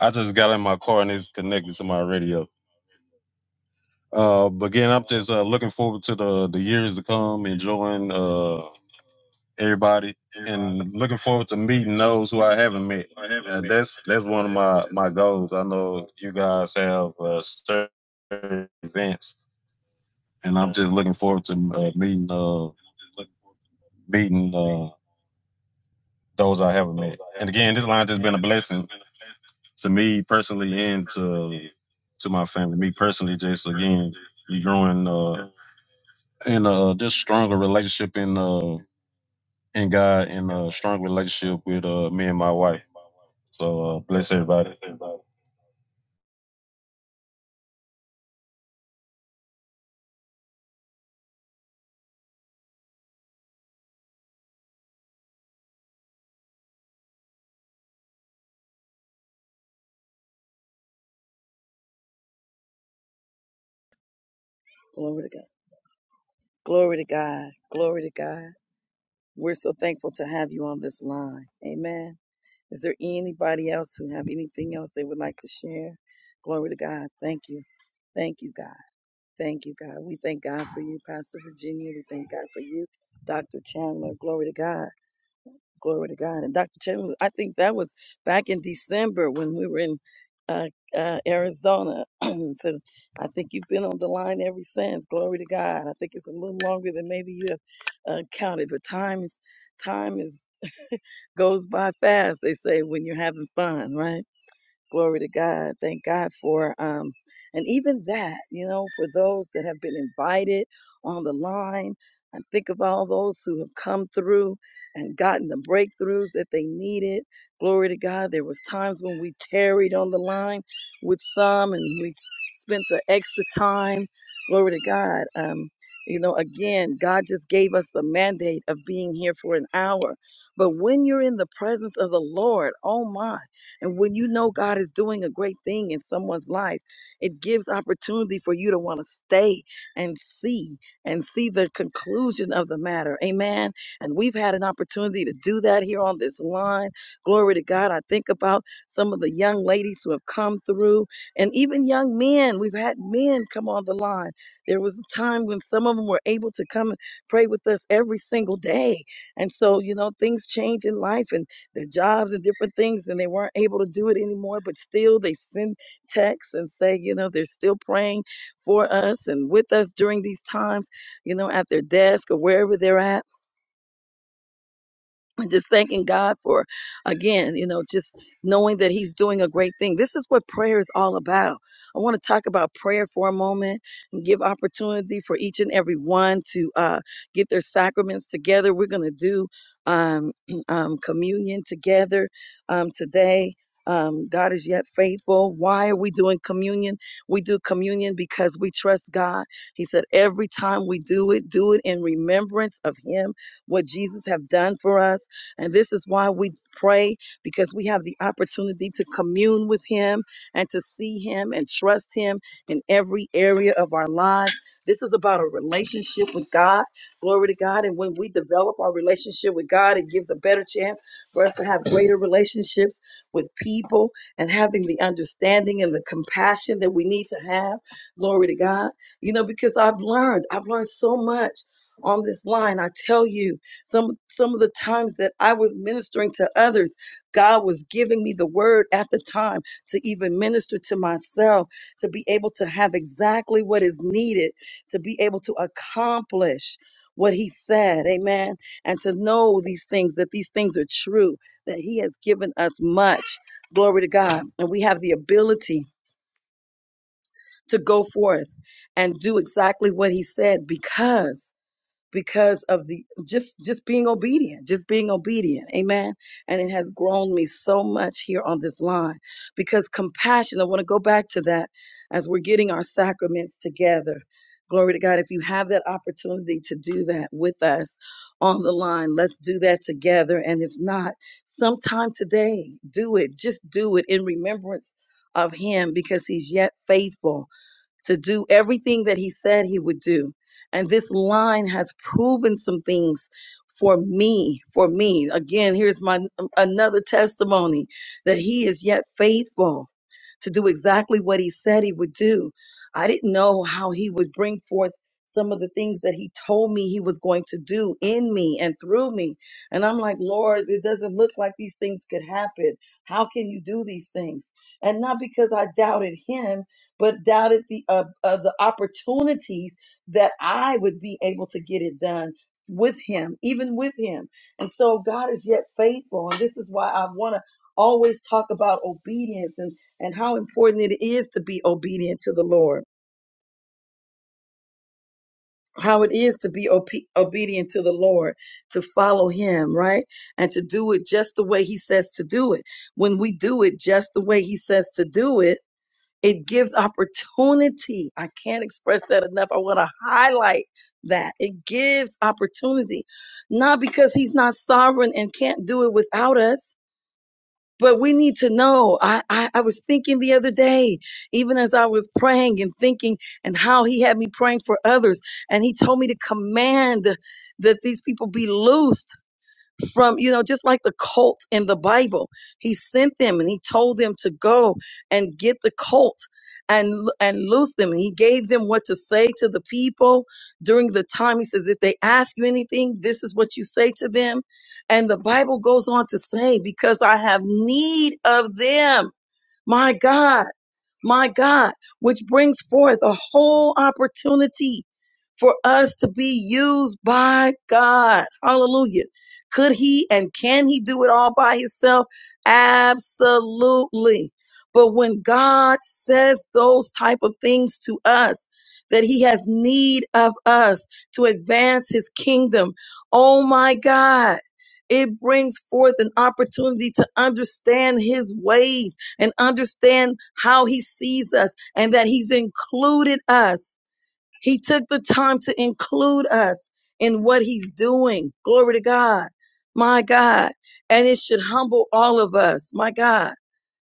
I just got in my car and it's connected to my radio. Uh, but again, I'm just uh, looking forward to the the years to come, enjoying. Uh, everybody, and looking forward to meeting those who I haven't met. Uh, that's that's one of my my goals. I know you guys have uh, certain events, and I'm just looking forward to uh, meeting uh, meeting uh, those I haven't met. And again, this line has been a blessing to me personally and to to my family. Me personally, just again, you growing uh, in uh, just stronger relationship in uh, in God and a strong relationship with uh, me and my wife. So uh, bless everybody. Everybody. Glory to God. Glory to God. Glory to God. We're so thankful to have you on this line. Amen. Is there anybody else who have anything else they would like to share? Glory to God. Thank you. Thank you, God. Thank you, God. We thank God for you, Pastor Virginia. We thank God for you, Dr. Chandler. Glory to God. Glory to God. And Dr. Chen, I think that was back in December when we were in uh, uh, Arizona. so I think you've been on the line ever since. Glory to God. I think it's a little longer than maybe you have uh, counted, but time is time is goes by fast. They say when you're having fun, right? Glory to God. Thank God for, um, and even that, you know, for those that have been invited on the line. And think of all those who have come through and gotten the breakthroughs that they needed. Glory to God. There was times when we tarried on the line with some and we spent the extra time. Glory to God. Um, you know, again, God just gave us the mandate of being here for an hour. But when you're in the presence of the Lord, oh my. And when you know God is doing a great thing in someone's life, it gives opportunity for you to want to stay and see and see the conclusion of the matter. Amen. And we've had an opportunity to do that here on this line. Glory to God. I think about some of the young ladies who have come through and even young men. We've had men come on the line. There was a time when some of them were able to come and pray with us every single day. And so, you know, things change in life. And their jobs and different things, and they weren't able to do it anymore. But still, they send texts and say, you know, they're still praying for us and with us during these times, you know, at their desk or wherever they're at and just thanking God for, again, you know, just knowing that He's doing a great thing. This is what prayer is all about. I want to talk about prayer for a moment and give opportunity for each and every one to uh, get their sacraments together. We're going to do um, um, communion together um, today. Um, God is yet faithful. Why are we doing communion? We do communion because we trust God. He said, every time we do it, do it in remembrance of Him, what Jesus have done for us and this is why we pray because we have the opportunity to commune with Him and to see Him and trust Him in every area of our lives. This is about a relationship with God. Glory to God. And when we develop our relationship with God, it gives a better chance for us to have greater relationships with people and having the understanding and the compassion that we need to have. Glory to God. You know, because I've learned, I've learned so much on this line. I tell you, some some of the times that I was ministering to others, God was giving me the word at the time to even minister to myself, to be able to have exactly what is needed, to be able to accomplish what he said. Amen. And to know these things that these things are true, that he has given us much. Glory to God. And we have the ability to go forth and do exactly what he said because because of the just just being obedient just being obedient amen and it has grown me so much here on this line because compassion i want to go back to that as we're getting our sacraments together glory to god if you have that opportunity to do that with us on the line let's do that together and if not sometime today do it just do it in remembrance of him because he's yet faithful to do everything that he said he would do. And this line has proven some things for me, for me. Again, here's my um, another testimony that he is yet faithful to do exactly what he said he would do. I didn't know how he would bring forth some of the things that he told me he was going to do in me and through me. And I'm like, Lord, it doesn't look like these things could happen. How can you do these things? And not because I doubted him, but doubted the uh, uh, the opportunities that I would be able to get it done with him, even with him. And so God is yet faithful, and this is why I want to always talk about obedience and and how important it is to be obedient to the Lord. How it is to be obe- obedient to the Lord, to follow Him, right? And to do it just the way He says to do it. When we do it just the way He says to do it, It gives opportunity. I can't express that enough. I want to highlight that. It gives opportunity, not because he's not sovereign and can't do it without us, but we need to know. I, I, I was thinking the other day, even as I was praying and thinking, and how he had me praying for others, and he told me to command that these people be loosed from, you know, just like the cult in the Bible. He sent them and he told them to go and get the cult and and loose them. And he gave them what to say to the people during the time. He says, if they ask you anything, this is what you say to them. And the Bible goes on to say, because I have need of them. My God my God, which brings forth a whole opportunity for us to be used by God. Hallelujah. Could he and can he do it all by himself? Absolutely. But when God says those type of things to us, that he has need of us to advance his kingdom, oh my God, it brings forth an opportunity to understand his ways and understand how he sees us and that he's included us. He took the time to include us in what he's doing. Glory to God. My God. And it should humble all of us. My God.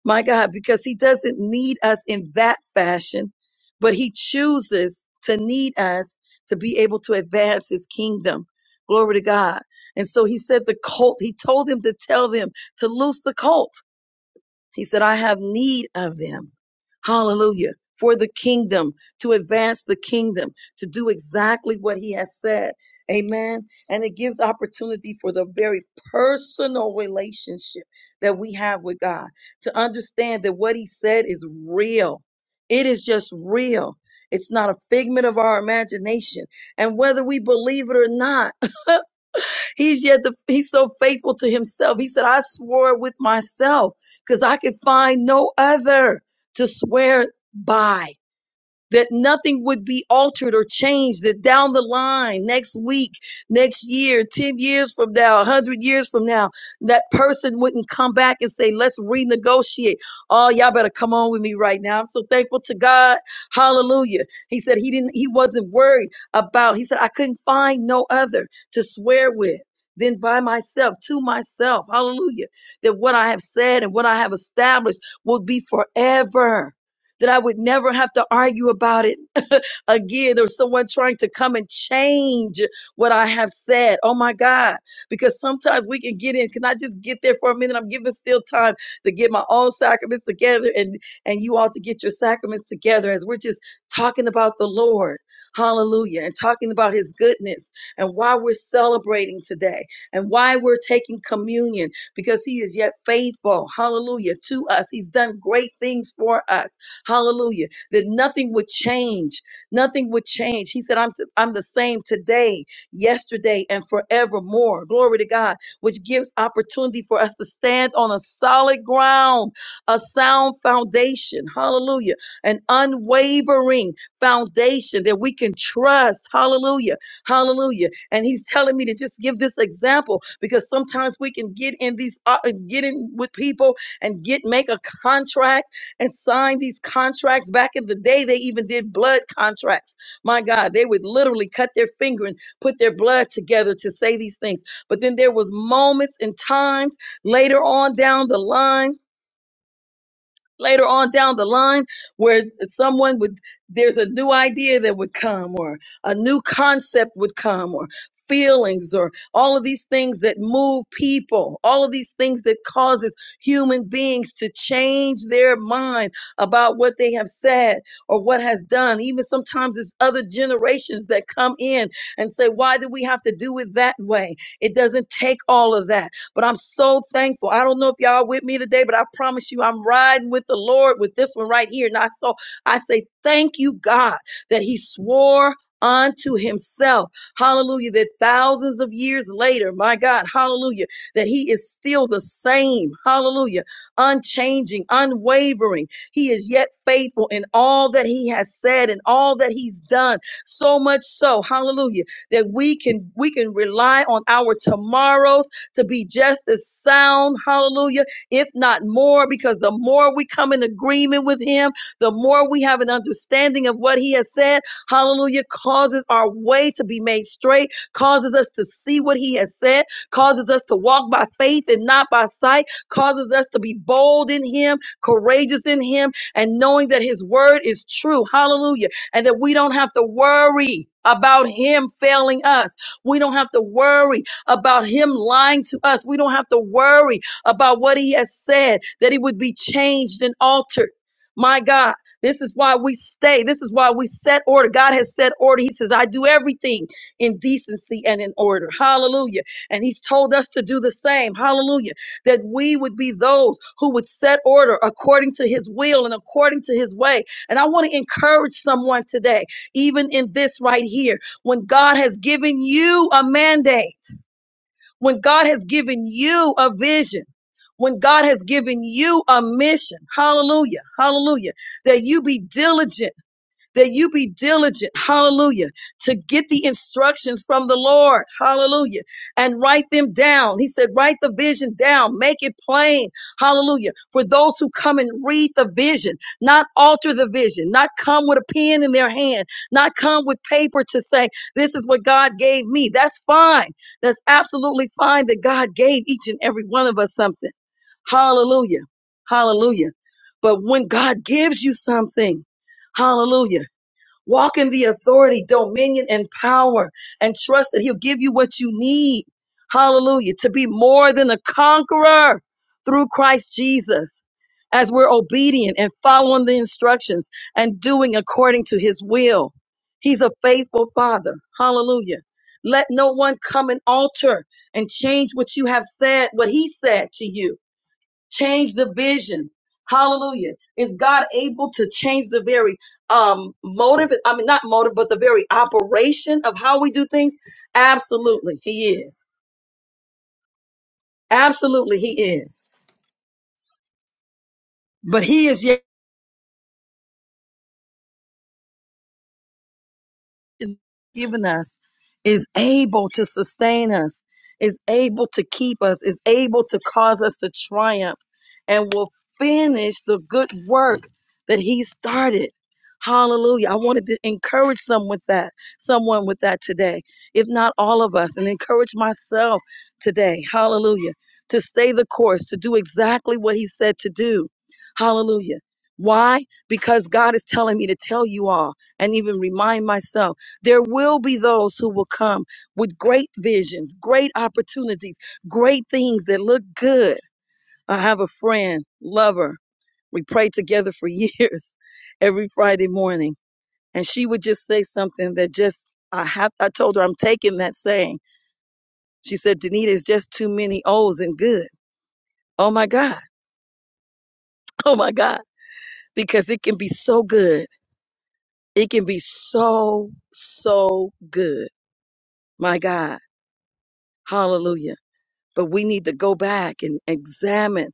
My God. Because he doesn't need us in that fashion, but he chooses to need us to be able to advance his kingdom. Glory to God. And so he said the colt, he told them to tell them to loose the colt he said, I have need of them. Hallelujah. For the kingdom, to advance the kingdom, to do exactly what he has said. Amen. And it gives opportunity for the very personal relationship that we have with God to understand that what he said is real. It is just real. It's not a figment of our imagination. And whether we believe it or not, He's yet the, he's so faithful to himself. He said, I swore with myself because I could find no other to swear by that nothing would be altered or changed, that down the line, next week, next year, 10 years from now, 100 years from now, that person wouldn't come back and say, let's renegotiate. Oh, y'all better come on with me right now. I'm so thankful to God. Hallelujah. He said he didn't, he wasn't worried about, he said, I couldn't find no other to swear with. than by myself, to myself, hallelujah, that what I have said and what I have established will be forever that I would never have to argue about it, again or someone trying to come and change what I have said. Oh my God. Because sometimes we can get in. Can I just get there for a minute? I'm giving still time to get my own sacraments together and, and you all to get your sacraments together as we're just talking about the Lord. Hallelujah. And talking about his goodness and why we're celebrating today and why we're taking communion because he is yet faithful. Hallelujah. To us. He's done great things for us. Hallelujah. That nothing would change Nothing would change. He said, I'm, t- I'm the same today, yesterday, and forevermore. Glory to God, which gives opportunity for us to stand on a solid ground, a sound foundation. Hallelujah. An unwavering foundation that we can trust. Hallelujah. Hallelujah. And he's telling me to just give this example because sometimes we can get in these, uh, get in with people and get, make a contract and signed these contracts. Back in the day, they even did blood contracts. My God, they would literally cut their finger and put their blood together to say these things. But then there was moments and times later on down the line later on down the line where someone would there's a new idea that would come or a new concept would come or feelings or all of these things that move people all of these things that causes human beings to change their mind about what they have said or what has done even sometimes it's other generations that come in and say why do we have to do it that way it doesn't take all of that but I'm so thankful. I don't know if y'all with me today, but I promise you, I'm riding with the Lord with this one right here. And I so I say, thank you, God, that He swore unto himself hallelujah that thousands of years later my god hallelujah that he is still the same hallelujah unchanging unwavering he is yet faithful in all that he has said and all that he's done so much so hallelujah that we can we can rely on our tomorrows to be just as sound, hallelujah, if not more, because the more we come in agreement with him, the more we have an understanding of what he has said, hallelujah, causes our way to be made straight, causes us to see what he has said, causes us to walk by faith and not by sight, causes us to be bold in him, courageous in him, and knowing that his word is true, hallelujah, and that we don't have to worry. About him failing us. We don't have to worry about him lying to us. We don't have to worry about what he has said, that it would be changed and altered. My God, this is why we stay. This is why we set order. God has set order. He says, I do everything in decency and in order. Hallelujah. And He's told us to do the same. Hallelujah. That we would be those who would set order according to His will and according to His way. And I want to encourage someone today, even in this right here, when God has given you a mandate. When God has given you a vision, when God has given you a mission, hallelujah, hallelujah, that you be diligent that you be diligent, hallelujah, to get the instructions from the Lord, hallelujah, and write them down. He said, write the vision down, make it plain, hallelujah, for those who come and read the vision, not alter the vision, not come with a pen in their hand, not come with paper to say, this is what God gave me. That's fine. That's absolutely fine that God gave each and every one of us something. Hallelujah. Hallelujah. But when God gives you something, hallelujah. Walk in the authority, dominion, and power, and trust that He'll give you what you need. Hallelujah. To be more than a conqueror through Christ Jesus. As we're obedient and following the instructions and doing according to His will, He's a faithful Father. Hallelujah. Let no one come and alter and change what you have said, what He said to you change the vision. Hallelujah. Is God able to change the very um motive? I mean not motive, but the very operation of how we do things? Absolutely. He is. Absolutely he is. But he is yet. given us is able to sustain us, is able to keep us, is able to cause us to triumph, and will finish the good work that He started. Hallelujah. I wanted to encourage some with that, someone with that today, if not all of us, and encourage myself today. Hallelujah. To stay the course, to do exactly what he said to do. Hallelujah. Why? Because God is telling me to tell you all and even remind myself. There will be those who will come with great visions, great opportunities, great things that look good. I have a friend, lover. We prayed together for years every Friday morning. And she would just say something that just, I have, I told her I'm taking that saying. She said, Danita, it's just too many O's and good. Oh my God. Oh my God. Because it can be so good. It can be so, so good. My God. Hallelujah. But we need to go back and examine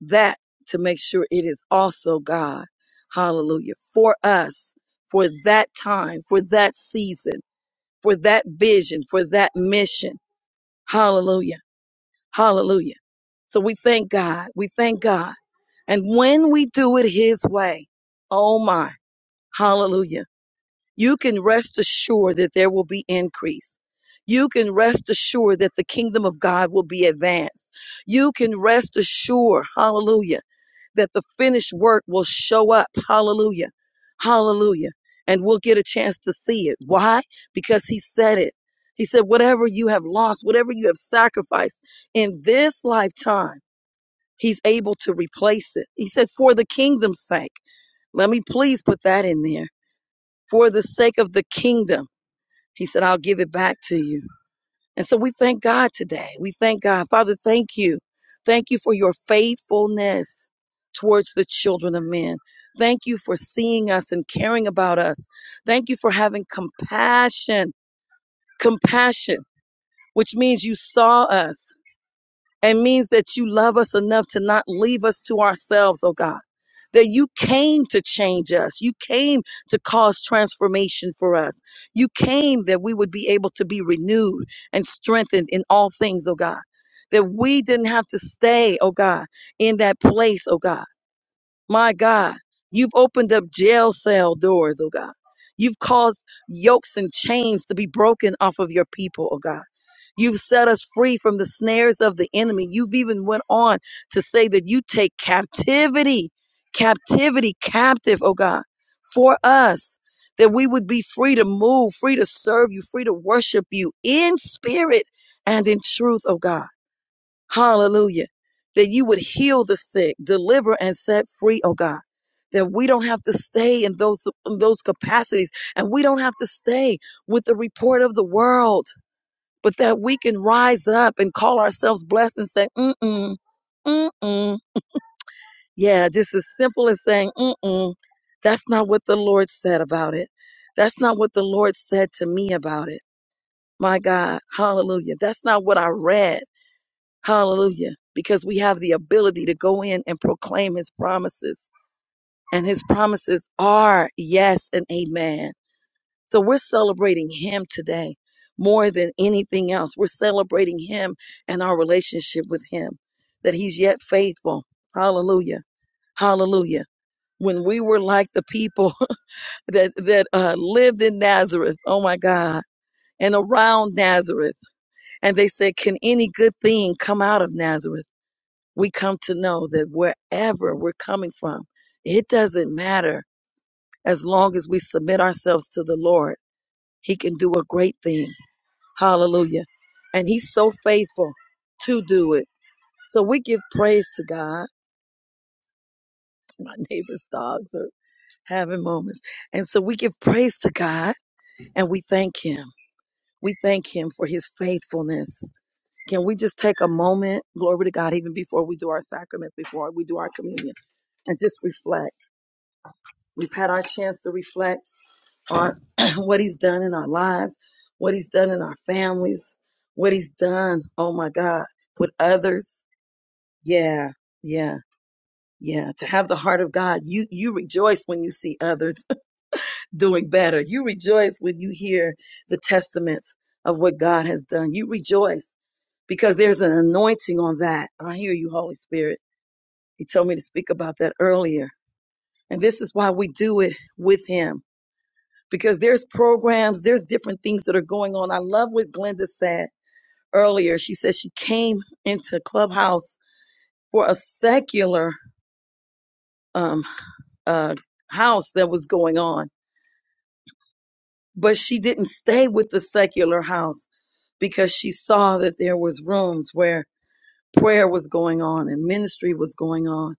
that to make sure it is also God. Hallelujah. For us, for that time, for that season, for that vision, for that mission. Hallelujah. Hallelujah. So we thank God. We thank God. And when we do it His way, oh my, hallelujah you can rest assured that there will be increase. You can rest assured that the kingdom of God will be advanced. You can rest assured, hallelujah, that the finished work will show up. Hallelujah. Hallelujah. And we'll get a chance to see it. Why? Because he said it. He said, whatever you have lost, whatever you have sacrificed in this lifetime, he's able to replace it. He says, for the kingdom's sake. Let me please put that in there. For the sake of the kingdom. He said, I'll give it back to you. And so we thank God today. We thank God. Father, thank you. Thank you for your faithfulness towards the children of men. Thank you for seeing us and caring about us. Thank you for having compassion, compassion, which means you saw us and means that you love us enough to not leave us to ourselves, oh God. That you came to change us. You came to cause transformation for us. You came that we would be able to be renewed and strengthened in all things, oh God. That we didn't have to stay, oh God, in that place, oh God my God, you've opened up jail cell doors, oh God. You've caused yokes and chains to be broken off of your people, oh God. You've set us free from the snares of the enemy. You've even went on to say that you take captivity, captivity captive, oh God, for us that we would be free to move, free to serve you, free to worship you in spirit and in truth, oh God. Hallelujah. That you would heal the sick, deliver and set free, oh God. That we don't have to stay in those, in those capacities and we don't have to stay with the report of the world, but that we can rise up and call ourselves blessed and say, mm-mm, mm-mm. Yeah, just as simple as saying, mm-mm. That's not what the Lord said about it. That's not what the Lord said to me about it. My God, hallelujah. That's not what I read. Hallelujah. Because we have the ability to go in and proclaim his promises. And his promises are yes and amen. So we're celebrating him today more than anything else. We're celebrating him and our relationship with him, that he's yet faithful. Hallelujah. Hallelujah. When we were like the people that, that uh, lived in Nazareth, oh my God, and around Nazareth, and they said, Can any good thing come out of Nazareth? we come to know that wherever we're coming from, it doesn't matter as long as we submit ourselves to the Lord. He can do a great thing. Hallelujah. And He's so faithful to do it. So we give praise to God. My neighbor's dogs are having moments. And so we give praise to God and we thank Him. We thank Him for His faithfulness. Can we just take a moment, glory to God, even before we do our sacraments, before we do our communion, and just reflect? We've had our chance to reflect on what He's done in our lives, what He's done in our families, what He's done, oh my God, with others. Yeah, yeah. Yeah, to have the heart of God, you you rejoice when you see others doing better. You rejoice when you hear the testaments of what God has done. You rejoice because there's an anointing on that. I hear you, Holy Spirit. He told me to speak about that earlier. And this is why we do it with him because there's programs, there's different things that are going on. I love what Glenda said earlier. She said she came into Clubhouse for a secular um, uh, house that was going on, but she didn't stay with the secular house because she saw that there was rooms where prayer was going on and ministry was going on,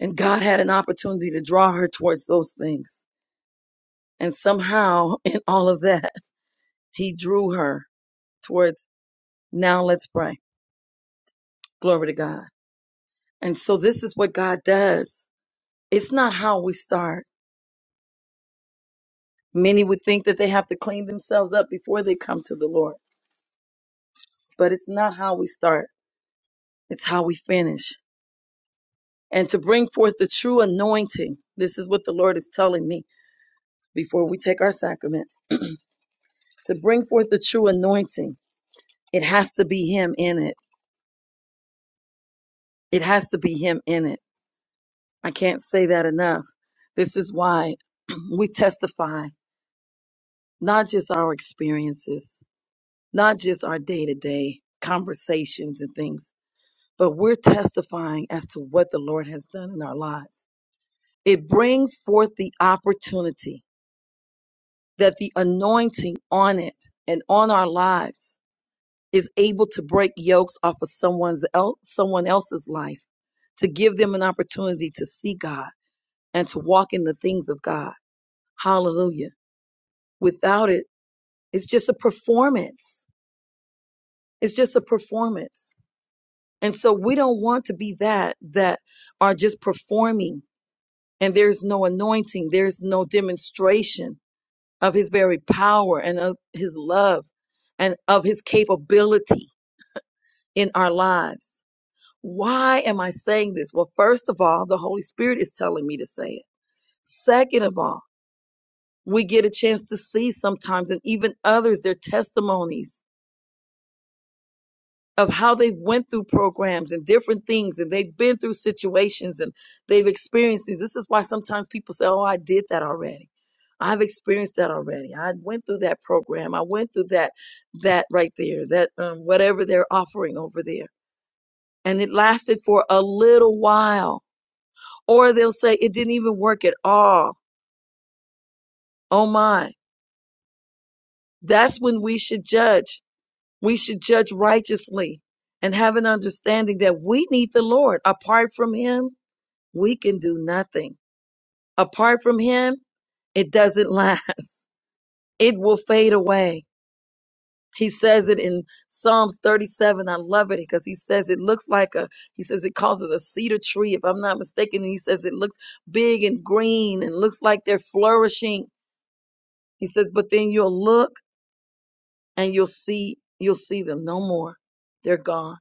and God had an opportunity to draw her towards those things. And somehow, in all of that, He drew her towards now. Let's pray Glory to God. And so this is what God does. It's not how we start. Many would think that they have to clean themselves up before they come to the Lord, but it's not how we start. It's how we finish. And to bring forth the true anointing, this is what the Lord is telling me before we take our sacraments. To bring forth the true anointing, it has to be Him in it. It has to be Him in it. I can't say that enough. This is why we testify not just our experiences, not just our day to day conversations and things, but we're testifying as to what the Lord has done in our lives. It brings forth the opportunity that the anointing on it and on our lives is able to break yokes off of someone's el- someone else's life to give them an opportunity to see God and to walk in the things of God. Hallelujah. Without it, it's just a performance. It's just a performance And so we don't want to be that that are just performing and there's no anointing, there's no demonstration of his very power and of his love and of his capability in our lives. Why am I saying this? Well, first of all, the Holy Spirit is telling me to say it. Second of all, we get a chance to see sometimes and even others their testimonies of how they've went through programs and different things and they've been through situations and they've experienced things. This is why sometimes people say, Oh, I did that already. I've experienced that already. I went through that program. I went through that, that right there, that um, whatever they're offering over there. And it lasted for a little while. Or they'll say it didn't even work at all. Oh my. That's when we should judge. We should judge righteously and have an understanding that we need the Lord. Apart from Him, We can do nothing. Apart from him, it doesn't last. It will fade away. He says it in Psalms 37. I love it because he says it looks like a, he says it calls it a cedar tree, if I'm not mistaken. And he says it looks big and green and looks like they're flourishing. He says, but then you'll look and you'll see, you'll see them no more. They're gone.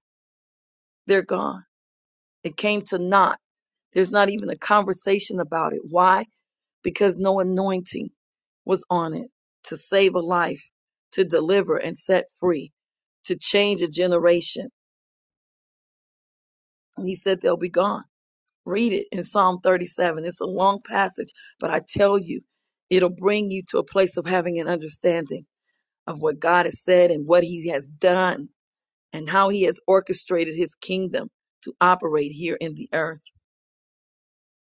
They're gone. It came to naught. There's not even a conversation about it. Why? because no anointing was on it to save a life, to deliver and set free, to change a generation. And he said they'll be gone. Read it in Psalm 37. It's a long passage, but I tell you, it'll bring you to a place of having an understanding of what God has said and what he has done and how he has orchestrated his kingdom to operate here in the earth.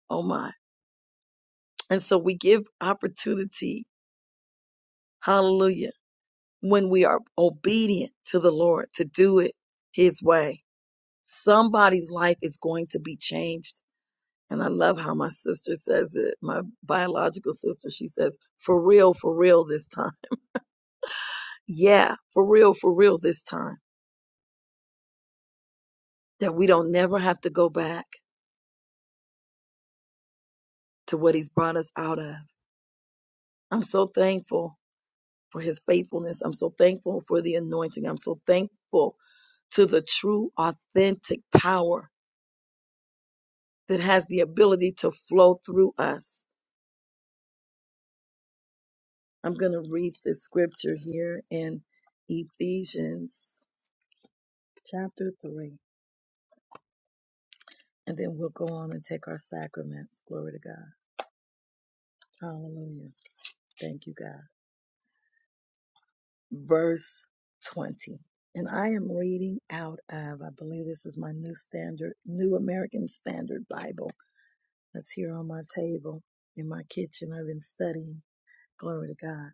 Oh my. And so we give opportunity. Hallelujah when we are obedient to the Lord to do it His way. Somebody's life is going to be changed. And I love how my sister says it, my biological sister. She says, for real, for real this time. Yeah, for real, for real this time. That we don't never have to go back to what He's brought us out of. I'm so thankful for His faithfulness. I'm so thankful for the anointing. I'm so thankful to the true, authentic power that has the ability to flow through us I'm going to read the scripture here in Ephesians chapter 3, and then we'll go on and take our sacraments. Glory to God. Hallelujah. Thank you, God. Verse 20. And I am reading out of, I believe this is my new standard, New American Standard Bible that's here on my table in my kitchen. I've been studying. Glory to God.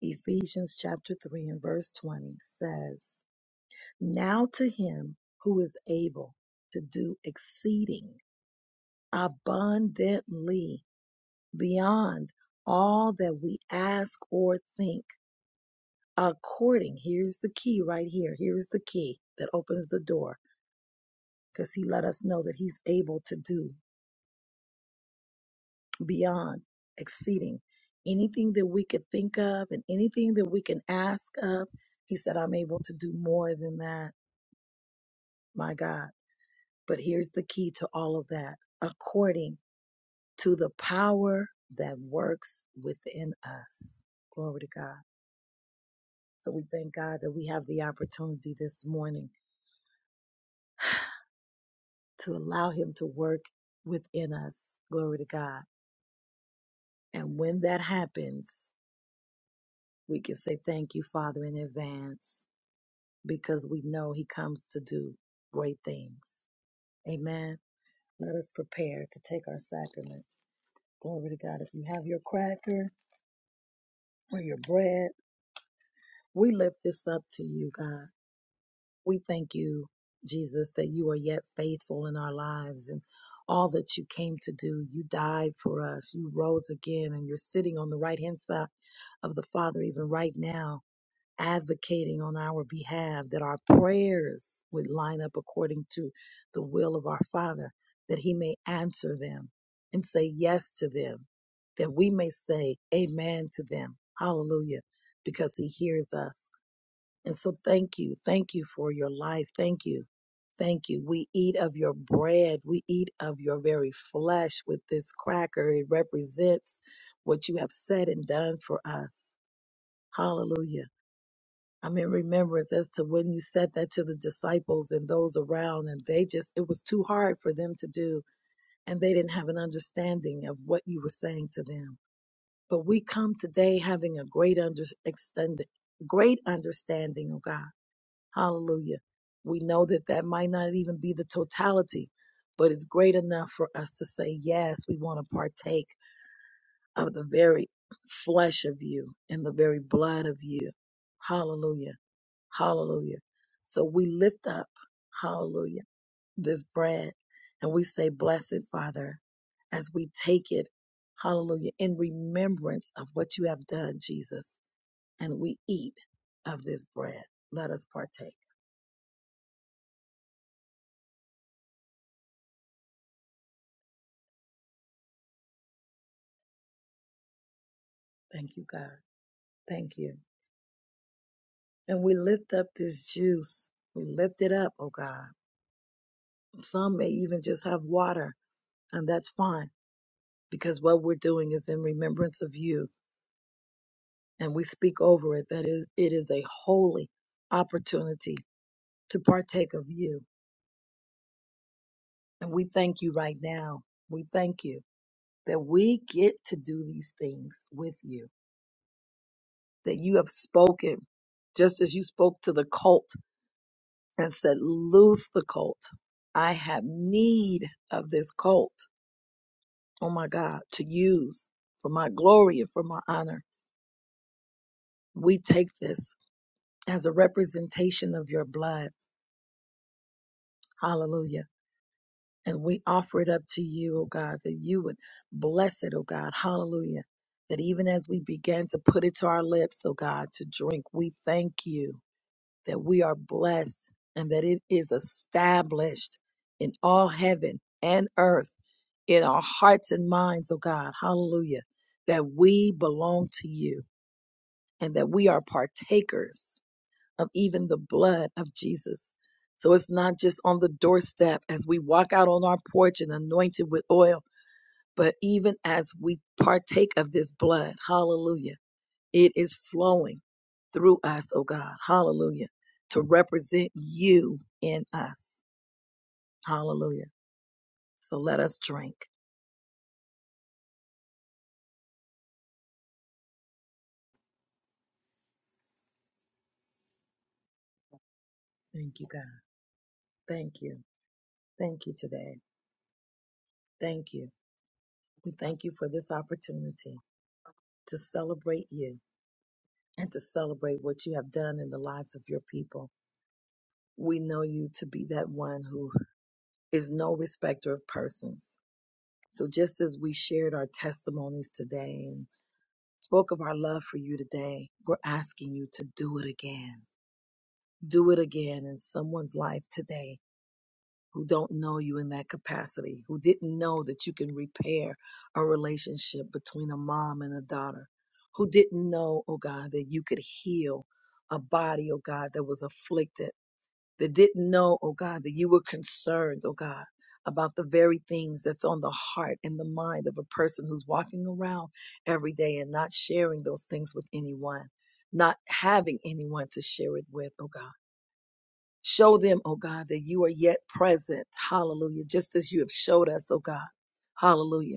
Ephesians chapter 3 and verse 20 says, Now to him who is able to do exceeding abundantly beyond all that we ask or think, according, here's the key right here. Here's the key that opens the door because he let us know that he's able to do beyond exceeding anything that we could think of and anything that we can ask of. He said, I'm able to do more than that, my God. But here's the key to all of that according to the power that works within us. Glory to God. So we thank God that we have the opportunity this morning to allow Him to work within us. Glory to God. And when that happens, we can say thank you, Father, in advance because we know He comes to do great things. Amen. Let us prepare to take our sacraments. Glory to God. If you have your cracker or your bread, we lift this up to you, God. We thank you, Jesus, that you are yet faithful in our lives and all that you came to do. You died for us. You rose again and you're sitting on the right hand side of the Father, even right now, advocating on our behalf that our prayers would line up according to the will of our Father, that He may answer them and say yes to them, that we may say amen to them. Hallelujah, because He hears us. And so thank you. Thank you for your life. Thank you. Thank you. We eat of your bread. We eat of your very flesh with this cracker. It represents what you have said and done for us. Hallelujah. I'm in remembrance as to when you said that to the disciples and those around, and they just, it was too hard for them to do, and they didn't have an understanding of what you were saying to them. But we come today having a great under, extended, great understanding, oh God Hallelujah. We know that that might not even be the totality, but it's great enough for us to say, yes, we want to partake of the very flesh of you and the very blood of you. Hallelujah. Hallelujah. So we lift up, hallelujah, this bread and we say, blessed Father, as we take it, hallelujah, in remembrance of what you have done, Jesus, and we eat of this bread. Let us partake. Thank you, God. Thank you. And we lift up this juice. We lift it up, oh God. Some may even just have water, and that's fine because what we're doing is in remembrance of you. And we speak over it that is, it is a holy opportunity to partake of you. And we thank you right now. We thank you that we get to do these things with you, that you have spoken just as you spoke to the cult and said, Loose the colt. I have need of this colt, oh my God, to use for my glory and for my honor. We take this as a representation of your blood. Hallelujah. And we offer it up to you, oh God, that you would bless it, oh God. Hallelujah. That even as we began to put it to our lips, oh God, to drink, we thank you that we are blessed and that it is established in all heaven and earth in our hearts and minds, oh God, hallelujah, that we belong to you and that we are partakers of even the blood of Jesus. So it's not just on the doorstep as we walk out on our porch and anointed with oil, but even as we partake of this blood, hallelujah, it is flowing through us, oh God, hallelujah, to represent you in us, hallelujah. So let us drink. Thank you, God. Thank you. Thank you today. Thank you. We thank you for this opportunity to celebrate you and to celebrate what you have done in the lives of your people. We know you to be that one who is no respecter of persons. So just as we shared our testimonies today and spoke of our love for you today, we're asking you to do it again. Do it again in someone's life today who don't know you in that capacity, who didn't know that you can repair a relationship between a mom and a daughter, who didn't know, oh God, that you could heal a body, oh God, that was afflicted, that didn't know, oh God, that you were concerned, oh God. About the very things that's on the heart and the mind of a person who's walking around every day and not sharing those things with anyone, not having anyone to share it with, oh God. Show them, oh God, that you are yet present. Hallelujah. Just as you have showed us, oh God. Hallelujah.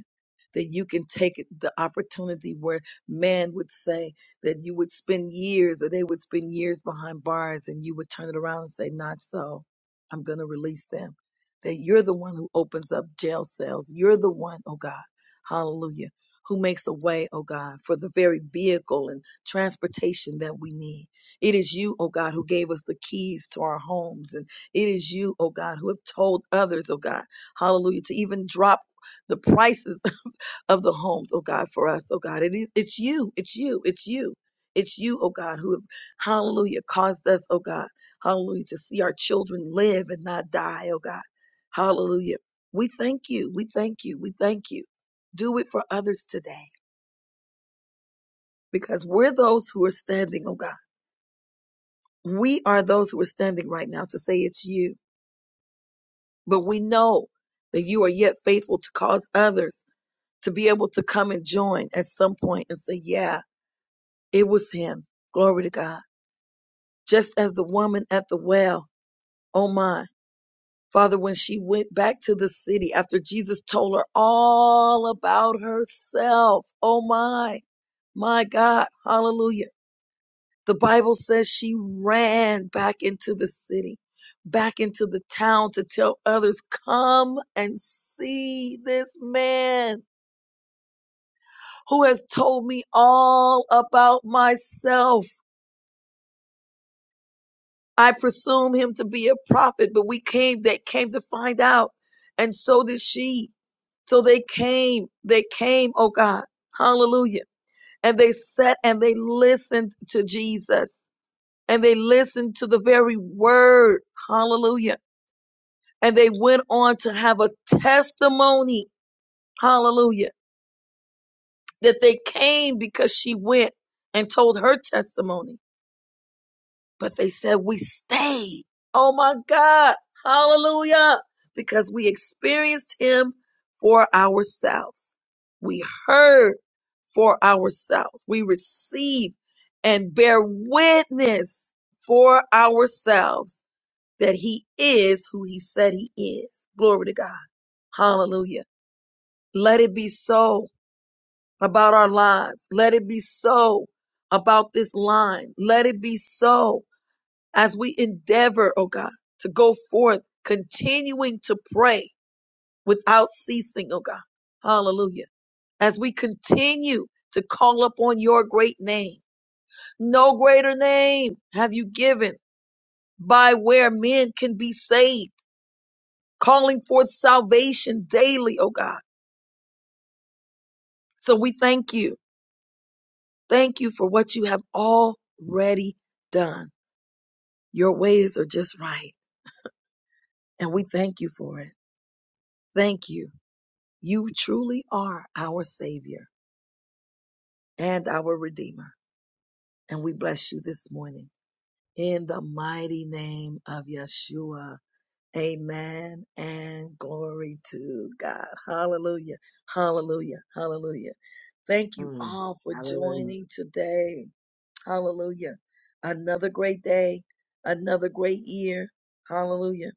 That you can take it- the opportunity where man would say that you would spend years or they would spend years behind bars and you would turn it around and say, Not so. I'm going to release them. That you're the one who opens up jail cells. You're the one, oh God. Hallelujah. Who makes a way, oh God, for the very vehicle and transportation that we need. It is you, oh God, who gave us the keys to our homes. And it is you, oh God, who have told others, oh God, hallelujah, to even drop the prices of the homes, oh God, for us, oh God. It is, it's you, it's you, it's you. It's you, oh God, who have, hallelujah, caused us, oh God, hallelujah, to see our children live and not die, oh God. Hallelujah. We thank you, we thank you, we thank you. Do it for others today because we're those who are standing, oh God. We are those who are standing right now to say it's you, but we know that you are yet faithful to cause others to be able to come and join at some point and say, yeah, it was him. Glory to God. Just as the woman at the well, oh my. Father, when she went back to the city after Jesus told her all about herself, oh my, my God, hallelujah The Bible says she ran back into the city, back into the town to tell others, come and see this man who has told me all about myself. I presume him to be a prophet, but we came, they came to find out. And so did she. So they came, they came, oh God, hallelujah. And they sat and they listened to Jesus and they listened to the very word, hallelujah and they went on to have a testimony. Hallelujah. That they came because she went and told her testimony. But they said, We stayed. Oh my God. Hallelujah. Because we experienced Him for ourselves. We heard for ourselves. We receive and bear witness for ourselves that He is who He said He is. Glory to God. Hallelujah. Let it be so about our lives. Let it be so about this line. Let it be so as we endeavor, oh God, to go forth, continuing to pray without ceasing, oh God. Hallelujah. As we continue to call upon your great name. No greater name have you given by where men can be saved, calling forth salvation daily, oh God. So we thank you. Thank you for what you have already done. Your ways are just right, and we thank you for it. Thank you. You truly are our Savior and our Redeemer, and we bless you this morning. In the mighty name of Yeshua, amen and glory to God. Hallelujah, hallelujah, hallelujah. Thank you Mm. all for Hallelujah. joining today. Hallelujah. Another great day, another great year. Hallelujah.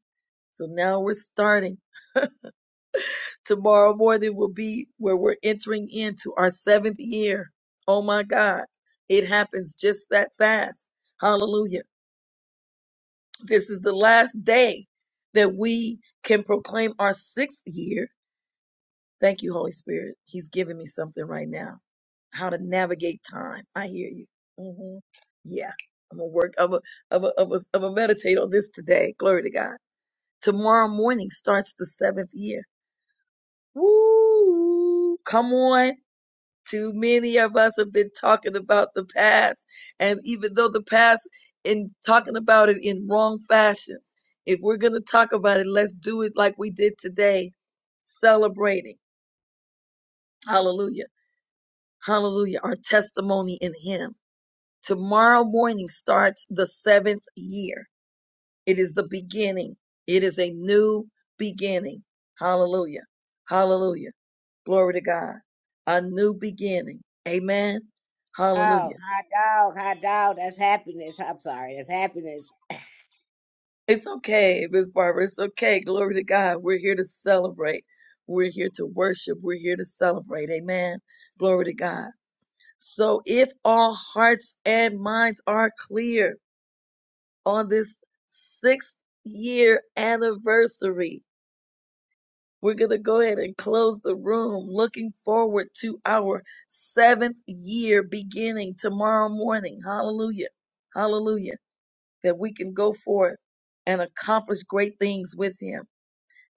So now we're starting. Tomorrow morning will be where we're entering into our seventh year. Oh my God. It happens just that fast. Hallelujah. This is the last day that we can proclaim our sixth year Thank you, Holy Spirit. He's giving me something right now. How to navigate time. I hear you. hmm Yeah. I'm gonna work. I'm gonna, I'm gonna, I'm gonna, I'm gonna meditate on this today. Glory to God. Tomorrow morning starts the seventh year. Woo! Come on. Too many of us have been talking about the past, and even though the past, in talking about it in wrong fashions, if we're gonna talk about it, let's do it like we did today, celebrating. Hallelujah Hallelujah. Our testimony in Him. Tomorrow morning starts the seventh year. It is the beginning. It is a new beginning. Hallelujah. Hallelujah. Glory to God. A new beginning. Amen. Oh, Hallelujah. hot dog, hot dog. That's happiness. I'm sorry. That's happiness. It's okay, Miss Barbara. It's okay. Glory to God. We're here to celebrate. We're here to worship. We're here to celebrate. Amen. Glory to God. So if all hearts and minds are clear, on this sixth year anniversary. We're going to go ahead and close the room looking forward to our seventh year beginning tomorrow morning. Hallelujah. Hallelujah. That we can go forth and accomplish great things with Him.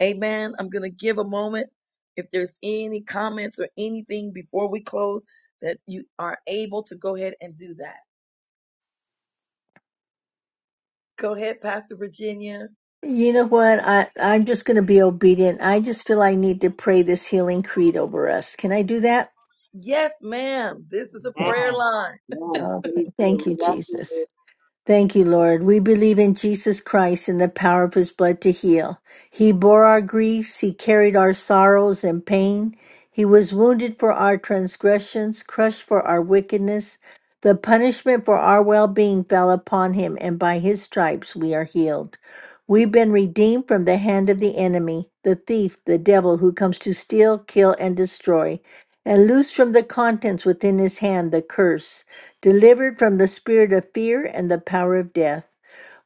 Amen. I'm going to give a moment. If there's any comments or anything before we close, that you are able to go ahead and do that. Go ahead, Pastor Virginia. You know what? I, I'm just going to be obedient. I just feel I need to pray this healing creed over us. Can I do that? Yes, ma'am. This is a Okay. prayer line. Yes, Okay. please do. Thank We you, love you. Jesus. Thank you, Lord. We believe in Jesus Christ and the power of his blood to heal. He bore our griefs, he carried our sorrows and pain. He was wounded for our transgressions, crushed for our wickedness. The punishment for our well being fell upon him, and by his stripes we are healed. We've been redeemed from the hand of the enemy, the thief, the devil who comes to steal, kill, and destroy, and loose from the contents within his hand the curse delivered from the spirit of fear and the power of death.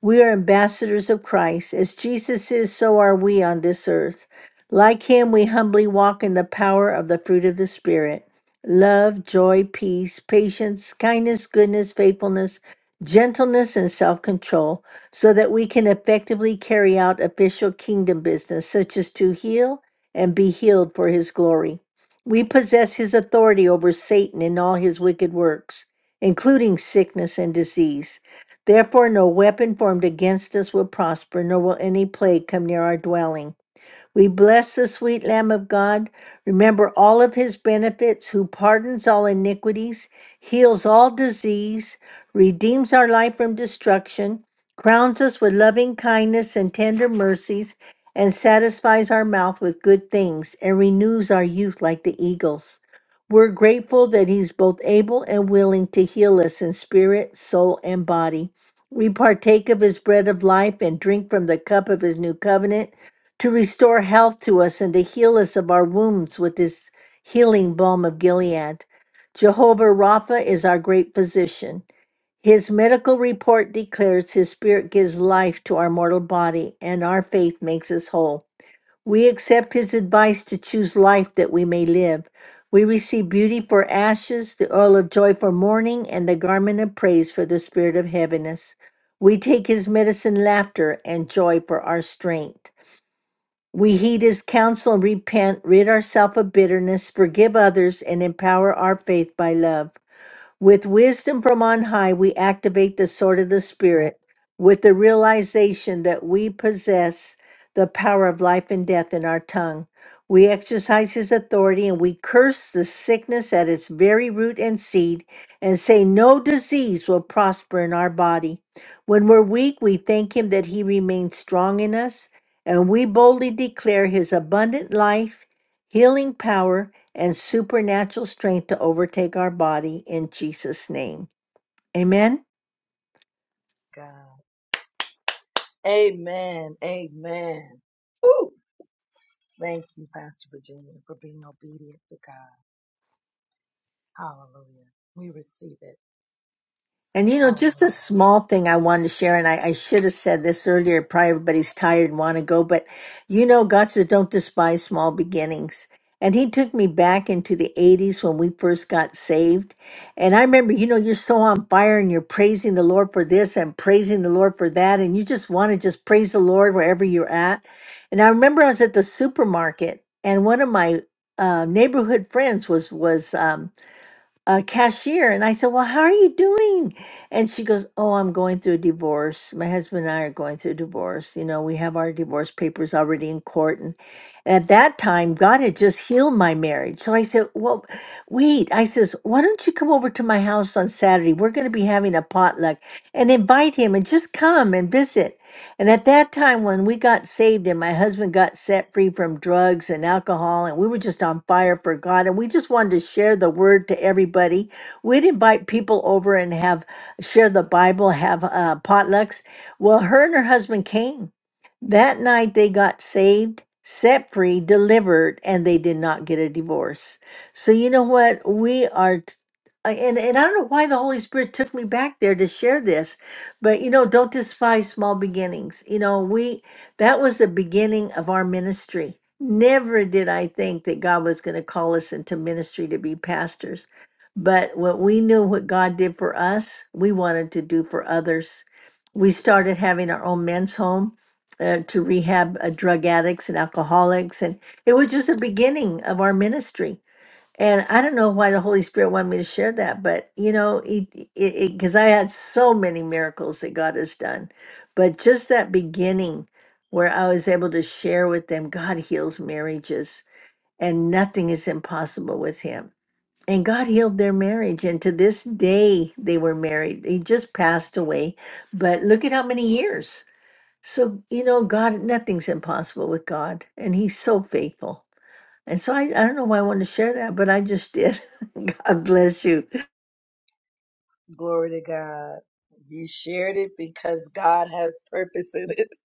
We are ambassadors of Christ. As Jesus is, so are we on this earth. Like him, we humbly walk in the power of the fruit of the Spirit love, joy, peace, patience, kindness, goodness, faithfulness, gentleness, and self control, so that we can effectively carry out official kingdom business, such as to heal and be healed for his glory. We possess his authority over Satan and all his wicked works, including sickness and disease. Therefore, no weapon formed against us will prosper, nor will any plague come near our dwelling. We bless the sweet Lamb of God. Remember all of his benefits, who pardons all iniquities, heals all disease, redeems our life from destruction, crowns us with loving kindness and tender mercies, and satisfies our mouth with good things, and renews our youth like the eagles. We're grateful that he's both able and willing to heal us in spirit, soul, and body. We partake of his bread of life and drink from the cup of his new covenant to restore health to us and to heal us of our wounds with this healing balm of Gilead. Jehovah Rapha is our great physician. His medical report declares his spirit gives life to our mortal body, and our faith makes us whole. We accept his advice to choose life that we may live. We receive beauty for ashes, the oil of joy for mourning, and the garment of praise for the spirit of heaviness. We take his medicine, laughter, and joy for our strength. We heed his counsel and repent, rid ourselves of bitterness, forgive others, and empower our faith by love. With wisdom from on high, we activate the sword of the Spirit with the realization that we possess the power of life and death in our tongue. We exercise His authority and we curse the sickness at its very root and seed and say, No disease will prosper in our body. When we're weak, we thank Him that He remains strong in us and we boldly declare His abundant life, healing power, and supernatural strength to overtake our body in Jesus' name. Amen. God. Amen. Amen. Woo! Thank you, Pastor Virginia, for being obedient to God. Hallelujah. We receive it. And you know, Hallelujah. just a small thing I wanted to share, and I, I should have said this earlier. Probably everybody's tired and want to go, but you know, God says don't despise small beginnings. And He took me back into the 80s when we first got saved. And I remember, you know, you're so on fire and you're praising the Lord for this and praising the Lord for that. And you just want to just praise the Lord wherever you're at. And I remember I was at the supermarket and one of my uh, neighborhood friends was, was, um, a cashier and I said, "Well, how are you doing?" And she goes, "Oh, I'm going through a divorce. My husband and I are going through a divorce. You know, we have our divorce papers already in court." And at that time, God had just healed my marriage. So I said, "Well, wait." I says, "Why don't you come over to my house on Saturday? We're going to be having a potluck and invite him and just come and visit." And at that time, when we got saved and my husband got set free from drugs and alcohol, and we were just on fire for God, and we just wanted to share the word to everybody. We'd invite people over and have share the Bible, have uh, potlucks. Well, her and her husband came. That night they got saved, set free, delivered, and they did not get a divorce. So you know what? We are t- I- and, and I don't know why the Holy Spirit took me back there to share this but you know, don't despise small beginnings. You know, we that was the beginning of our ministry. Never did I think that God was going to call us into ministry to be pastors. But what we knew what God did for us, we wanted to do for others. We started having our own men's home uh, to rehab uh, drug addicts and alcoholics. And it was just the beginning of our ministry and I don't know why the Holy Spirit wanted me to share that, but you know, it it because I had so many miracles that God has done, but just that beginning where I was able to share with them, God heals marriages, and nothing is impossible with Him. And God healed their marriage, and to this day they were married. He just passed away, but look at how many years. So you know, God, nothing's impossible with God, and He's so faithful. And so I, I don't know why I wanted to share that, but I just did. God bless you. Glory to God. You shared it because God has purpose in it.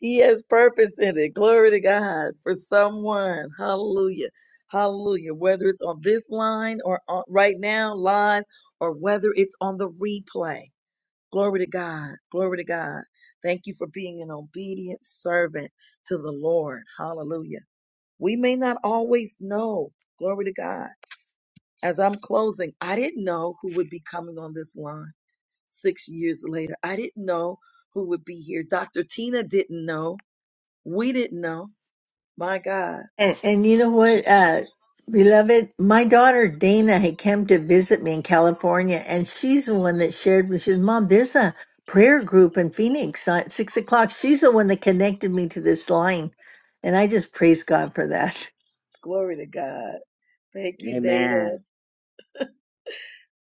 He has purpose in it. Glory to God for someone. Hallelujah. Hallelujah. Whether it's on this line or on, right now, live, or whether it's on the replay. Glory to God. Glory to God. Thank you for being an obedient servant to the Lord. Hallelujah. We may not always know. Glory to God. As I'm closing, I didn't know who would be coming on this line six years later. I didn't know who would be here. Dr. Tina didn't know. We didn't know. My God. And, and you know what, uh, beloved, my daughter Dana had come to visit me in California, and she's the one that shared with. She says, "Mom, there's a prayer group in Phoenix at six o'clock." She's the one that connected me to this line, and I just praise God for that. Glory to God. Thank you, Dana. Amen.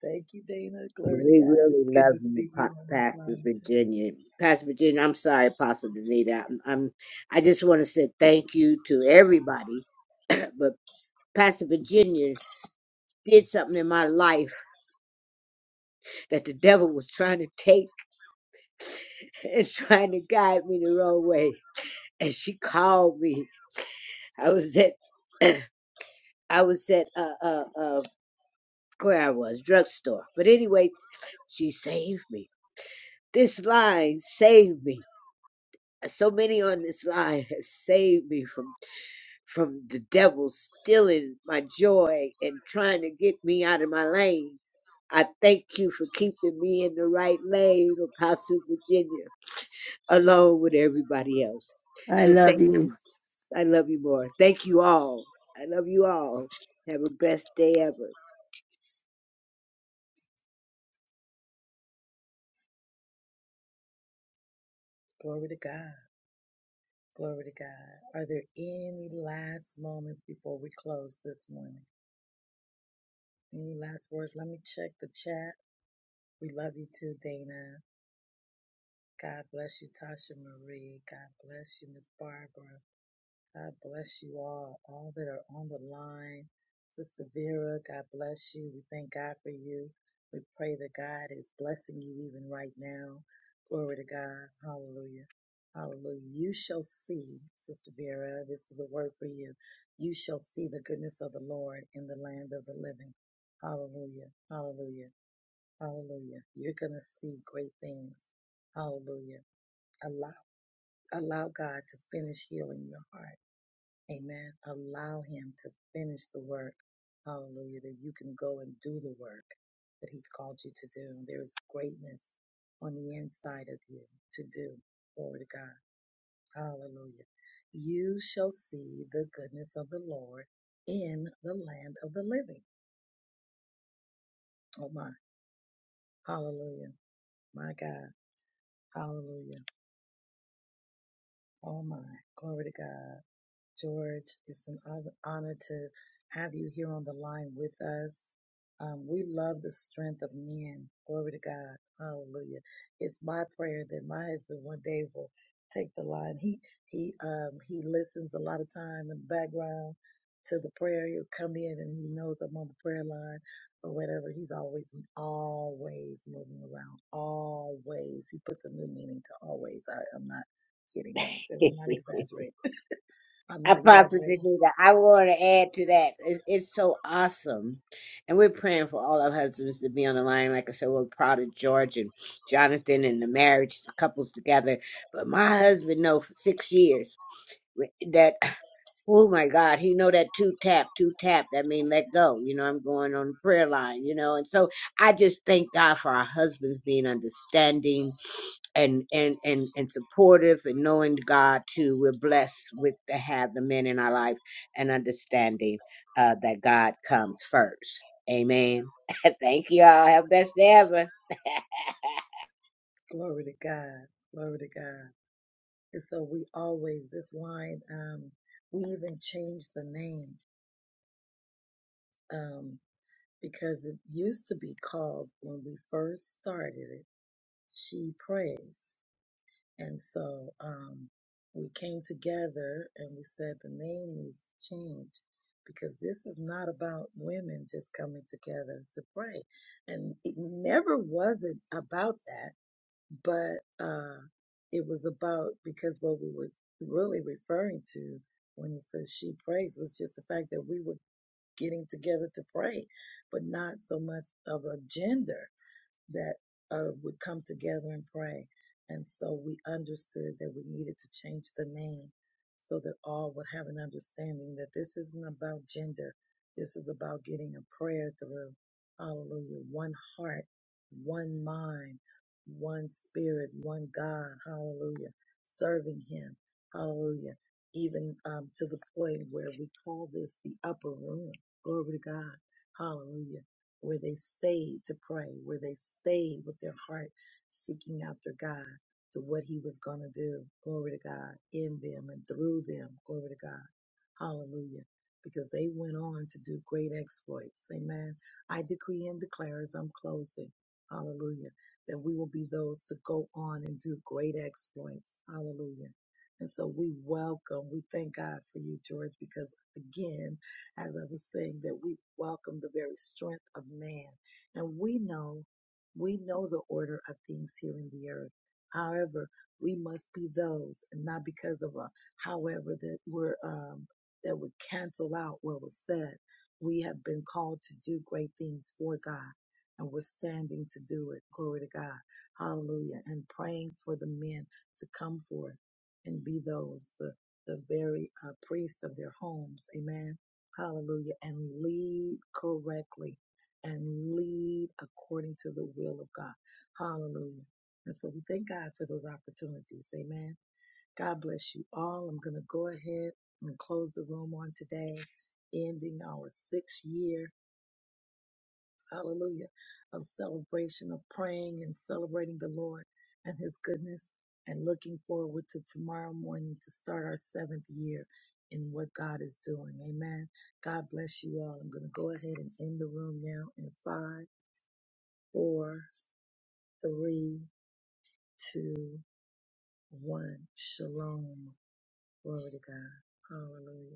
Thank you, Dana. And Glory to we God. really It's good love to you, see Pa- you on this Pastor line, too. Virginia. Pastor Virginia, I'm sorry, Pastor Danita. I'm, I'm, I just want to say thank you to everybody. but Pastor Virginia did something in my life that the devil was trying to take and trying to guide me the wrong way. And she called me. I was at, I was at, uh, uh, uh, where I was, drugstore. But anyway, she saved me This line saved me. So many on this line has saved me from from the devil stealing my joy and trying to get me out of my lane. I thank you for keeping me in the right lane, Apostle Virginia, along with everybody else. I So love thank you. you. I love you more. Thank you all. I love you all. Have a best day ever. Glory to God. Glory to God. Are there any last moments before we close this morning? Any last words? Let me check the chat. We love you too, Dana. God bless you, Tasha Marie. God bless you, Miss Barbara. God bless you all, all that are on the line. Sister Vera, God bless you. We thank God for you. We pray that God is blessing you even right now. Glory to God. Hallelujah. Hallelujah. You shall see, Sister Vera, this is a word for you. You shall see the goodness of the Lord in the land of the living. Hallelujah. Hallelujah. Hallelujah. You're going to see great things. Hallelujah. Allow, allow God to finish healing your heart Amen. Allow him to finish the work. Hallelujah. That you can go and do the work that he's called you to do. There is greatness on the inside of you to do. Glory to God. Hallelujah. You shall see the goodness of the Lord in the land of the living. Oh my. Hallelujah. My God. Hallelujah. Oh my. Glory to God. George. It's an hon- honor to have you here on the line with us. Um, we love the strength of men. Glory to God. Hallelujah. It's my prayer that my husband one day will take the line. He he um he listens a lot of time in the background to the prayer. He'll come in and he knows I'm on the prayer line or whatever. He's always always moving around. Always. He puts a new meaning to always. I, I'm not kidding when I say I'm not exaggerating I'm not Apostle exaggerating. Danita, I want to add to that. It's, it's so awesome. And we're praying for all our husbands to be on the line. Like I said, we're proud of George and Jonathan and the marriage, the couples together. But my husband know for six years that, oh my God, he know that two tap, two tap. That mean let go. You know, I'm going on the prayer line, you know. And so I just thank God for our husbands being understanding and and and and supportive and knowing God too. We're blessed with to have the men in our life and understanding uh, that God comes first. Amen. Thank you all. Have best day ever. Glory to God. Glory to God. And so we always, this line, um, we even changed the name um, because it used to be called, when we first started it, She Prays. And so um, we came together and we said the name needs to change because this is not about women just coming together to pray. And it never wasn't about that but uh, it was about because what we was really referring to when it says she prays was just the fact that we were getting together to pray, but not so much of a gender that uh, would come together and pray. And so we understood that we needed to change the name so that all would have an understanding that this isn't about gender. This is about getting a prayer through. Hallelujah. One heart, one mind, one spirit, one God. Hallelujah. Serving Him. Hallelujah. Even um, to the point where we call this the upper room. Glory to God. Hallelujah where they stayed to pray, where they stayed with their heart seeking after God to what He was going to do. Glory to God in them and through them. Glory to God. Hallelujah. Because they went on to do great exploits. Amen. I decree and declare as I'm closing. Hallelujah. That we will be those to go on and do great exploits. Hallelujah. And so we welcome, we thank God for you, George, because again, as I was saying, that we welcome the very strength of man. And we know, we know the order of things here in the earth. However, we must be those, and not because of a however that we're um, that would cancel out what was said. We have been called to do great things for God, and we're standing to do it. Glory to God, Hallelujah! And praying for the men to come forth and be those the the very uh, priest of their homes. Amen Hallelujah. And lead correctly and lead according to the will of God. Hallelujah. And so we thank God for those opportunities. Amen. God bless you all. I'm going to go ahead and close the room on today, ending our sixth year hallelujah, of celebration, of praying and celebrating the Lord and His goodness, and looking forward to tomorrow morning to start our seventh year in what God is doing. Amen. God bless you all. I'm going to go ahead and end the room now in five, four, three, two, one. Shalom. Glory to God. Hallelujah.